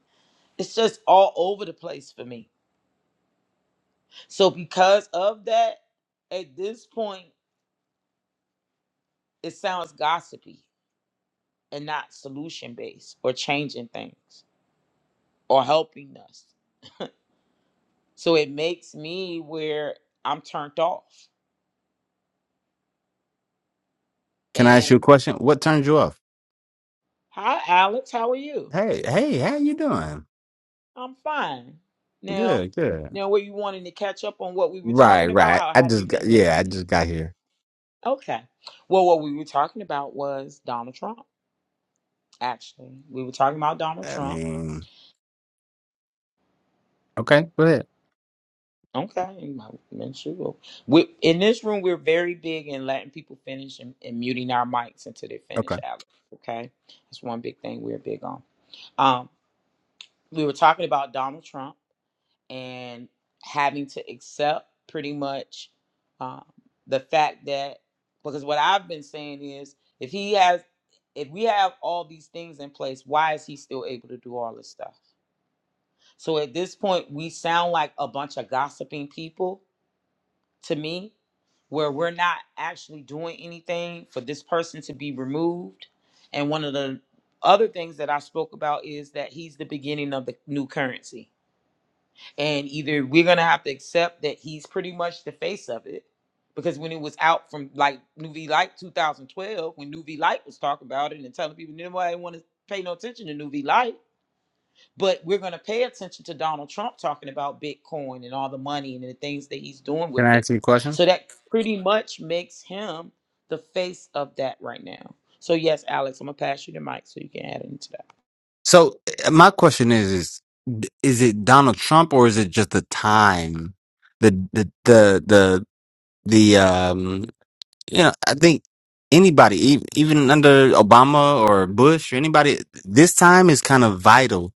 Speaker 2: it's just all over the place for me. So because of that, at this point, it sounds gossipy and not solution based or changing things or helping us. So it makes me where I'm turned off.
Speaker 8: Can I ask
Speaker 2: And
Speaker 8: you a question? What turns you off?
Speaker 2: hi, Alex, how are you?
Speaker 8: Hey, hey, how you doing?
Speaker 2: I'm fine. Now,
Speaker 8: Good, good.
Speaker 2: now, were you wanting to catch up on what we were
Speaker 8: Right,
Speaker 2: talking about?
Speaker 8: right.
Speaker 2: How
Speaker 8: I
Speaker 2: have you
Speaker 8: just got
Speaker 2: been
Speaker 8: yeah, I
Speaker 2: listening?
Speaker 8: just got here.
Speaker 2: Okay. Well, what we were talking about was Donald Trump. Actually, we were talking about Donald
Speaker 8: I
Speaker 2: Trump
Speaker 8: mean, okay, go ahead.
Speaker 2: Okay, in my man, sure. We in this room we're very big in letting people finish and, and muting our mics until they finish,
Speaker 8: Okay.
Speaker 2: Alex. Okay, that's one big thing we're big on. Um, we were talking about Donald Trump and having to accept pretty much um, the fact that because what I've been saying is if he has, if we have all these things in place, why is he still able to do all this stuff? So at this point, we sound like a bunch of gossiping people to me where we're not actually doing anything for this person to be removed. And one of the other things that I spoke about is that he's the beginning of the new currency. And either we're going to have to accept that he's pretty much the face of it. Because when it was out from like New V Light 2012, when New V Light was talking about it and telling people nobody want to pay no attention to New V Light, but we're going to pay attention to Donald Trump talking about Bitcoin and all the money and the things that he's doing
Speaker 8: Can
Speaker 2: with
Speaker 8: I
Speaker 2: it.
Speaker 8: ask you a question?
Speaker 2: So that pretty much makes him the face of that right now. So yes, Alex, I'm gonna pass you the mic so you can add into that.
Speaker 8: So, uh, my question is is d- is it Donald Trump or is it just the time the the the the the um Yeah, I think anybody, e- even under Obama or Bush or anybody, this time is kind of vital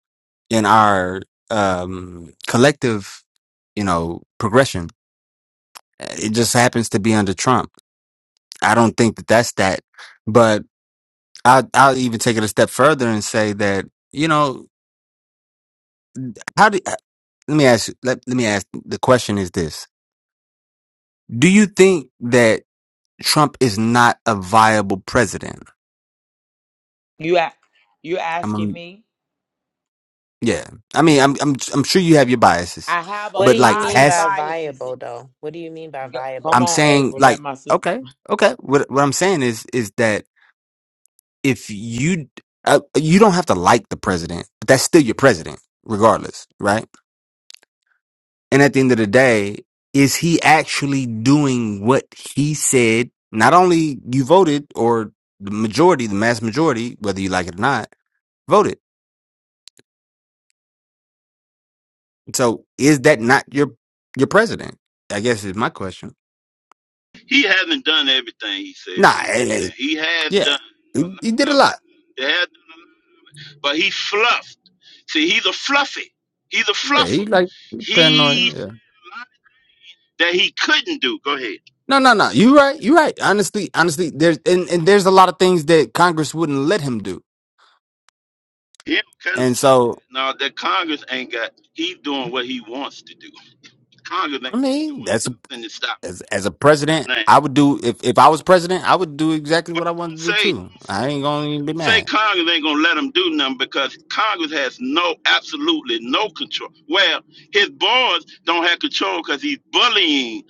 Speaker 8: in our um, collective, you know, progression. It just happens to be under Trump. I don't think that that's that, but I, I'll even take it a step further and say that you know how do let me ask you- let, let me ask the question is this: Do you think that Trump is not a viable president?
Speaker 2: You a- you asking me?
Speaker 8: Yeah. I mean, I'm I'm I'm sure you have your biases,
Speaker 2: I have a
Speaker 6: What
Speaker 8: but
Speaker 6: do you
Speaker 8: like
Speaker 2: lot
Speaker 6: mean
Speaker 2: of
Speaker 8: has
Speaker 6: by
Speaker 2: biases.
Speaker 6: viable, though? What do you mean by
Speaker 2: Go- Come
Speaker 6: viable?
Speaker 8: I'm
Speaker 2: on,
Speaker 8: saying
Speaker 2: April, let
Speaker 8: like
Speaker 2: my sister.
Speaker 8: okay, okay. What what I'm saying is is that if you uh, you don't have to like the president, but that's still your president regardless, right? And at the end of the day, is he actually doing what he said? Not only you voted or the majority, the mass majority, whether you like it or not, voted. So is that not your your president? I guess is my question.
Speaker 3: He hasn't done everything he said he was
Speaker 8: Nah,
Speaker 3: gonna
Speaker 8: eh,
Speaker 3: do.
Speaker 8: eh,
Speaker 3: Now he has
Speaker 8: Yeah,
Speaker 3: done
Speaker 8: he, he
Speaker 3: a
Speaker 8: did
Speaker 3: lot
Speaker 8: a
Speaker 3: of
Speaker 8: lot.
Speaker 3: it. He has done a lot, but he fluffed. See, he's a fluffy. He's a
Speaker 8: Yeah,
Speaker 3: fluffer.
Speaker 8: he like
Speaker 3: He
Speaker 8: paranoid. Yeah,
Speaker 3: that he couldn't do. Go ahead.
Speaker 8: no, no, no. You right. You right. Honestly, honestly, there's and, and there's a lot of things that Congress wouldn't let him do.
Speaker 3: He don't care nothing
Speaker 8: And
Speaker 3: about
Speaker 8: so,
Speaker 3: that. Now that Congress ain't got. He's doing what he wants to do. Congress ain't
Speaker 8: I mean,
Speaker 3: doing
Speaker 8: that's a,
Speaker 3: nothing to stop
Speaker 8: as as a president,
Speaker 3: that.
Speaker 8: I would do if if I was president, I would do exactly
Speaker 3: But
Speaker 8: what I wanted
Speaker 3: don't
Speaker 8: to do
Speaker 3: say.
Speaker 8: too. I ain't gonna even be
Speaker 3: say
Speaker 8: mad.
Speaker 3: Congress ain't gonna let him do nothing because Congress has no, absolutely no control. Well, his boards don't have control because he's bullying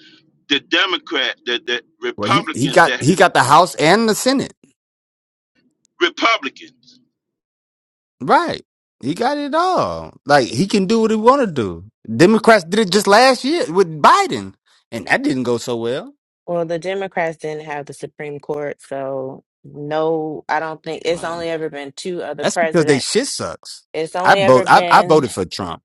Speaker 3: the Democrat, the, the
Speaker 8: Well, he he
Speaker 3: Republicans
Speaker 8: got
Speaker 3: that
Speaker 8: he
Speaker 3: have
Speaker 8: got the House and the Senate.
Speaker 3: Republicans.
Speaker 8: Right. He got it all. Like he can do what he want to do. Democrats did it just last year with Biden, and that didn't go so well.
Speaker 6: Well, the Democrats didn't have the Supreme Court, so no, I don't think it's
Speaker 8: Well,
Speaker 6: only ever been two other
Speaker 8: That's because they
Speaker 6: presidents.
Speaker 8: shit sucks.
Speaker 6: It's
Speaker 8: I
Speaker 6: only ever
Speaker 8: vote. I, I
Speaker 6: been
Speaker 8: voted for Trump,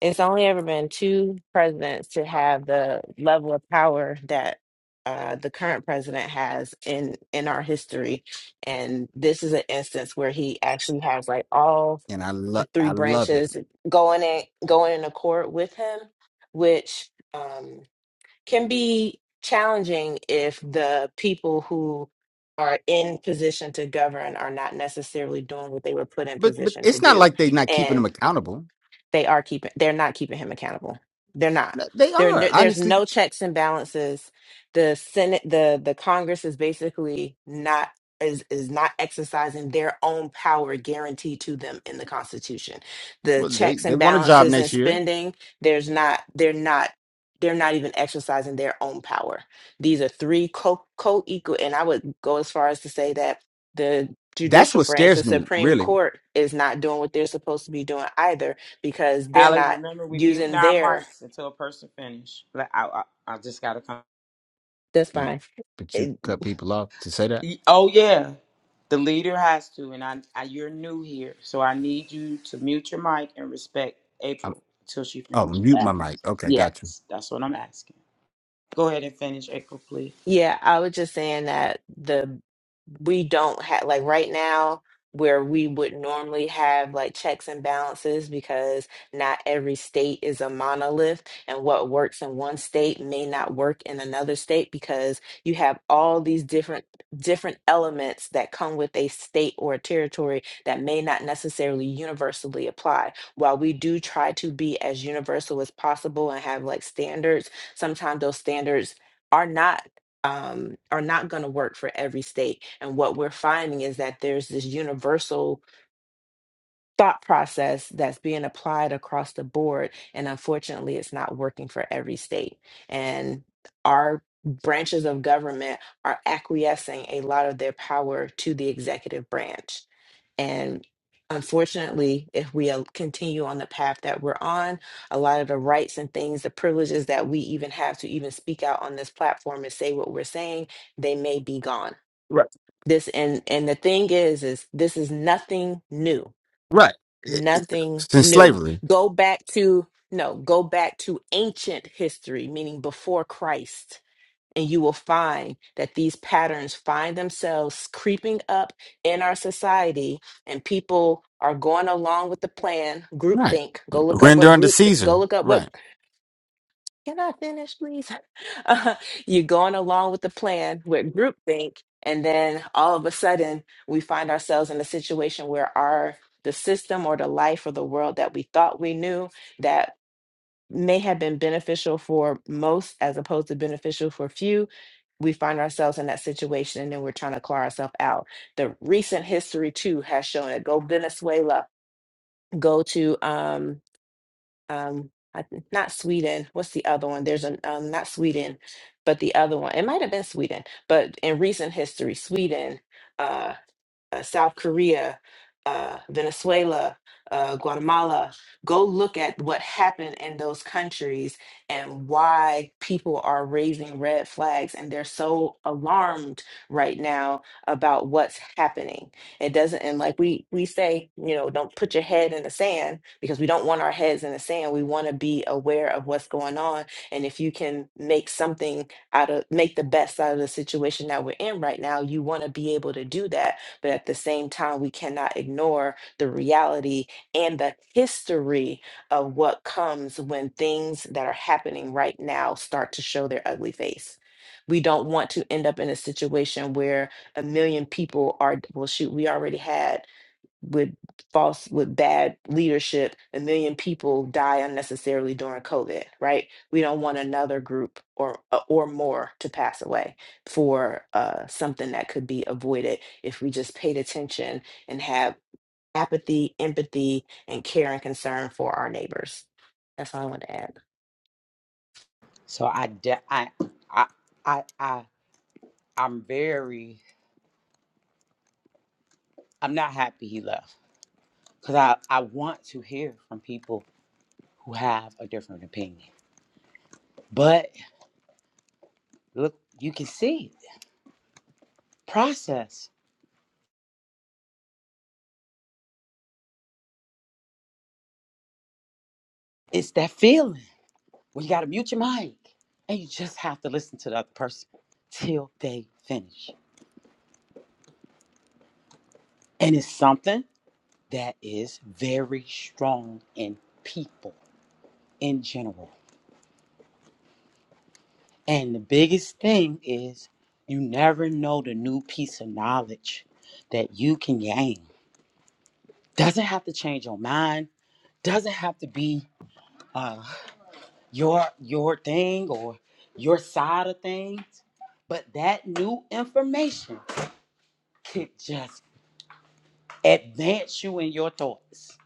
Speaker 6: It's only ever been two presidents to have the level of power that uh, the current president has in in our history, and this is an instance where he actually has like all
Speaker 8: and I love.
Speaker 6: the three
Speaker 8: I love it.
Speaker 6: branches going in going in accord with him, which um, can be challenging if the people who are in position to govern are not necessarily doing what they were put in
Speaker 8: But but
Speaker 6: position to
Speaker 8: it's not
Speaker 6: do.
Speaker 8: like they're not keeping
Speaker 6: and
Speaker 8: them accountable.
Speaker 6: they are keeping they're not keeping him accountable they're not
Speaker 8: Th- They
Speaker 6: there
Speaker 8: are
Speaker 6: no, there's
Speaker 8: honestly.
Speaker 6: no checks and balances the senate the the congress is basically not is is not exercising their own power guaranteed to them in the constitution the
Speaker 8: Well, they
Speaker 6: checks
Speaker 8: they
Speaker 6: and
Speaker 8: want a job
Speaker 6: balances and
Speaker 8: next year.
Speaker 6: spending there's not they're not they're not even exercising their own power these are three co co-equal and i would go as far as to say that the
Speaker 8: That's
Speaker 6: judicial
Speaker 8: what
Speaker 6: branch the
Speaker 8: scares me,
Speaker 6: supreme
Speaker 8: really.
Speaker 6: court is not doing what they're supposed to be doing either because they're
Speaker 2: Alex,
Speaker 6: not
Speaker 2: remember we mute
Speaker 6: using
Speaker 2: our
Speaker 6: their
Speaker 2: mics until a person finish. Let- I, I, I just gotta come.
Speaker 6: that's
Speaker 8: You-
Speaker 6: fine.
Speaker 8: But you cut people off to say that.
Speaker 2: Y- Oh yeah, the leader has to, and I, I you're new here, so I need you to mute your mic and respect
Speaker 8: I'm,
Speaker 2: April until she
Speaker 8: oh,
Speaker 2: finishes.
Speaker 8: mute my mic. Okay, got you.
Speaker 2: Yes, that's what I'm asking. Go ahead and finish, April, please.
Speaker 6: Yeah, I was just saying that the we don't have like right now where we would normally have like checks and balances because not every state is a monolith and what works in one state may not work in another state because you have all these different different elements that come with a state or a territory that may not necessarily universally apply. While we do try to be as universal as possible and have like standards, sometimes those standards are not um, are not going to work for every state. And what we're finding is that there's this universal thought process that's being applied across the board and unfortunately it's not working for every state and our branches of government are acquiescing a lot of their power to the executive branch and unfortunately, if we uh, continue on the path that we're on, a lot of the rights and things, the privileges that we even have to even speak out on this platform and say what we're saying, they may be gone.
Speaker 8: Right,
Speaker 6: This and and the thing is, is this is nothing new
Speaker 8: right. It- it-
Speaker 6: nothing
Speaker 8: Since
Speaker 6: new.
Speaker 8: slavery,
Speaker 6: Go back to, no, go back to ancient history, meaning before Christ, and you will find that these patterns find themselves creeping up in our society, and people are going along with the plan.
Speaker 8: right.
Speaker 6: Groupthink. Go look up
Speaker 8: Render
Speaker 6: what
Speaker 8: unto
Speaker 6: group. Go
Speaker 8: Caesar,
Speaker 6: look up
Speaker 8: right.
Speaker 6: what can I finish, please? Uh, you're going along with the plan with groupthink, and then all of a sudden we find ourselves in a situation where our the system or the life or the world that we thought we knew that may have been beneficial for most as opposed to beneficial for few we find ourselves in that situation and then we're trying to claw ourselves out the recent history too has shown it go venezuela go to um um I, th- not Sweden. What's the other one? There's an um, not Sweden, but the other one. It might have been Sweden, but in recent history, Sweden. uh, uh, South Korea, uh, Venezuela, uh, Guatemala. Go look at what happened in those countries and why people are raising red flags and they're so alarmed right now about what's happening. It doesn't, and like we we say, you know, don't put your head in the sand because we don't want our heads in the sand. We want to be aware of what's going on, and if you can make something out of make the best out of the situation that we're in right now, you want to be able to do that but at the same time, we cannot ignore the reality and the history of what comes when things that are happening right now start to show their ugly face. We don't want to end up in a situation where a million people are, well, shoot, we already had with false with bad leadership a million people die unnecessarily during covid right we don't want another group or or more to pass away for uh, something that could be avoided if we just paid attention and have apathy empathy and care and concern for our neighbors that's all i want to add
Speaker 2: So I, de- I, I, I, I, I'm very, I'm not happy he left because I, I want to hear from people who have a different opinion. But look, you can see process. It's that feeling. Well, you got to mute your mic and you just have to listen to the other person till they finish. And it's something that is very strong in people in general. And the biggest thing is you never know the new piece of knowledge that you can gain. Doesn't have to change your mind, doesn't have to be uh, your your thing or your side of things but that new information could just advance you in your thoughts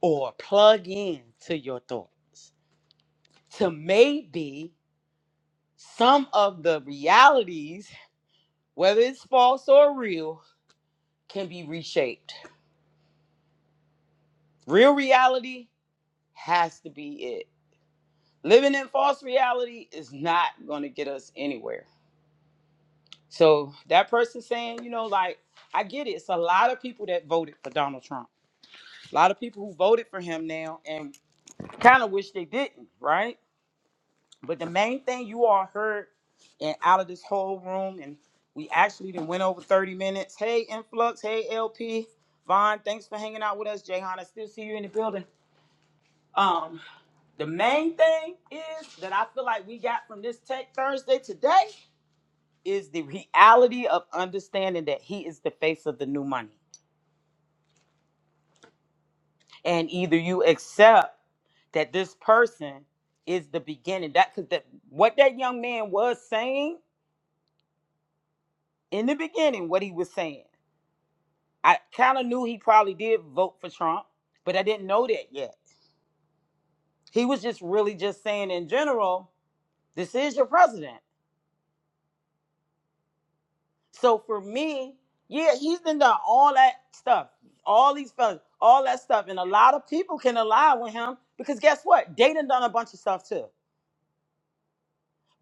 Speaker 2: or plug in to your thoughts to maybe some of the realities, whether it's false or real, can be reshaped. Real reality has to be it. Living in false reality is not going to get us anywhere. So that person saying, you know, like, I get it. It's a lot of people that voted for Donald Trump. A lot of people who voted for him now and kind of wish they didn't, right? But the main thing you all heard and out of this whole room, and we actually then went over 30 minutes. Hey, Influx. Hey, LP. Vaughn, thanks for hanging out with us. Jayhan, I still see you in the building. Um, the main thing is that I feel like we got from this Tech Thursday today is the reality of understanding that he is the face of the new money. And either you accept that this person is the beginning. That because that what that young man was saying in the beginning, what he was saying. I kind of knew he probably did vote for Trump, but I didn't know that yet. He was just really just saying in general, this is your president. So for me, yeah, he's been done all that stuff, all these fellas, all that stuff. And a lot of people can align with him because guess what? They done done a bunch of stuff too.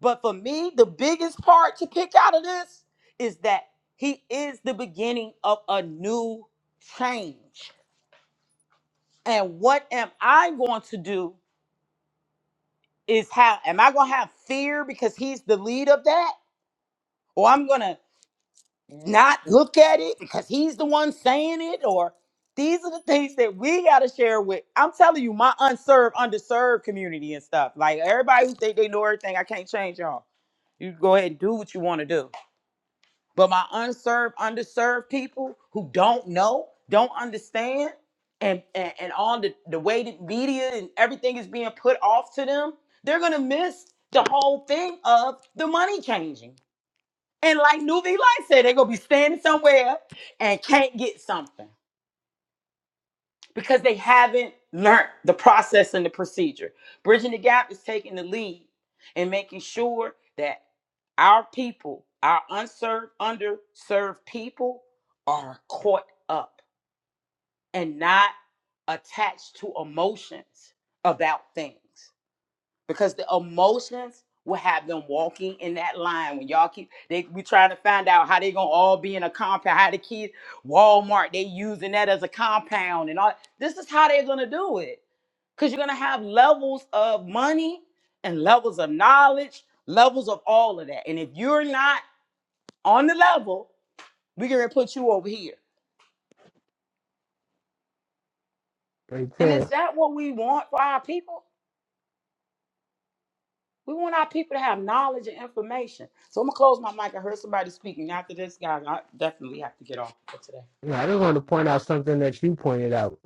Speaker 2: But for me, the biggest part to pick out of this is that he is the beginning of a new change. And what am I going to do is how am I gonna have fear because he's the lead of that, or I'm gonna not look at it because he's the one saying it, or these are the things that we gotta share with. I'm telling you, my unserved, underserved community and stuff. Like everybody who think they know everything, I can't change y'all. You go ahead and do what you want to do but my unserved, underserved people who don't know, don't understand, and and, and all the, the way that media and everything is being put off to them, they're gonna miss the whole thing of the money changing. And like Nuvi Light said, they're gonna be standing somewhere and can't get something because they haven't learned the process and the procedure. Bridging the Gap is taking the lead and making sure that our people, our unserved, underserved people, are caught up and not attached to emotions about things because the emotions will have them walking in that line when y'all keep they we trying to find out how they gonna all be in a compound how the kids walmart they using that as a compound and all this is how they're gonna do it because you're gonna have levels of money and levels of knowledge levels of all of that and if you're not on the level we're gonna put you over here
Speaker 5: Right
Speaker 2: and is
Speaker 5: there.
Speaker 2: that what we want for our people We want our people to have knowledge and information. So I'm gonna close my mic. I heard somebody speaking after this guy. I definitely have to get off for today.
Speaker 5: Yeah, I just want to point out something that you pointed out.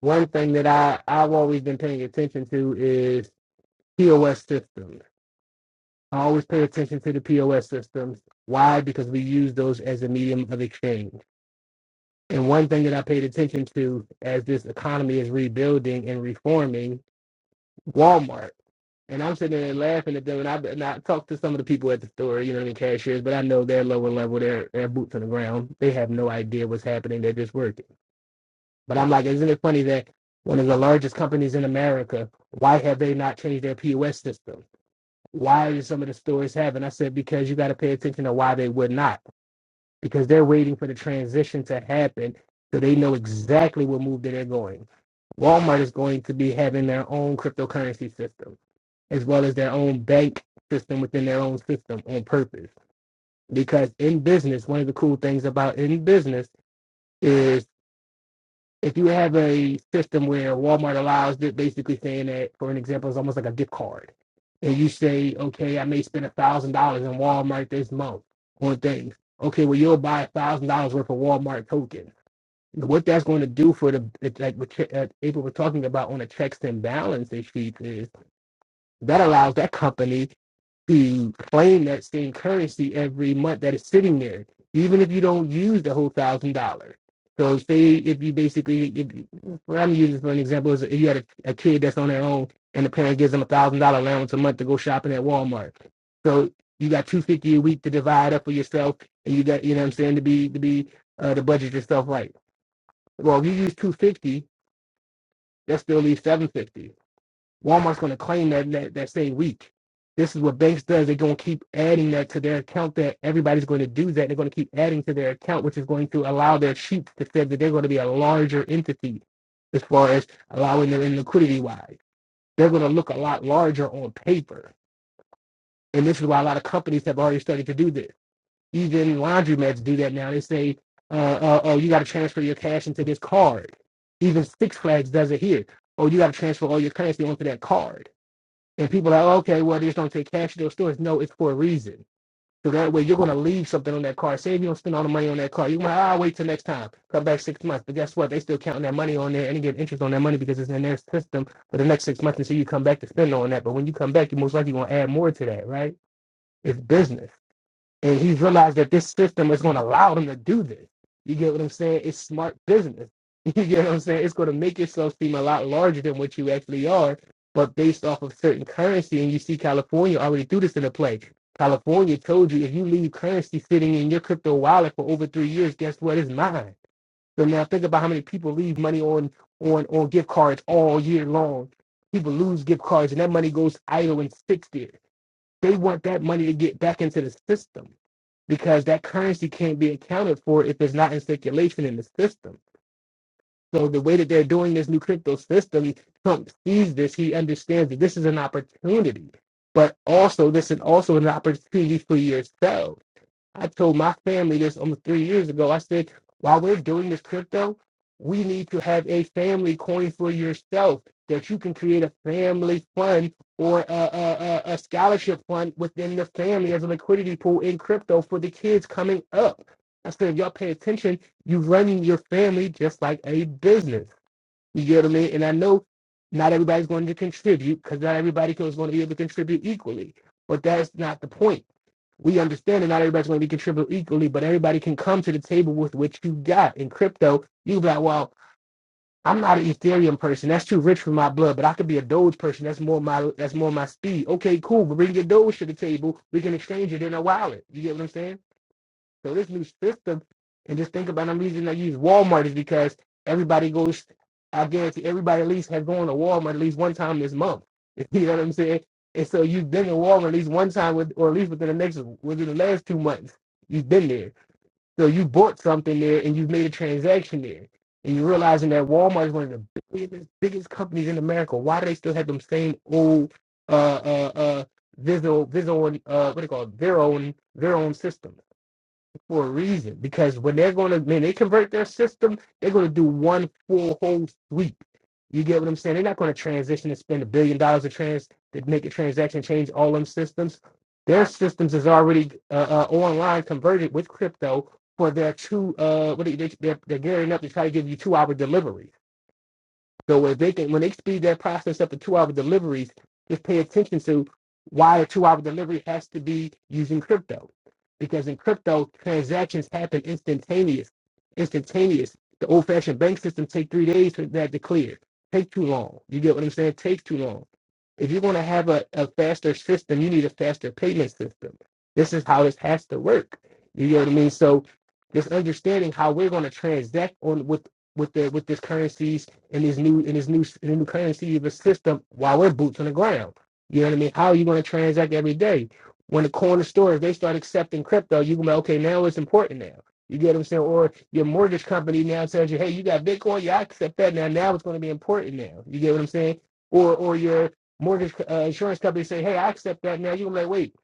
Speaker 5: One thing that I, I've always been paying attention to is POS systems. I always pay attention to the POS systems. Why? Because we use those as a medium of exchange. And one thing that I paid attention to as this economy is rebuilding and reforming, Walmart. And I'm sitting there laughing at them, and I, and I talk to some of the people at the store, you know, what I mean, cashiers, but I know they're lower level, they're, they're boots on the ground. They have no idea what's happening. They're just working. But I'm like, isn't it funny that one of the largest companies in America, why have they not changed their POS system? why do some of the stores have? And I said, because you got to pay attention to why they would not, because they're waiting for the transition to happen so they know exactly what move that they're going. Walmart is going to be having their own cryptocurrency system, as well as their own bank system within their own system on purpose. Because in business, one of the cool things about in business is if you have a system where Walmart allows that basically saying that, for an example, it's almost like a gift card. And you say, okay, I may spend a thousand dollars in Walmart this month on things. Okay, well you'll buy a thousand dollars worth of Walmart token. What that's going to do for the like what Ch- uh, April was talking about on the checks and balance issues is that allows that company to claim that same currency every month that is sitting there, even if you don't use the whole thousand dollars. So say if you basically, if you, what I'm using for an example is if you had a, a kid that's on their own and the parent gives them a thousand dollar allowance a month to go shopping at Walmart. So you got two fifty a week to divide up for yourself, and you got you know what I'm saying to be to be uh, to budget yourself right. Well, if you use two fifty, that still leaves seven fifty. Walmart's going to claim that, that that same week. This is what banks does. They're going to keep adding that to their account. That everybody's going to do that. They're going to keep adding to their account, which is going to allow their sheep to say that they're going to be a larger entity as far as allowing their in liquidity wise. They're going to look a lot larger on paper, and this is why a lot of companies have already started to do this. Even laundromats do that now. They say, uh, uh, "Oh, you got to transfer your cash into this card." Even Six Flags does it here. Oh, you got to transfer all your currency onto that card and people are like, "Oh, okay, well, they just don't take cash to those stores. No, it's for a reason. So that way you're going to leave something on that car. Say if you don't spend all the money on that car, you're going to, ah, wait till next time. Come back six months. But guess what? They still counting that money on there and they get interest on that money because it's in their system for the next six months until you come back to spend on that. But when you come back, you're most likely going to add more to that, right? It's business and he realized that this system is going to allow them to do this. You get what I'm saying? It's smart business. You get what I'm saying? It's going to make yourself seem a lot larger than what you actually are, but based off of certain currency. And you see, California already do this in the play. California told you if you leave currency sitting in your crypto wallet for over three years, guess what? It's mine. So now think about how many people leave money on on on gift cards all year long. People lose gift cards, and that money goes idle and sits there. They want that money to get back into the system because that currency can't be accounted for if it's not in circulation in the system. So the way that they're doing this new crypto system, Trump sees this. He understands that this is an opportunity, but also this is also an opportunity for yourself. I told my family this almost three years ago. I said, while we're doing this crypto, we need to have a family coin for yourself that you can create a family fund or a, a, a a scholarship fund within the family as a liquidity pool in crypto for the kids coming up. I said, if y'all pay attention, you run your family just like a business. You get what I mean? And I know not everybody's going to contribute because not everybody is going to be able to contribute equally. But that's not the point we understand that not everybody's going to be contributing equally, but everybody can come to the table with what you got. In crypto, you be like, well, I'm not an Ethereum person. That's too rich for my blood, but I could be a Doge person. That's more my that's more my speed. Okay, cool. But bring your Doge to the table. We can exchange it in a wallet. You get what I'm saying? So this new system, and just think about I'm using I use Walmart is because everybody goes. I guarantee everybody at least has gone to Walmart at least one time this month. You know what I'm saying? And so you've been to Walmart at least one time with, or at least within the next within the last two months, you've been there. So you bought something there and you've made a transaction there. And you're realizing that Walmart is one of the biggest, biggest companies in America. Why do they still have them same old uh uh uh visual visual uh what do you call it? their own their own system? for a reason because when they're going to man they convert their system they're going to do one full whole sweep you get what i'm saying they're not going to transition and spend a billion dollars to trans to make a transaction change all them systems their systems is already uh, uh, online converted with crypto for their two uh what are they, they're, they're gearing up to try to give you two hour delivery so if they can, when they speed that process up to two-hour deliveries, just pay attention to why a two-hour delivery has to be using crypto, because in crypto transactions happen instantaneous. Instantaneous. The old-fashioned bank system take three days for that to clear. Take too long. You get what I'm saying? Takes too long. If you're going to have a, a faster system, you need a faster payment system. This is how this has to work. You get what I mean? So, just understanding how we're going to transact on with with the with this currency in this new in this new in the new currency of the system while we're boots on the ground. You know what I mean? How are you going to transact every day? When the corner stores they start accepting crypto, you can be like, okay. Now it's important now. You get what I'm saying? Or your mortgage company now tells you, hey, you got Bitcoin, yeah, I accept that now. Now it's going to be important now. You get what I'm saying? Or or your mortgage uh, insurance company say, hey, I accept that now. You're like, wait,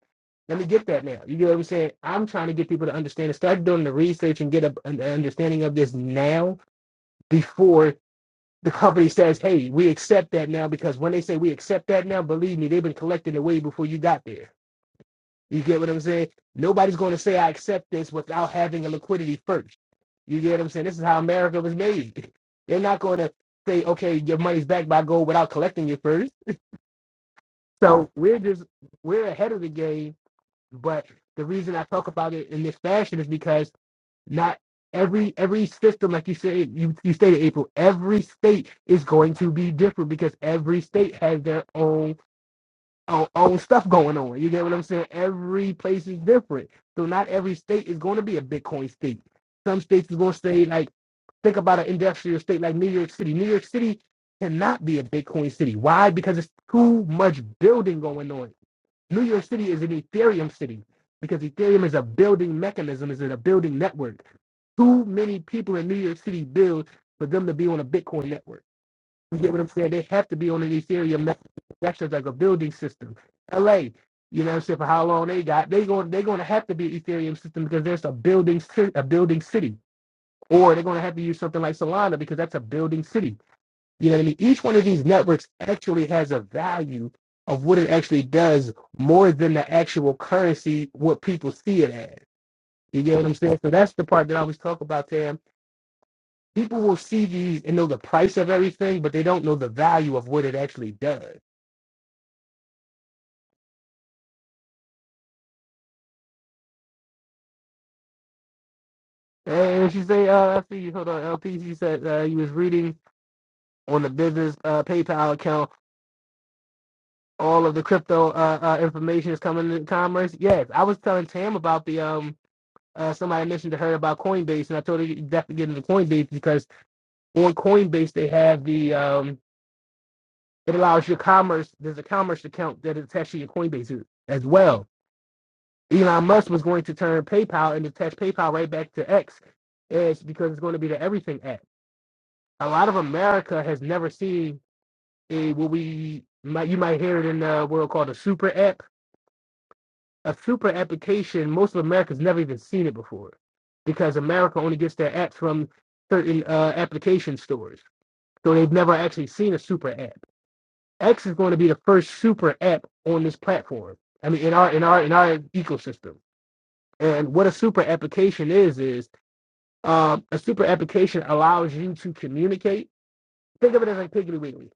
Speaker 5: let me get that now. You get what I'm saying? I'm trying to get people to understand and start doing the research and get a, an understanding of this now before the company says, hey, we accept that now because when they say we accept that now, believe me, they've been collecting it way before you got there. You get what I'm saying? Nobody's going to say I accept this without having a liquidity first. You get what I'm saying? This is how America was made. They're not going to say, okay, your money's back by gold without collecting it first. So we're just we're ahead of the game. But the reason I talk about it in this fashion is because not every every system, like you say, you you stated, April. Every state is going to be different because every state has their own own, own stuff going on. You get what I'm saying? Every place is different, so not every state is going to be a Bitcoin state. Some states is going to say like think about an industrial state like New York City. New York City cannot be a Bitcoin city. Why? Because it's too much building going on. New York City is an Ethereum city because Ethereum is a building mechanism, is it a building network? too many people in New York City build for them to be on a Bitcoin network. You get what I'm saying? They have to be on an Ethereum network. That's just like a building system. LA, you know what I'm saying, for how long they got, they going they're gonna have to be an Ethereum system because there's a building a building city. Or they're gonna have to use something like Solana because that's a building city. You know what I mean? Each one of these networks actually has a value of what it actually does more than the actual currency, what people see it as. You get what I'm saying? So that's the part that I always talk about, Tam people will see these and know the price of everything, but they don't know the value of what it actually does. And she say, uh, I see you. Hold on, LP. She said uh, you was reading on the business uh, PayPal account. All of the crypto uh, uh, information is coming in commerce. Yes, I was telling Tam about the um. Uh, somebody mentioned to her about Coinbase, and I told her you definitely get into Coinbase because on Coinbase they have the um. It allows your commerce. There's a commerce account that is attached to your Coinbase as well. Elon Musk was going to turn PayPal and attach PayPal right back to X, and because it's going to be the Everything app. A lot of America has never seen a what we might you might hear it in the world called a super app. A super application, most of America's never even seen it before, because America only gets their apps from certain uh, application stores, so they've never actually seen a super app. X is going to be the first super app on this platform. I mean, in our in our in our ecosystem. And what a super application is is Um, a super application allows you to communicate. Think of it as like Piggly Wiggly.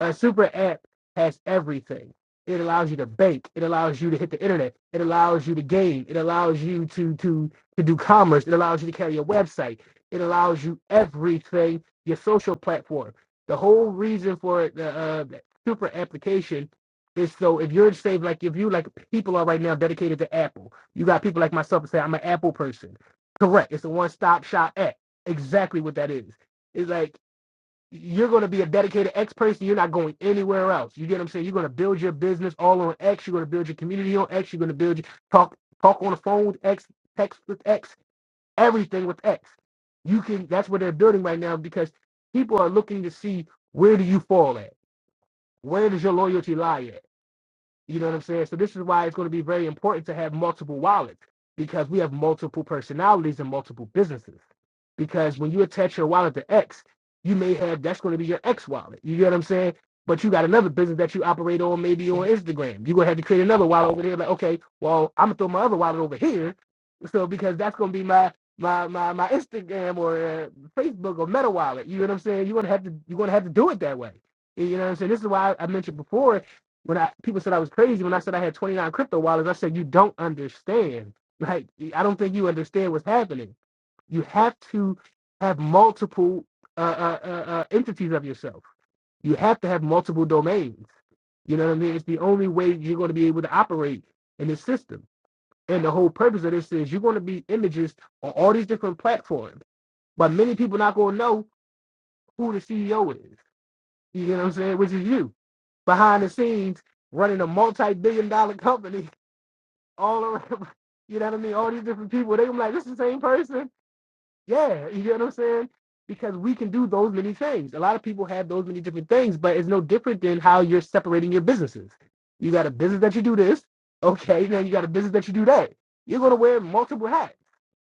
Speaker 5: A super app has everything. It allows you to bank. It allows you to hit the internet. It allows you to game. It allows you to to to do commerce. It allows you to carry a website. It allows you everything. Your social platform. The whole reason for it, the uh, super application is so if you're say like if you like people are right now dedicated to Apple. You got people like myself that say I'm an Apple person. Correct. It's a one stop shop app. Exactly what that is. It's like you're going to be a dedicated X person. You're not going anywhere else. You get what I'm saying? You're going to build your business all on X. You're going to build your community on X. You're going to build your talk talk on the phone with X, text with X, everything with X. You can. That's what they're building right now because people are looking to see where do you fall at? Where does your loyalty lie at? You know what I'm saying? So this is why it's going to be very important to have multiple wallets because we have multiple personalities and multiple businesses because when you attach your wallet to X, you may have that's going to be your X wallet. You get what I'm saying? But you got another business that you operate on, maybe on Instagram. You're gonna have to create another wallet over there. Like, okay, well, I'm gonna throw my other wallet over here, so because that's gonna be my my my my Instagram or uh, Facebook or Meta wallet. You know what I'm saying? You're gonna have to you're gonna have to do it that way. You know what I'm saying? This is why I mentioned before when I people said I was crazy when I said I had 29 crypto wallets. I said you don't understand. Like I don't think you understand what's happening you have to have multiple uh, uh, uh, uh, entities of yourself. You have to have multiple domains. You know what I mean? It's the only way you're going to be able to operate in this system. And the whole purpose of this is you're going to be images on all these different platforms, but many people not going to know who the CEO is. You know what I'm saying? Which is you behind the scenes running a multi-billion dollar company all around. You know what I mean? All these different people. They are like, this is the same person Yeah, you get what I'm saying? Because we can do those many things. A lot of people have those many different things, but it's no different than how you're separating your businesses. You got a business that you do this, okay, then you got a business that you do that. You're gonna wear multiple hats.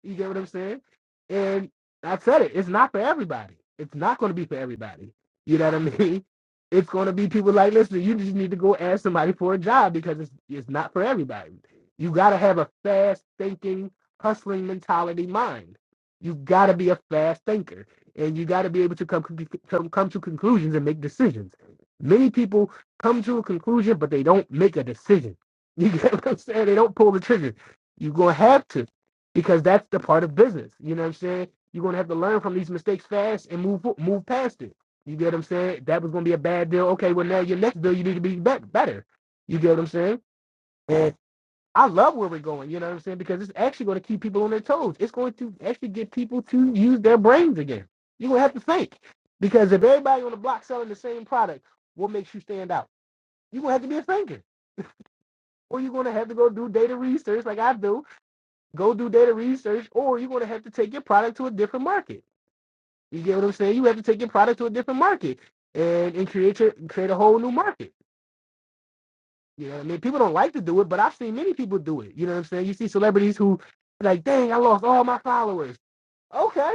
Speaker 5: You get what I'm saying? And I said it. It's not for everybody. It's not going to be for everybody. You know what I mean? It's going to be people like, listen, you just need to go ask somebody for a job because it's it's not for everybody. You got to have a fast thinking, hustling mentality mind. You got to be a fast thinker, and you got to be able to come, come come to conclusions and make decisions. Many people come to a conclusion, but they don't make a decision. You get what I'm saying? They don't pull the trigger. You're gonna have to because that's the part of business. You know what I'm saying? You're gonna have to learn from these mistakes fast and move move past it. You get what I'm saying? That was gonna be a bad deal. Okay, well now your next deal you need to be better. You get what I'm saying? And I love where we're going. You know what I'm saying? Because it's actually gonna keep people on their toes. It's going to actually get people to use their brains again. You're gonna have to think because if everybody on the block selling the same product, what makes you stand out? You're gonna have to be a thinker, or you're gonna have to go do data research like I do go do data research, or you're going to have to take your product to a different market. You get what I'm saying? You have to take your product to a different market and, and create your, create a whole new market. You know what I mean? People don't like to do it, but I've seen many people do it. You know what I'm saying? You see celebrities who are like, dang, I lost all my followers. Okay,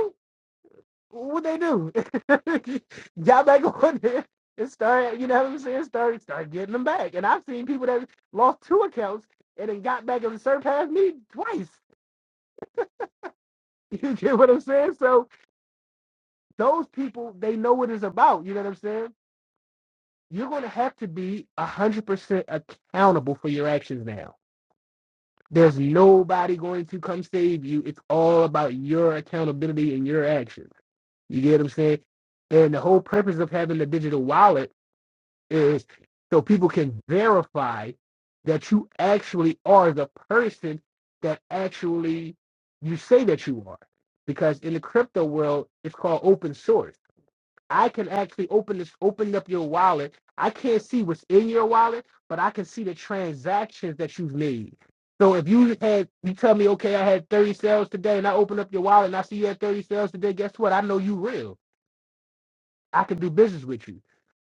Speaker 5: what they do? Got back on there and start, you know what I'm saying? Start start getting them back. And I've seen people that lost two accounts and then got back and surpassed me twice. You get what I'm saying? So those people they know what it's about. You know what I'm saying? You're going to have to be one hundred percent accountable for your actions now. There's nobody going to come save you. It's all about your accountability and your actions. You get what I'm saying? And the whole purpose of having the digital wallet is so people can verify that you actually are the person that actually you say that you are. Because in the crypto world, it's called open source. I can actually open this, open up your wallet. I can't see what's in your wallet, but I can see the transactions that you've made. So if you had, you tell me, okay, I had 30 sales today, and I open up your wallet and I see you had 30 sales today. Guess what? I know you real. I can do business with you.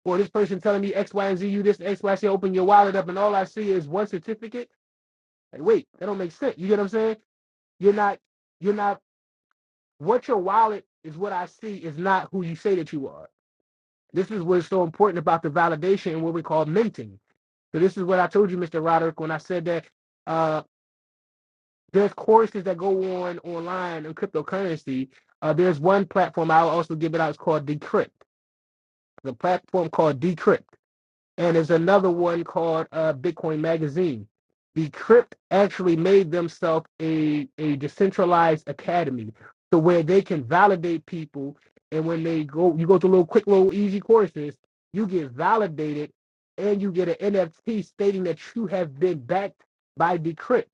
Speaker 5: Or this person telling me X, Y, and Z, you this X, Y, Z, open your wallet up, and all I see is one certificate. Like, wait, that don't make sense. You get what I'm saying? You're not, you're not. What your wallet is, what I see is not who you say that you are. This is what's so important about the validation and what we call minting. So this is what I told you, Mr. Roderick, when I said that uh, there's courses that go on online on cryptocurrency. Uh, there's one platform I'll also give it out. It's called Decrypt. The platform called Decrypt and there's another one called uh, Bitcoin Magazine. Decrypt actually made themselves a, a decentralized academy to where they can validate people. And when they go, you go through little quick, little easy courses, you get validated and you get an NFT stating that you have been backed by Decrypt.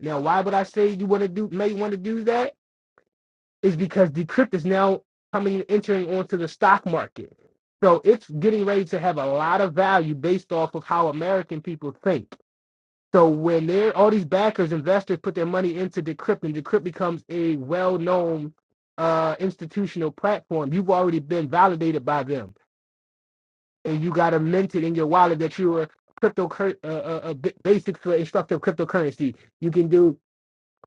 Speaker 5: Now, why would I say you want to do, may want to do that? is because Decrypt is now coming entering onto the stock market. So it's getting ready to have a lot of value based off of how American people think. So when they're all these backers, investors put their money into Decrypt and Decrypt becomes a well-known uh, institutional platform, you've already been validated by them. And you got a minted in your wallet that you are crypto uh, uh, uh, basics for instructive cryptocurrency. You can do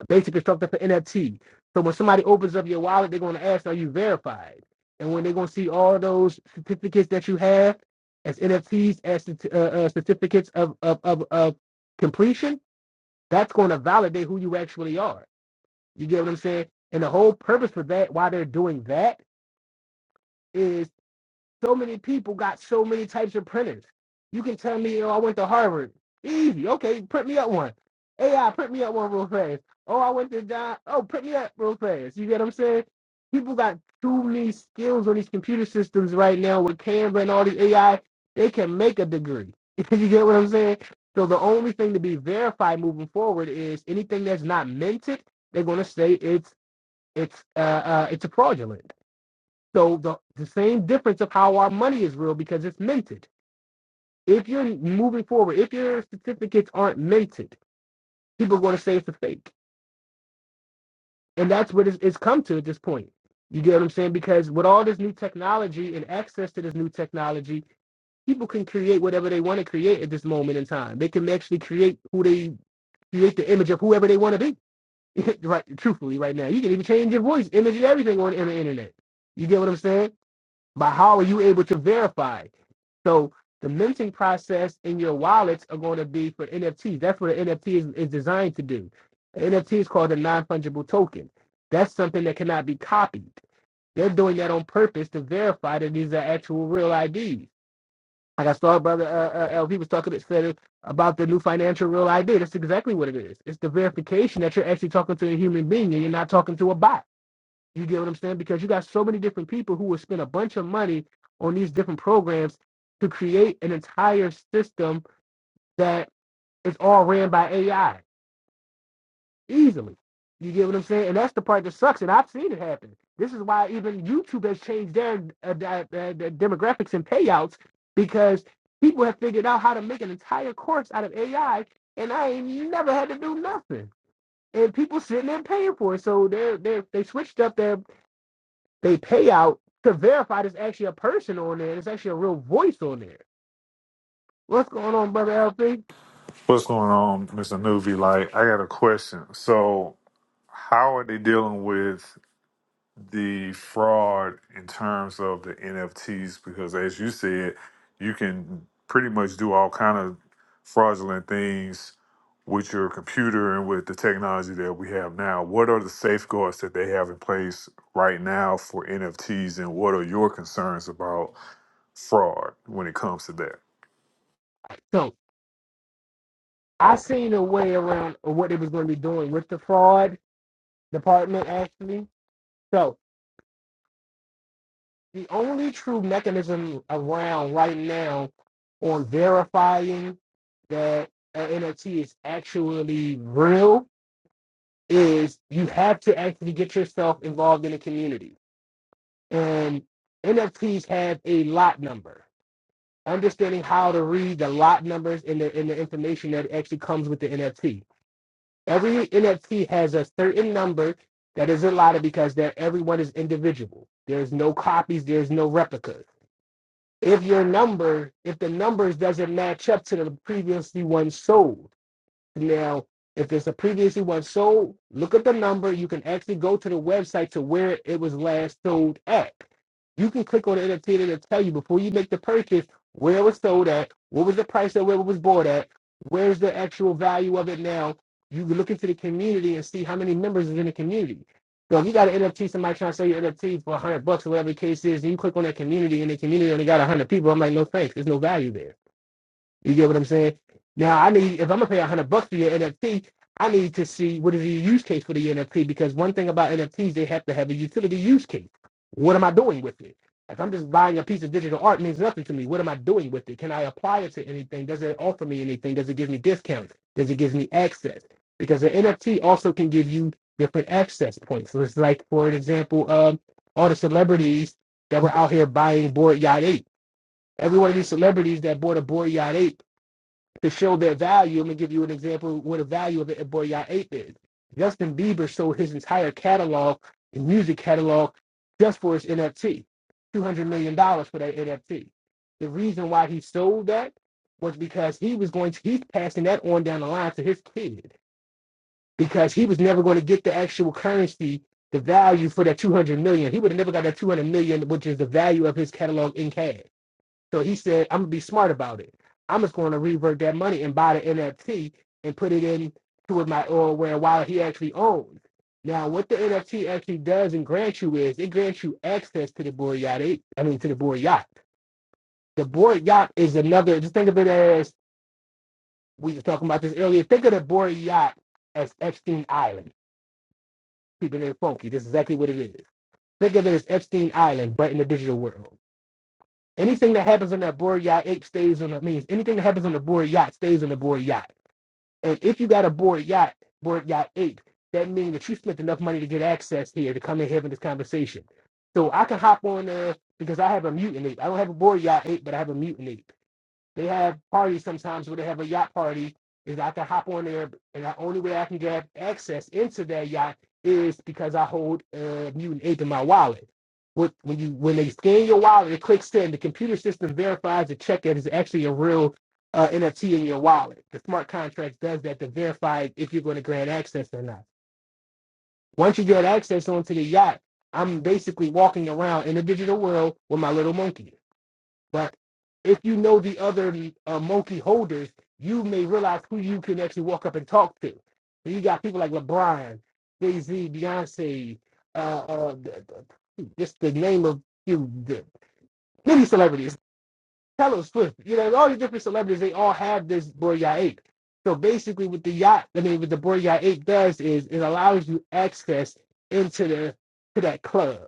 Speaker 5: Basically, structure for NFT. So when somebody opens up your wallet, they're going to ask, "Are you verified?" And when they're going to see all those certificates that you have as NFTs, as uh, uh, certificates of, of of of completion, that's going to validate who you actually are. You get what I'm saying? And the whole purpose for that, why they're doing that, is so many people got so many types of printers. You can tell me, oh, I went to Harvard. Easy. Okay, print me up one. AI, print me up one real fast. Oh, I went to John. Oh, print me up real fast. You get what I'm saying? People got too many skills on these computer systems right now with Canva and all these AI. They can make a degree. you get what I'm saying? So the only thing to be verified moving forward is anything that's not minted, they're gonna say it's it's uh, uh it's a fraudulent. So the, the same difference of how our money is real because it's minted. If you're moving forward, if your certificates aren't minted, people are going to say it's a fake. And that's what it's, it's come to at this point. You get what I'm saying? Because with all this new technology and access to this new technology, people can create whatever they want to create at this moment in time. They can actually create who they create the image of whoever they want to be. right, truthfully, right now, you can even change your voice, image, and everything on, on the internet. You get what I'm saying? But how are you able to verify? it? So the minting process in your wallets are going to be for NFTs. That's what an NFT is, is designed to do. An NFT is called a non-fungible token. That's something that cannot be copied. They're doing that on purpose to verify that these are actual real IDs. Like I saw brother uh, uh, LP was talking to, said about the new financial real ID. That's exactly what it is. It's the verification that you're actually talking to a human being and you're not talking to a bot. You get what I'm saying? Because you got so many different people who will spend a bunch of money on these different programs to create an entire system that is all ran by AI easily. You get what I'm saying? And that's the part that sucks. And I've seen it happen. This is why even YouTube has changed their uh, di- uh, demographics and payouts because people have figured out how to make an entire course out of AI, and I ain't never had to do nothing. And people sitting there paying for it, so they they they switched up their they pay out to verify there's actually a person on there. and There's actually a real voice on there. What's going on, brother LP?
Speaker 9: What's going on, Mr. Nuvi? Like, I got a question. So, how are they dealing with the fraud in terms of the NFTs? Because, as you said, you can pretty much do all kind of fraudulent things with your computer and with the technology that we have now. What are the safeguards that they have in place right now for NFTs, and what are your concerns about fraud when it comes to that?
Speaker 5: So I seen a way around what they was going to be doing with the fraud department actually. So the only true mechanism around right now on verifying that an NFT is actually real is you have to actually get yourself involved in a community. And NFTs have a lot number. understanding how to read the lot numbers and the, and the information that actually comes with the NFT. Every NFT has a certain number that is allotted because they everyone is individual. There's no copies, there's no replicas. If your number, if the numbers doesn't match up to the previously one sold, now if it's a previously one sold look up the number you can actually go to the website to where it was last sold at you can click on the NFT to tell you before you make the purchase where it was sold at what was the price that where it was bought at where's the actual value of it now you can look into the community and see how many members is in the community so if you got an NFT, somebody trying to sell you NFT for 100 bucks or whatever the case is, and you click on that community, and the community only got 100 people, I'm like, no thanks. There's no value there. You get what I'm saying? Now I need if I'm gonna pay a hundred bucks for your NFT, I need to see what is the use case for the NFT because one thing about NFTs they have to have a utility use case. What am I doing with it? If I'm just buying a piece of digital art, it means nothing to me. What am I doing with it? Can I apply it to anything? Does it offer me anything? Does it give me discounts? Does it give me access? Because the NFT also can give you different access points. So it's like, for an example, um, all the celebrities that were out here buying bored Yacht 8 every one of these celebrities that bought a Bored Yacht 8 to show their value. Let me give you an example of what a value of it boy y'all ape is. Justin Bieber sold his entire catalog, his music catalog, just for his NFT. Two hundred million dollars for that NFT. The reason why he sold that was because he was going to he's passing that on down the line to his kid because he was never going to get the actual currency, the value for that two hundred million. He would have never got that two hundred million, which is the value of his catalog in cash. So he said, I'm gonna be smart about it. I'm just gonna revert that money and buy the NFT and put it in to my or where wallet he actually owns. Now what the NFT actually does and grants you is it grants you access to the board yacht. It- I mean to the board yacht. The board yacht is another just think of it as we were talking about this earlier. Think of the board yacht as Epstein Island. Keeping it funky. This is exactly what it is. Think of it as Epstein Island, but in the digital world. Anything that happens on that board yacht, ape stays on the means. Anything that happens on the board yacht stays on the board yacht. And if you got a board yacht, board yacht ape, that means that you spent enough money to get access here to come in having this conversation. So I can hop on there because I have a mutant ape. I don't have a board yacht ape, but I have a mutant ape. They have parties sometimes where they have a yacht party. Is I can hop on there, and the only way I can get access into that yacht is because I hold uh, mutant ape in my wallet. With, when you when they scan your wallet, it clicks in. The computer system verifies the check that is actually a real uh, NFT in your wallet. The smart contract does that to verify if you're going to grant access or not. Once you get access onto the yacht, I'm basically walking around in the digital world with my little monkey. But if you know the other uh, multi holders, you may realize who you can actually walk up and talk to. So you got people like LeBron, Jay Z, Beyonce, uh, uh, the, the, just the name of you, the, many celebrities, Taylor Swift. You know, all these different celebrities, they all have this Broya Eight. So basically, what the yacht, I mean, what the Broya Eight does is it allows you access into the to that club.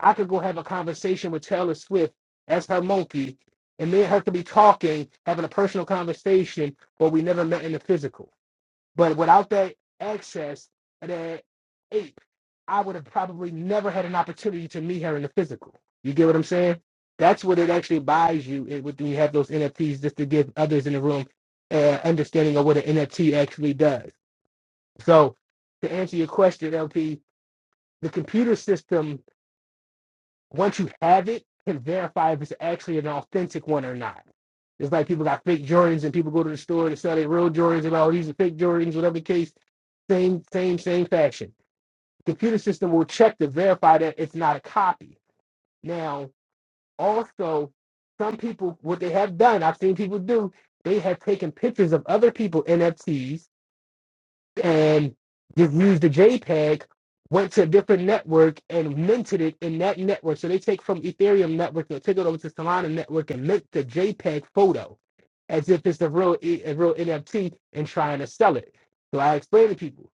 Speaker 5: I could go have a conversation with Taylor Swift as her monkey, and me and her could be talking, having a personal conversation, but we never met in the physical. But without that access, that ape, I would have probably never had an opportunity to meet her in the physical. You get what I'm saying? That's what it actually buys you it, when you have those NFTs, just to give others in the room uh, understanding of what an NFT actually does. So, to answer your question, LP, the computer system once you have it, can verify if it's actually an authentic one or not. It's like people got fake Jordans and people go to the store to sell their real Jordans and all these are fake Jordans, whatever the case. Same, same, same fashion. The Computer system will check to verify that it's not a copy. Now, also, some people what they have done, I've seen people do, they have taken pictures of other people NFTs and just used the JPEG, went to a different network and minted it in that network. So they take from Ethereum network, they'll take it over to Solana network and mint the JPEG photo as if it's a real E- a real NFT and trying to sell it. So I explain to people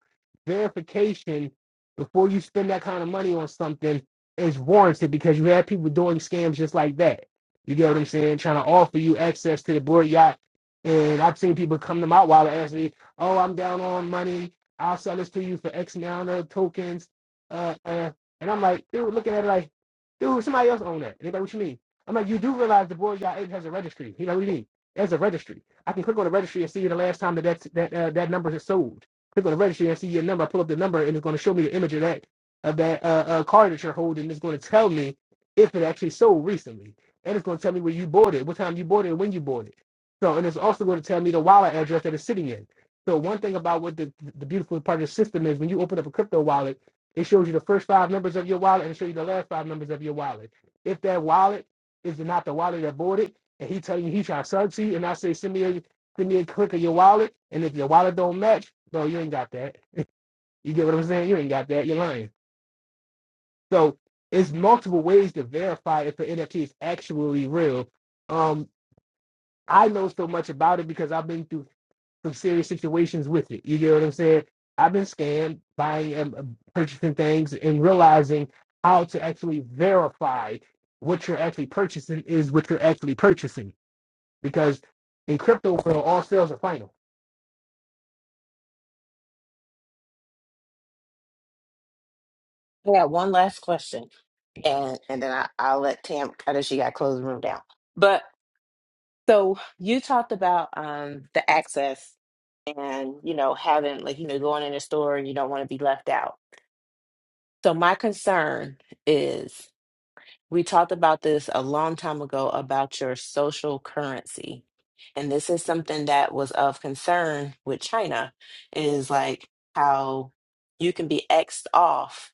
Speaker 5: verification before you spend that kind of money on something is warranted because you have people doing scams just like that. You get what I'm saying? Trying to offer you access to the board yacht. And I've seen people come to my wallet and ask me, oh, I'm down on money. I'll sell this to you for X amount of tokens. Uh, uh, and I'm like, dude, looking at it like, dude, somebody else own that. And they're like, what you mean? I'm like, you do realize the board yacht ape has a registry. He like, what do you mean? There's a registry. I can click on the registry and see the last time that that's, that uh, that number is sold. Click on the registry and see your number. I pull up the number and it's going to show me the image of that of that uh, uh, car that you're holding. It's going to tell me if it actually sold recently, and it's going to tell me where you bought it, what time you bought it, and when you bought it. So, and it's also going to tell me the wallet address that it's sitting in. So, one thing about what the the beautiful part of the system is when you open up a crypto wallet, it shows you the first five numbers of your wallet and it shows you the last five numbers of your wallet. If that wallet is not the wallet that bought it and he tell you he trying to sub to you, and I say send me a send me a click of your wallet, and if your wallet don't match, no, you ain't got that. You get what I'm saying? You ain't got that. You're lying. So it's multiple ways to verify if the NFT is actually real. Um, I know so much about it because I've been through some serious situations with it. You get what I'm saying? I've been scammed buying and um, purchasing things and realizing how to actually verify what you're actually purchasing is what you're actually purchasing because in crypto world, all sales are final.
Speaker 6: I got one last question. and and then I, i'll let tam i know she got to close the room down but So you talked about um, the access and you know having like you know going in a store and you don't want to be left out. So my concern is we talked about this a long time ago about your social currency. And this is something that was of concern with China is like how you can be X'd off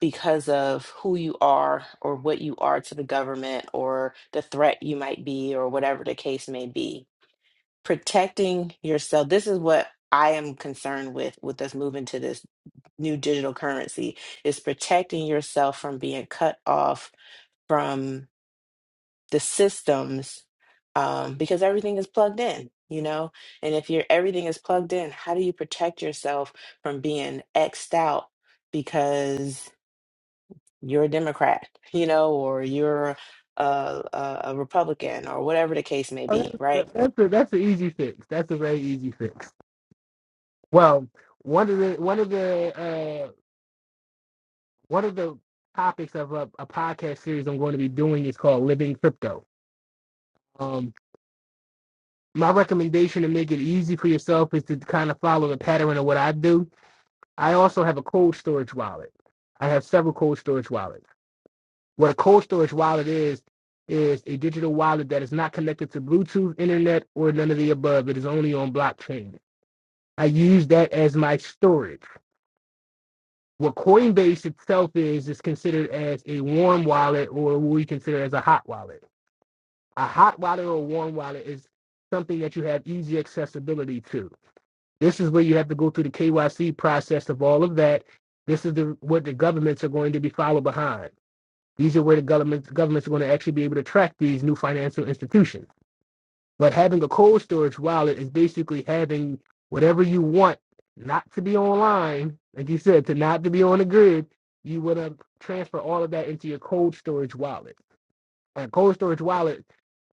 Speaker 6: because of who you are or what you are to the government or the threat you might be or whatever the case may be protecting yourself this is what i am concerned with with us moving to this new digital currency is protecting yourself from being cut off from the systems um, because everything is plugged in you know and if you're everything is plugged in how do you protect yourself from being xed out because you're a democrat you know or you're a, a, a republican or whatever the case may
Speaker 5: Oh,
Speaker 6: be
Speaker 5: that-
Speaker 6: right
Speaker 5: That's a, that's an easy fix. That's a very easy fix. Well, one of the one of the uh, one of the topics of a, a podcast series I'm going to be doing is called Living Crypto. Um, my recommendation to make it easy for yourself is to kind of follow the pattern of what I do. I also have a cold storage wallet. I have several cold storage wallets. What a cold storage wallet is, is a digital wallet that is not connected to Bluetooth, internet, or none of the above. It is only on blockchain. I use that as my storage. What Coinbase itself is, is considered as a warm wallet or what we consider as a hot wallet. A hot wallet or a warm wallet is something that you have easy accessibility to. This is where you have to go through the KYC process of all of that. This is the, what the governments are going to be followed behind. These are where the governments, governments are going to actually be able to track these new financial institutions. But having a cold storage wallet is basically having whatever you want not to be online, like you said, to not to be on the grid. You would have transfer all of that into your cold storage wallet. And cold storage wallet,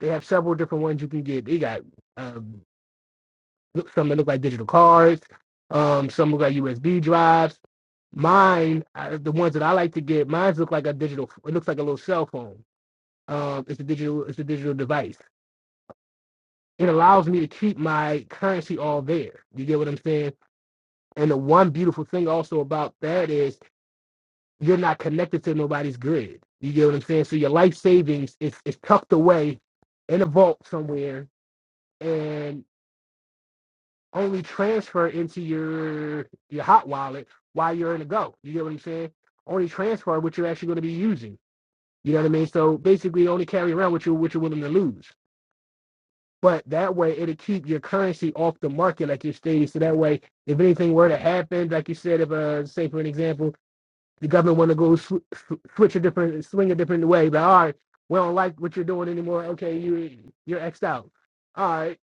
Speaker 5: they have several different ones you can get. They got um, some that look like digital cards, um, some look like USB drives. Mine, I, the ones that I like to get, mine look like a digital. It looks like a little cell phone um, it's a digital it's a digital device. It allows me to keep my currency all there. You get what I'm saying? And the one beautiful thing also about that is you're not connected to nobody's grid. You get what I'm saying? So your life savings is, is tucked away in a vault somewhere and only transfer into your your hot wallet while you're in a go. You get what I'm saying? Only transfer what you're actually going to be using. You know what I mean? So basically only carry around what you're what you're willing to lose. But that way, it'll keep your currency off the market, like you stated. So that way, if anything were to happen, like you said, if uh, say for an example, the government want to go sw- switch a different, swing a different way, but all right, we don't like what you're doing anymore. Okay, you you're xed out. All right,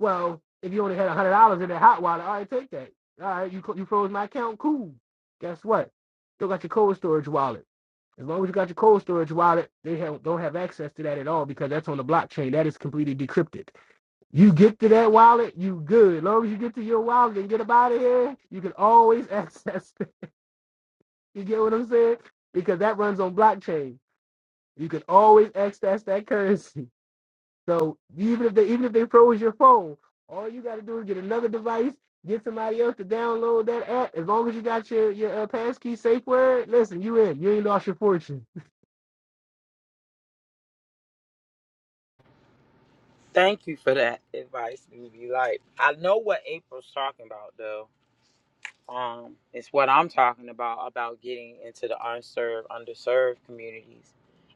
Speaker 5: well, if you only had a hundred dollars in that hot water, all right, take that. All right, you you froze my account. Cool. Guess what? Still got your cold storage wallet. As long as you got your cold storage wallet, they have, don't have access to that at all because that's on the blockchain. That is completely decrypted. You get to that wallet, you good. As long as you get to your wallet and get up out of here, you can always access. it. You get what I'm saying? Because that runs on blockchain. You can always access that currency. So even if they even if they froze your phone, all you got to do is get another device, get somebody else to download that app. As long as you got your your uh, passkey safe word, listen, you in. You ain't lost your fortune.
Speaker 2: Thank you for that advice, BB. Light. I know what April's talking about, though. Um, it's what I'm talking about about getting into the unserved, underserved communities,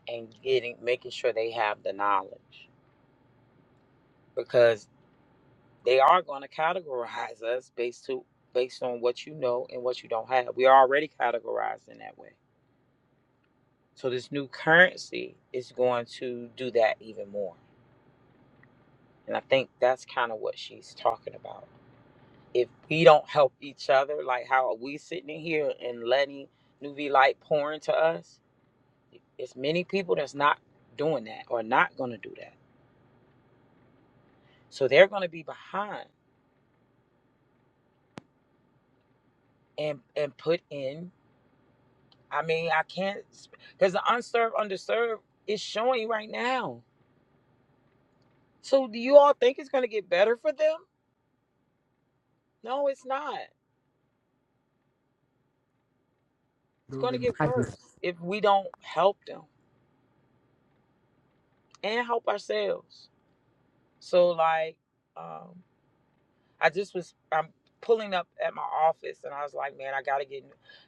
Speaker 2: and getting making sure they have the knowledge because they are going to categorize us based to based on what you know and what you don't have. We are already categorized in that way. So this new currency is going to do that even more. And I think that's kind of what she's talking about. If we don't help each other, like how we sitting in here and letting Nuvi light pour into us, it's many people that's not doing that or not going to do that. So they're going to be behind and and put in. I mean, I can't because the unserved, underserved is showing right now. So do you all think it's going to get better for them? No, it's not. it's going to get worse if we don't help them and help ourselves. So like, um, I just was I'm pulling up at my office and I was like, man, I got to get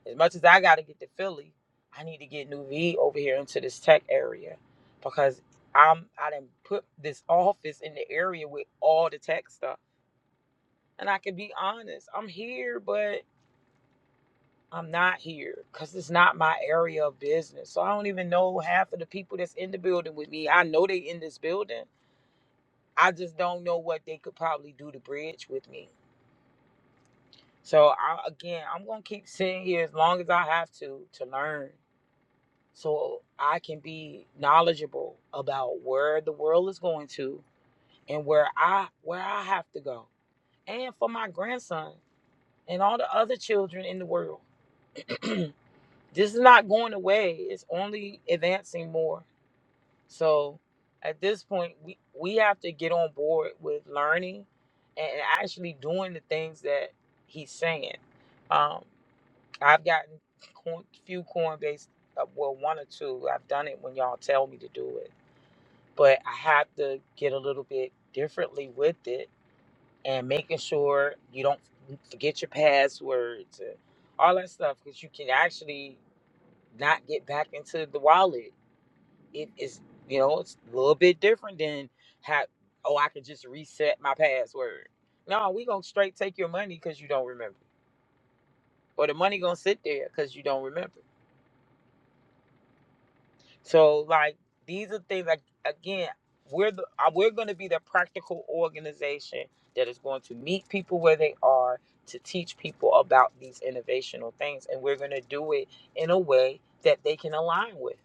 Speaker 2: as much as I got to get to Philly, I need to get New V over here into this tech area because I'm I didn't put this office in the area with all the tech stuff. And I can be honest, I'm here, but. I'm not here because it's not my area of business. So I don't even know half of the people that's in the building with me. I know they in this building. I just don't know what they could probably do to bridge with me. So I, again, I'm gonna keep sitting here as long as I have to to learn, so I can be knowledgeable about where the world is going to and where I where I have to go, and for my grandson and all the other children in the world. this is not going away. It's only advancing more. So at this point, we, we have to get on board with learning and actually doing the things that he's saying. Um, I've gotten a few Coinbase, uh, well, one or two. I've done it when y'all tell me to do it, but I have to get a little bit differently with it and making sure you don't forget your passwords and all that stuff because you can actually not get back into the wallet it is you know it's a little bit different than how oh i could just reset my password no we gonna straight take your money because you don't remember or the money gonna sit there because you don't remember so like these are things like again we're the uh, we're gonna be the practical organization that is going to meet people where they are to teach people about these innovational things and we're gonna do it in a way that they can align with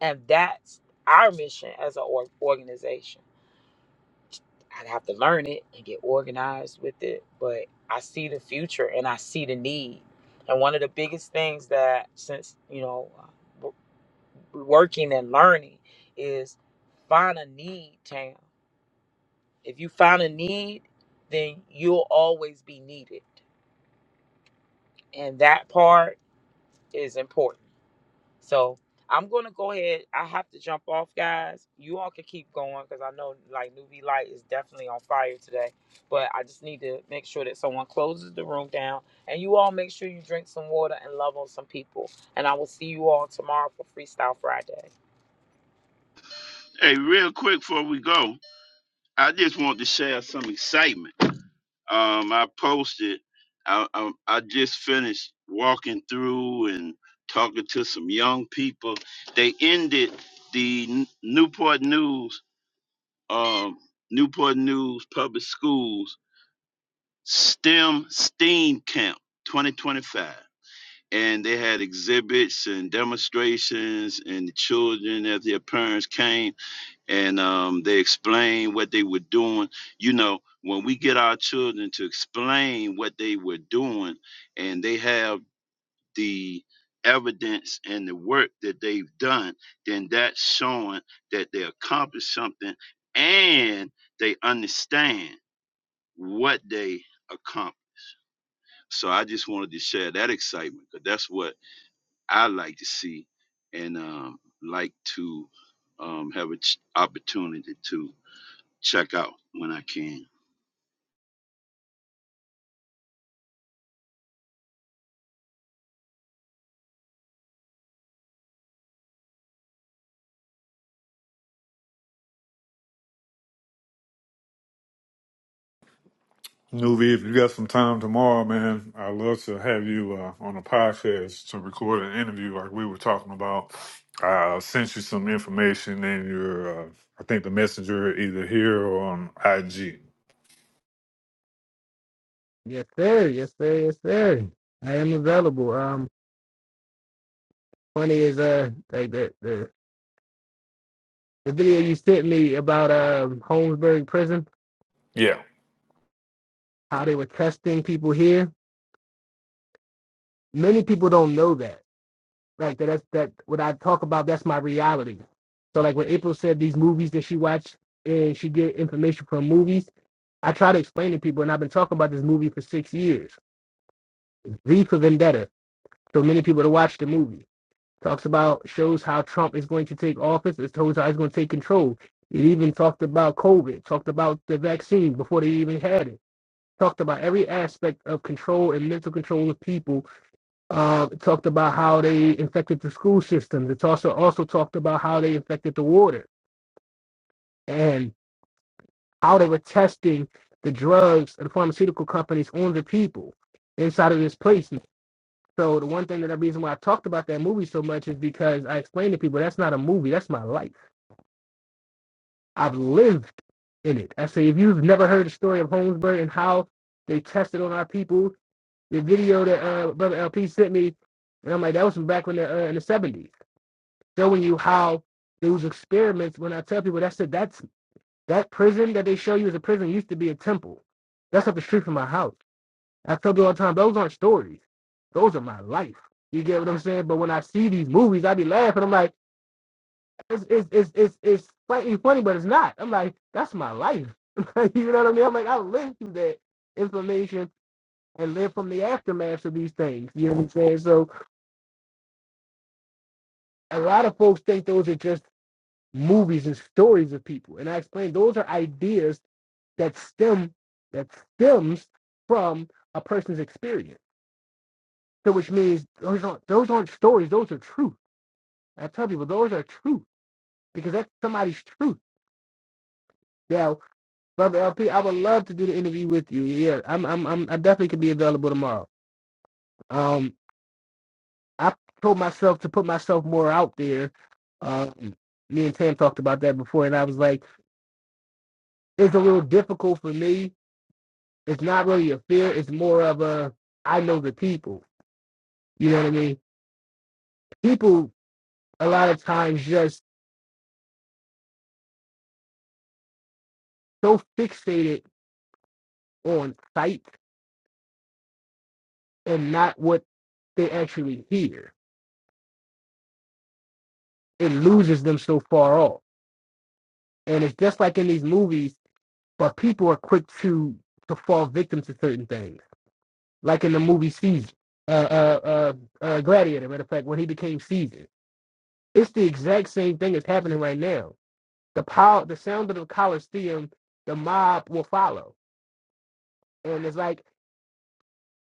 Speaker 2: and that's our mission as an org- organization I'd have to learn it and get organized with it. But I see the future and I see the need. And one of the biggest things that, since, you know, uh, w- working and learning is find a need, Tam. If you find a need, then you'll always be needed. And that part is important. So I'm gonna go ahead. I have to jump off, guys. You all can keep going because I know like Newbie Light is definitely on fire today. But I just need to make sure that someone closes the room down, and you all make sure you drink some water and love on some people. And I will see you all tomorrow for Freestyle Friday.
Speaker 3: Hey, real quick before we go, I just want to share some excitement. Um, I posted. I, I I just finished walking through and talking to some young people. They ended the N- Newport News um, Newport News Public Schools STEM STEAM Camp 2025. And they had exhibits and demonstrations, and the children, as their parents came, and um, they explained what they were doing. You know, when we get our children to explain what they were doing, and they have the evidence and the work that they've done, then that's showing that they accomplished something and they understand what they accomplished. So I just wanted to share that excitement because that's what I like to see and um, like to um, have an opportunity to check out when I can.
Speaker 9: Nuvi, if you got some time tomorrow, man, I'd love to have you uh, on a podcast to record an interview like we were talking about. I sent you some information in your, uh, I think the messenger either here or on IG.
Speaker 5: Yes sir, yes sir, yes sir. I am available. Um, funny is uh like that. The video you sent me about um, Holmesburg Prison,
Speaker 9: Yeah,
Speaker 5: how they were testing people here. Many people don't know that. Like that, that's that. What I talk about, that's my reality. So like when April said these movies that she watched and she get information from movies, I try to explain to people, and I've been talking about this movie for six years, V for Vendetta. So many people to watch the movie. Talks about shows how Trump is going to take office. It shows how he's going to take control. It even talked about COVID. Talked about the vaccine before they even had it talked about every aspect of control and mental control of people. Uh, it talked about how they infected the school systems. It's also also talked about how they infected the water and how they were testing the drugs and pharmaceutical companies on the people inside of this place. So the one thing that the reason why I talked about that movie so much is because I explained to people that's not a movie, that's my life. I've lived in it. I say if you've never heard the story of Holmesburg and how they tested on our people the video that uh, Brother LP sent me, and I'm like, that was from back when the, uh, in the 70s, showing you how those experiments. When I tell people that's it, that's that prison that they show you as a prison used to be a temple. That's up the street from my house. I tell people all the time, those aren't stories. Those are my life. You get what I'm saying? But when I see these movies, I be laughing. I'm like, it's it's it's it's, it's slightly funny, but it's not. I'm like, that's my life. you know what I mean? I'm like, I lived through that information and live from the aftermath of these things. You know what I'm saying? So a lot of folks think those are just movies and stories of people. And I explained those are ideas that stem that stems from a person's experience. So which means those aren't those aren't stories, those are truth. I tell people those are truth because that's somebody's truth. Now, Brother LP, I would love to do the interview with you. Yeah, I'm I'm, I'm I definitely could be available tomorrow. Um I told myself to put myself more out there. Um me and Tam talked about that before and I was like it's a little difficult for me. It's not really a fear. It's more of a I know the people. You know what I mean? People a lot of times just so fixated on sight and not what they actually hear. It loses them so far off. And it's just like in these movies, but people are quick to to fall victim to certain things. Like in the movie Caesar, uh, uh, uh, uh, Gladiator, matter of fact, when he became Caesar, It's the exact same thing that's happening right now the power, the sound of the Coliseum, the mob will follow. And it's like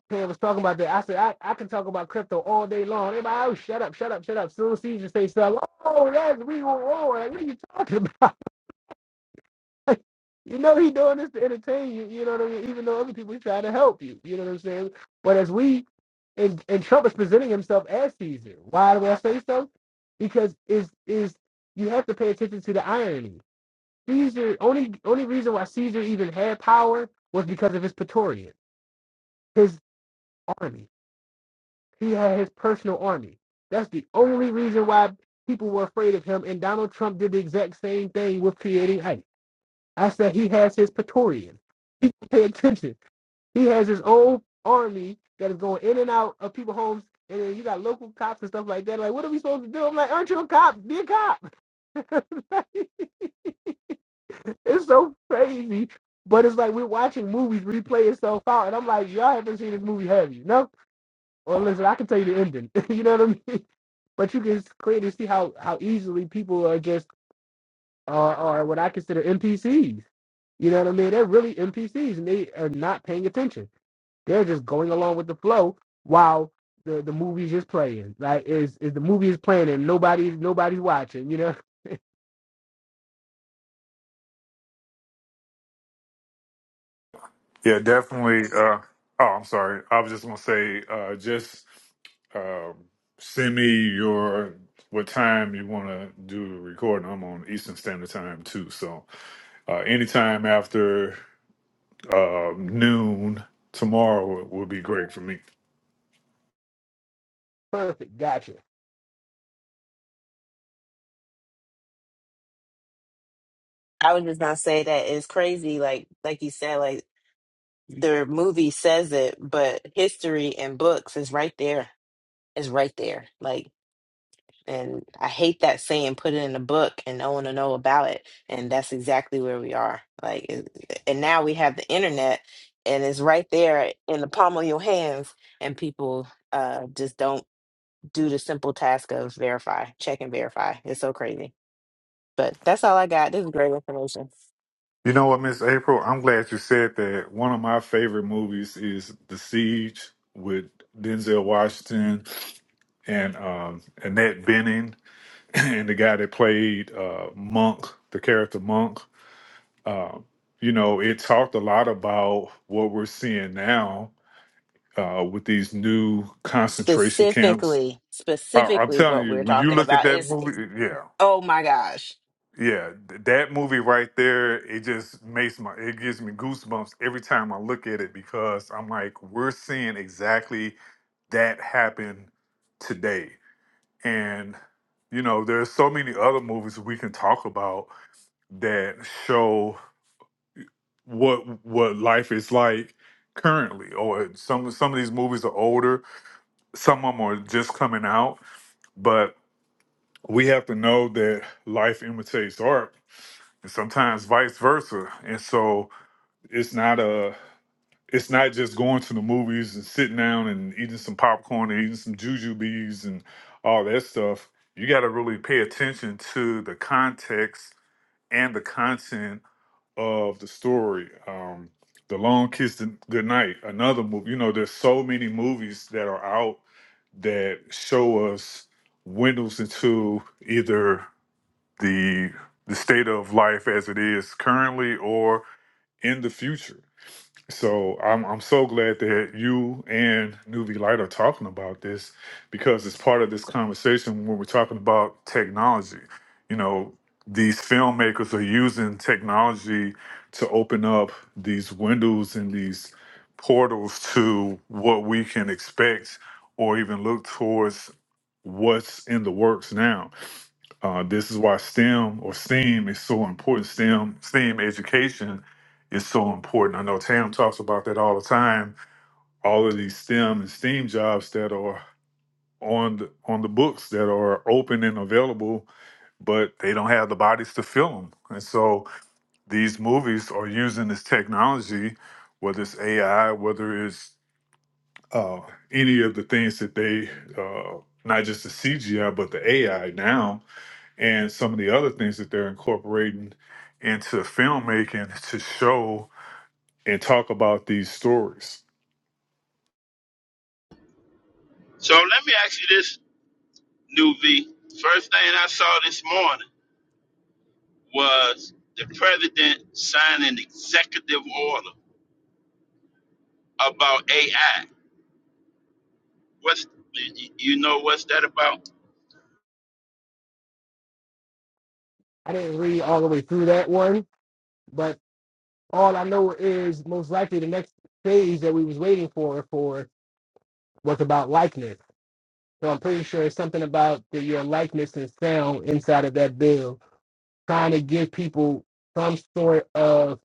Speaker 5: Pam was talking about that. I said, I, I can talk about crypto all day long. Everybody, oh, shut up, shut up, shut up. Soon as Caesar say stuff, oh, that's we will Like, what are you talking about? you know he doing this to entertain you. You know what I mean? Even though other people he trying to help you. You know what I'm saying? But as we and, and Trump is presenting himself as Caesar. Why do I say so? Because is is you have to pay attention to the irony Caesar only only reason why Caesar even had power was because of his Praetorian, his army. He had his personal army. That's the only reason why people were afraid of him. And Donald Trump did the exact same thing with creating ICE. I said he has his Praetorian. People pay attention. He has his own army that is going in and out of people's homes. And then you got local cops and stuff like that. Like, what are we supposed to do? I'm like, aren't you a cop? Be a cop. It's so crazy. But it's like we're watching movies replay itself out. And I'm like, y'all haven't seen this movie, have you? No? Well, listen, I can tell you the ending. you know what I mean? But you can clearly see how, how easily people are just, are, are what I consider NPCs. You know what I mean? They're really NPCs and they are not paying attention. They're just going along with the flow while the, the movie's just playing. Like is is the movie is playing and nobody nobody's watching, you
Speaker 9: yeah, definitely. Uh, oh, I'm sorry. I was just gonna say, uh, just uh, send me your what time you want to do the recording. I'm on Eastern Standard Time too, so uh, anytime after. uh, noon tomorrow would, would be great for me.
Speaker 5: know? gotcha.
Speaker 6: I was just gonna say that it's crazy, like like you said, like the movie says it, but history and books is right there. It's right there. Like and I hate that saying put it in a book and no one to know about it. And that's exactly where we are. Like it- and now we have the internet and it's right there in the palm of your hands and people uh just don't do the simple task of verify, check and verify. It's so crazy. But that's all I got. This is great information.
Speaker 9: You know what, Miss April? I'm glad you said that. One of my favorite movies is The Siege with Denzel Washington and um, Annette Bening and the guy that played uh, Monk, the character Monk. Um, you know, it talked a lot about what we're seeing now uh, with these new concentration camps.
Speaker 6: specifically
Speaker 9: I, I'm
Speaker 6: specifically
Speaker 9: telling
Speaker 6: what
Speaker 9: you,
Speaker 6: we're
Speaker 9: when you
Speaker 6: talking
Speaker 9: look at
Speaker 6: about
Speaker 9: that
Speaker 6: is
Speaker 9: movie, yeah,
Speaker 6: oh my gosh
Speaker 9: Yeah, th- that movie right there, it just makes my it gives me goosebumps every time I look at it because I'm like, we're seeing exactly that happen today. And you know, there's so many other movies we can talk about that show what what life is like currently or some some of these movies are older some of them are just coming out but we have to know that life imitates art and sometimes vice versa. And so it's not a it's not just going to the movies and sitting down and eating some popcorn and eating some jujubes and all that stuff. You got to really pay attention to the context and the content of the story. Um, the Long Kiss Goodnight, another movie. You know, there's so many movies that are out that show us windows into either the the state of life as it is currently or in the future. So I'm I'm so glad that you and Nuvi Light are talking about this because it's part of this conversation when we're talking about technology. You know, these filmmakers are using technology to open up these windows and these portals to what we can expect or even look towards what's in the works now. Uh, this is why STEM or STEAM is so important. STEM STEAM education is so important. I know Tam talks about that all the time. All of these STEM and STEAM jobs that are on the, on the books that are open and available, but they don't have the bodies to fill them. And so these movies are using this technology, whether it's AI, whether it's uh, any of the things that they, uh, not just the CGI, but the AI now and some of the other things that they're incorporating into filmmaking to show and talk about these stories.
Speaker 3: So let me ask you this, New V. First thing I saw this morning. was the president signed an executive order about AI. What's you know what's that about?
Speaker 5: I didn't read all the way through that one, but. All I know is most likely the next phase that we was waiting for for was about likeness. So I'm pretty sure it's something about the, your likeness and sound inside of that bill, trying to give people some sort of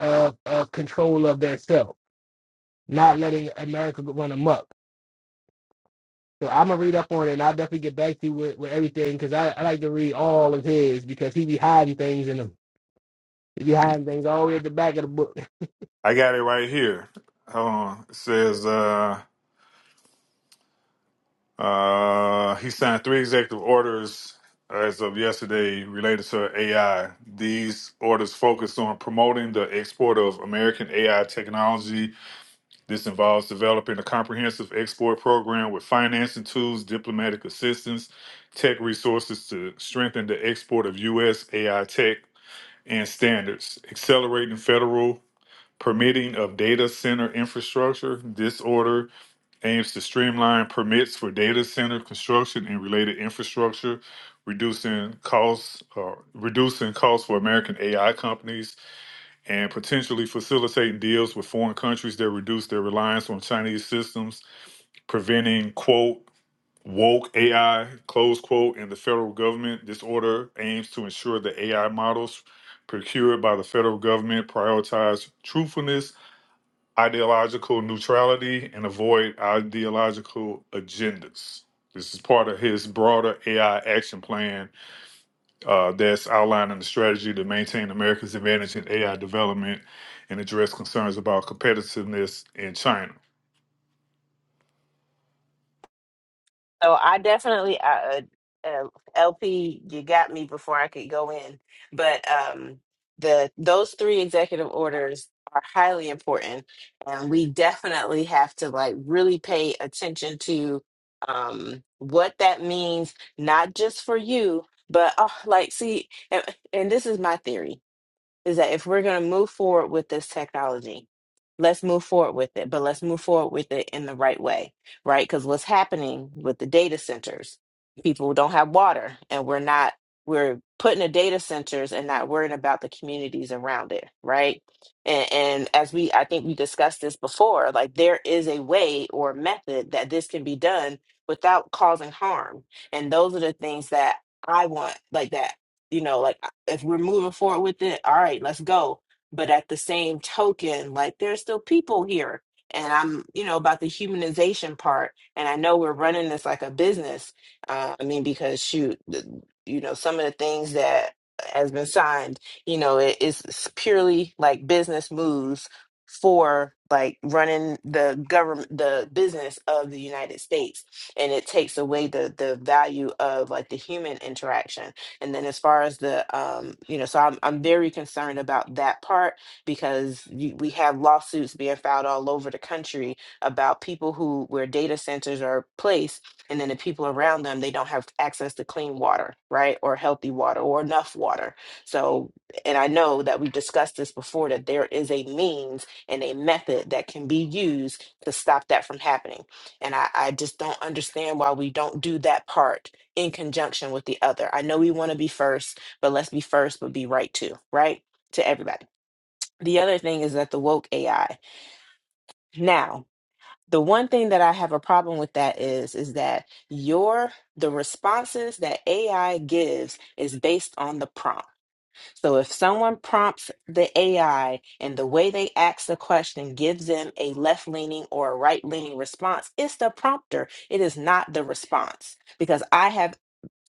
Speaker 5: of, of control of their self, not letting America run amok. So I'm gonna read up on it, and I'll definitely get back to you with, with everything because I, I like to read all of his because he be hiding things in them. He be hiding things all the way at the back of the book.
Speaker 9: I got it right here. Hold on. It says uh, uh, he signed three executive orders as of yesterday related to AI. These orders focus on promoting the export of American AI technology This involves developing a comprehensive export program with financing tools, diplomatic assistance, tech resources to strengthen the export of U.S. AI tech and standards, accelerating federal permitting of data center infrastructure. This order aims to streamline permits for data center construction and related infrastructure, reducing costs, uh, reducing costs for American AI companies and potentially facilitating deals with foreign countries that reduce their reliance on Chinese systems, preventing, quote, woke AI, close quote, in the federal government. This order aims to ensure that AI models procured by the federal government prioritize truthfulness, ideological neutrality, and avoid ideological agendas. This is part of his broader AI action plan uh, that's outlining the strategy to maintain America's advantage in AI development and address concerns about competitiveness in China.
Speaker 6: so i definitely uh, uh lp you got me before i could go in but um the those three executive orders are highly important and we definitely have to like really pay attention to um what that means not just for you but oh, like see and, and this is my theory is that if we're going to move forward with this technology, let's move forward with it, but let's move forward with it in the right way, right? Because what's happening with the data centers, people don't have water and we're not, we're putting the data centers and not worrying about the communities around it, right? And, and as we, I think we discussed this before, like there is a way or method that this can be done without causing harm. And those are the things that I want, like that you know, like uh, if we're moving forward with it, all right, let's go. But at the same token, like there's still people here. And I'm, you know, about the humanization part. And I know we're running this like a business. Uh, I mean, because shoot, th- you know, some of the things that has been signed, you know, it, it's purely like business moves for like running the government, the business of the United States. And it takes away the the value of like the human interaction and then as far as the, um, you know, so I'm, I'm very concerned about that part because you, we have lawsuits being filed all over the country about people who, where data centers are placed and then the people around them, they don't have access to clean water, right? Or healthy water or enough water. So, and I know that we've discussed this before that there is a means and a method that can be used to stop that from happening and I, I just don't understand why we don't do that part in conjunction with the other. I know we want to be first, but let's be first, but be right too, right? To everybody. The other thing is that the woke AI. Now, the one thing that I have a problem with that is is that your the responses that AI gives is based on the prompt. So if someone prompts the AI and the way they ask the question gives them a left leaning or a right leaning response, it's the prompter. It is not the response. Because I have,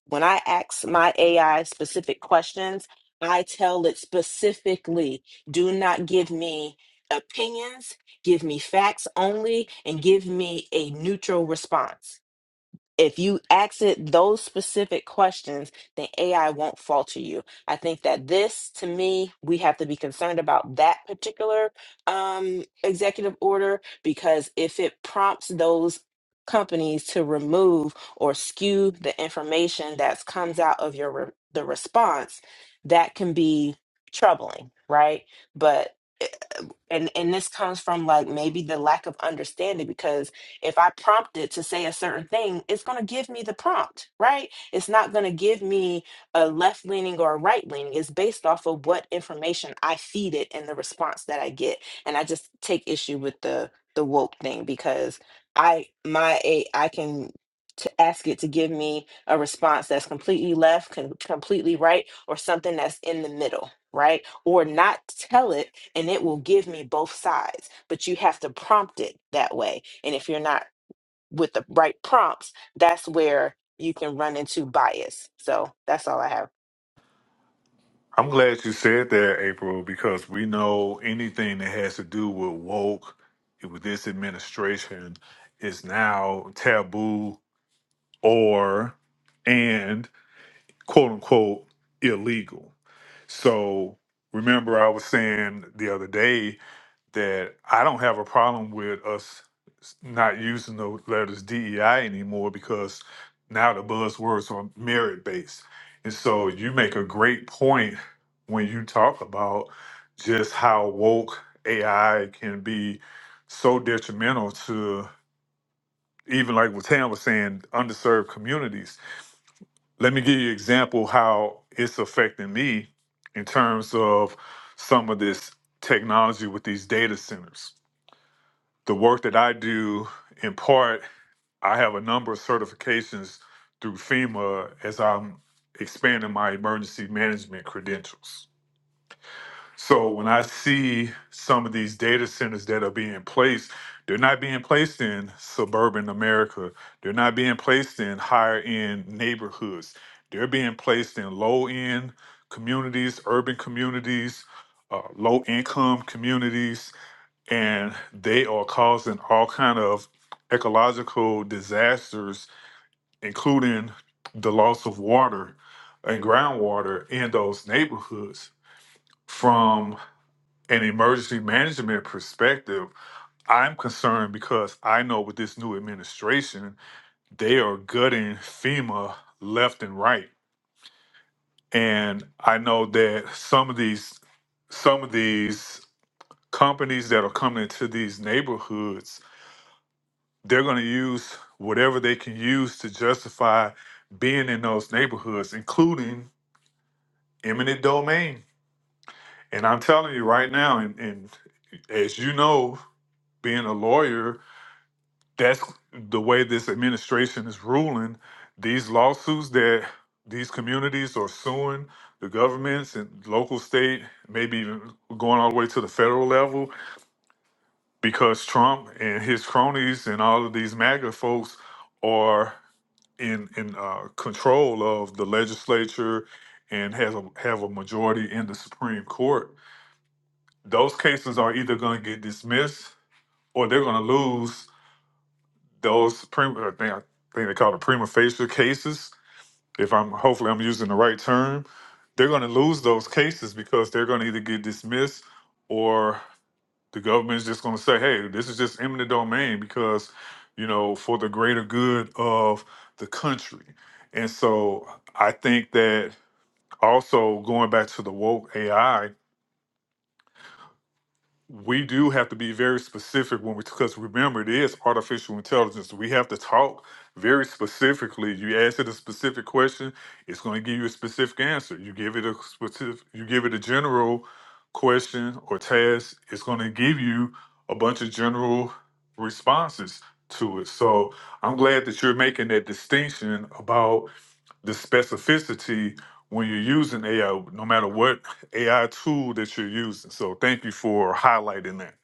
Speaker 6: when I ask my AI specific questions, I tell it specifically do not give me opinions, give me facts only, and give me a neutral response if you ask it those specific questions, then AI won't falter you. I think that this, to me, we have to be concerned about that particular um, executive order because if it prompts those companies to remove or skew the information that comes out of your re- the response, that can be troubling, right? But and and this comes from like maybe the lack of understanding because if i prompt it to say a certain thing it's going to give me the prompt right it's not going to give me a left leaning or a right leaning it's based off of what information i feed it and the response that i get and i just take issue with the the woke thing because i my a i can to ask it to give me a response that's completely left, com- completely right, or something that's in the middle right? Or not tell it and it will give me both sides, but you have to prompt it that way. And if you're not with the right prompts, that's where you can run into bias. So that's all I have.
Speaker 9: I'm glad you said that, April, because we know anything that has to do with woke with this administration is now taboo or and quote unquote illegal. So remember I was saying the other day that I don't have a problem with us not using the letters DEI anymore because now the buzzwords are merit based. And so you make a great point when you talk about just how woke AI can be so detrimental to even like what Tam was saying, underserved communities. Let me give you an example how it's affecting me in terms of some of this technology with these data centers the work that I do in part, I have a number of certifications through FEMA as I'm expanding my emergency management credentials. So when I see some of these data centers that are being placed, they're not being placed in suburban America. They're not being placed in higher end neighborhoods. They're being placed in low end communities, urban communities, uh, low income communities and they are causing all kind of ecological disasters including the loss of water and groundwater in those neighborhoods from an emergency management perspective i'm concerned because i know with this new administration they are gutting fema left and right and i know that some of these some of these companies that are coming into these neighborhoods they're going to use whatever they can use to justify being in those neighborhoods, including eminent domain. And I'm telling you right now, and, and as you know, being a lawyer, that's the way this administration is ruling. These lawsuits that these communities are suing the governments and local, state, maybe even going all the way to the federal level, because Trump and his cronies and all of these MAGA folks are in in uh, control of the legislature and has a have a majority in the Supreme Court, those cases are either going to get dismissed or they're going to lose those prima. I think, I think they call it prima facie cases. If I'm hopefully I'm using the right term, they're going to lose those cases because they're going to either get dismissed or. The government's just going to say, hey, this is just eminent domain because, you know, for the greater good of the country. And so I think that also going back to the woke AI we do have to be very specific when we because remember it is artificial intelligence we have to talk very specifically you ask it a specific question it's going to give you a specific answer you give it a specific you give it a general question or task it's going to give you a bunch of general responses to it so i'm glad that you're making that distinction about the specificity when you're using ai no matter what AI tool that you're using. So thank you for highlighting that.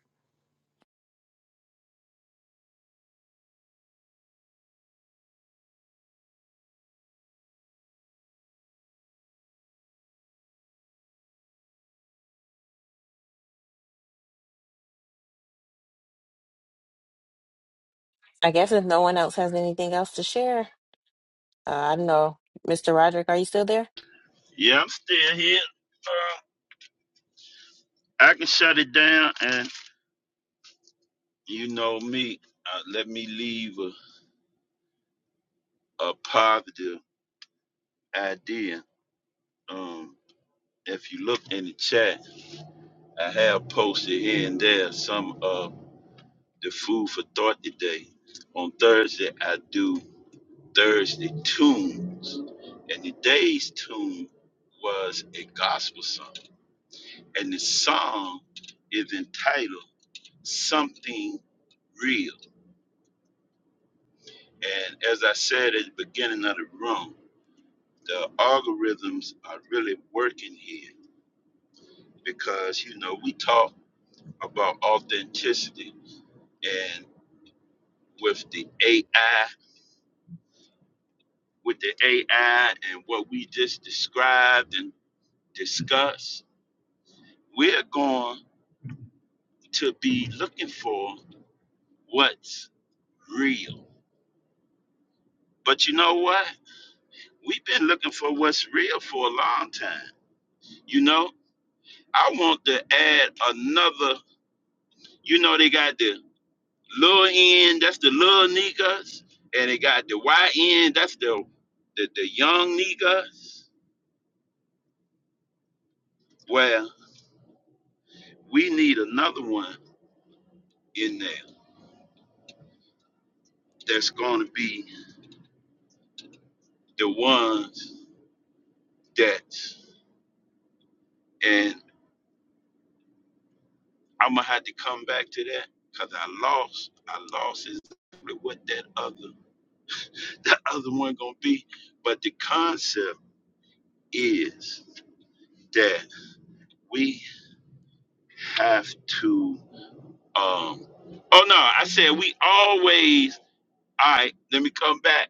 Speaker 6: I guess if no one else has anything else to share, uh, I don't know. Mr. Roderick, are you still there?
Speaker 3: Yeah, I'm still here. Uh, I can shut it down, and you know me. Uh, let me leave a, a positive idea. Um, if you look in the chat, I have posted here and there some of the food for thought today. On Thursday, I do. Thursday tunes, and the day's tune was a gospel song. And the song is entitled Something Real. And as I said at the beginning of the room, the algorithms are really working here because, you know, we talk about authenticity and with the AI, with the AI and what we just described and discussed, we're going to be looking for what's real. But you know what? We've been looking for what's real for a long time. You know, I want to add another, you know, they got the little end, that's the little niggas, and they got the Y end, that's the, the, the young niggas. Well, we need another one in there that's going to be the ones that. and. I'm gonna have to come back to that because I lost. I lost exactly what that other that other one gonna be. But the concept is that we have to. um Oh no, I said we always. All right, let me come back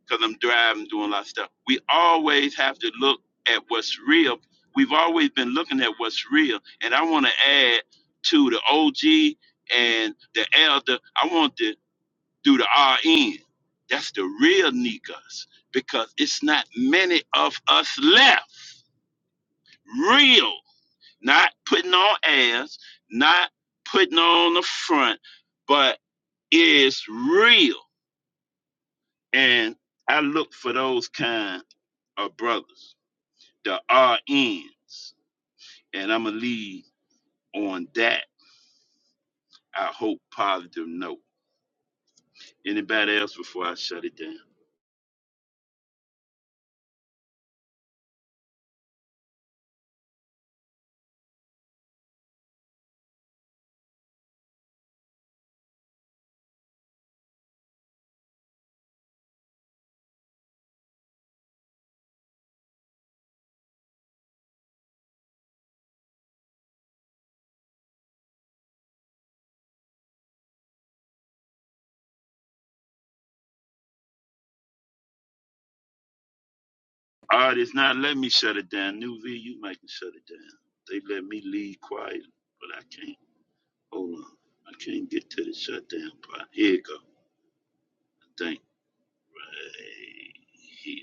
Speaker 3: because I'm driving, doing a lot of stuff. We always have to look at what's real. We've always been looking at what's real, and I want to add to the OG and the elder. I want the. through the RN. That's the real niggas because it's not many of us left. Real, not putting on airs, not putting on the front, but it's real. And I look for those kind of brothers, the R N's, And I'm going to leave on that, I hope, positive note. Anybody else before I shut it down? All right, it's not letting me shut it down. New V, you might can shut it down. They let me leave quiet, but I can't. Hold on. I can't get to the shutdown part. Here you go. Thank. Hey,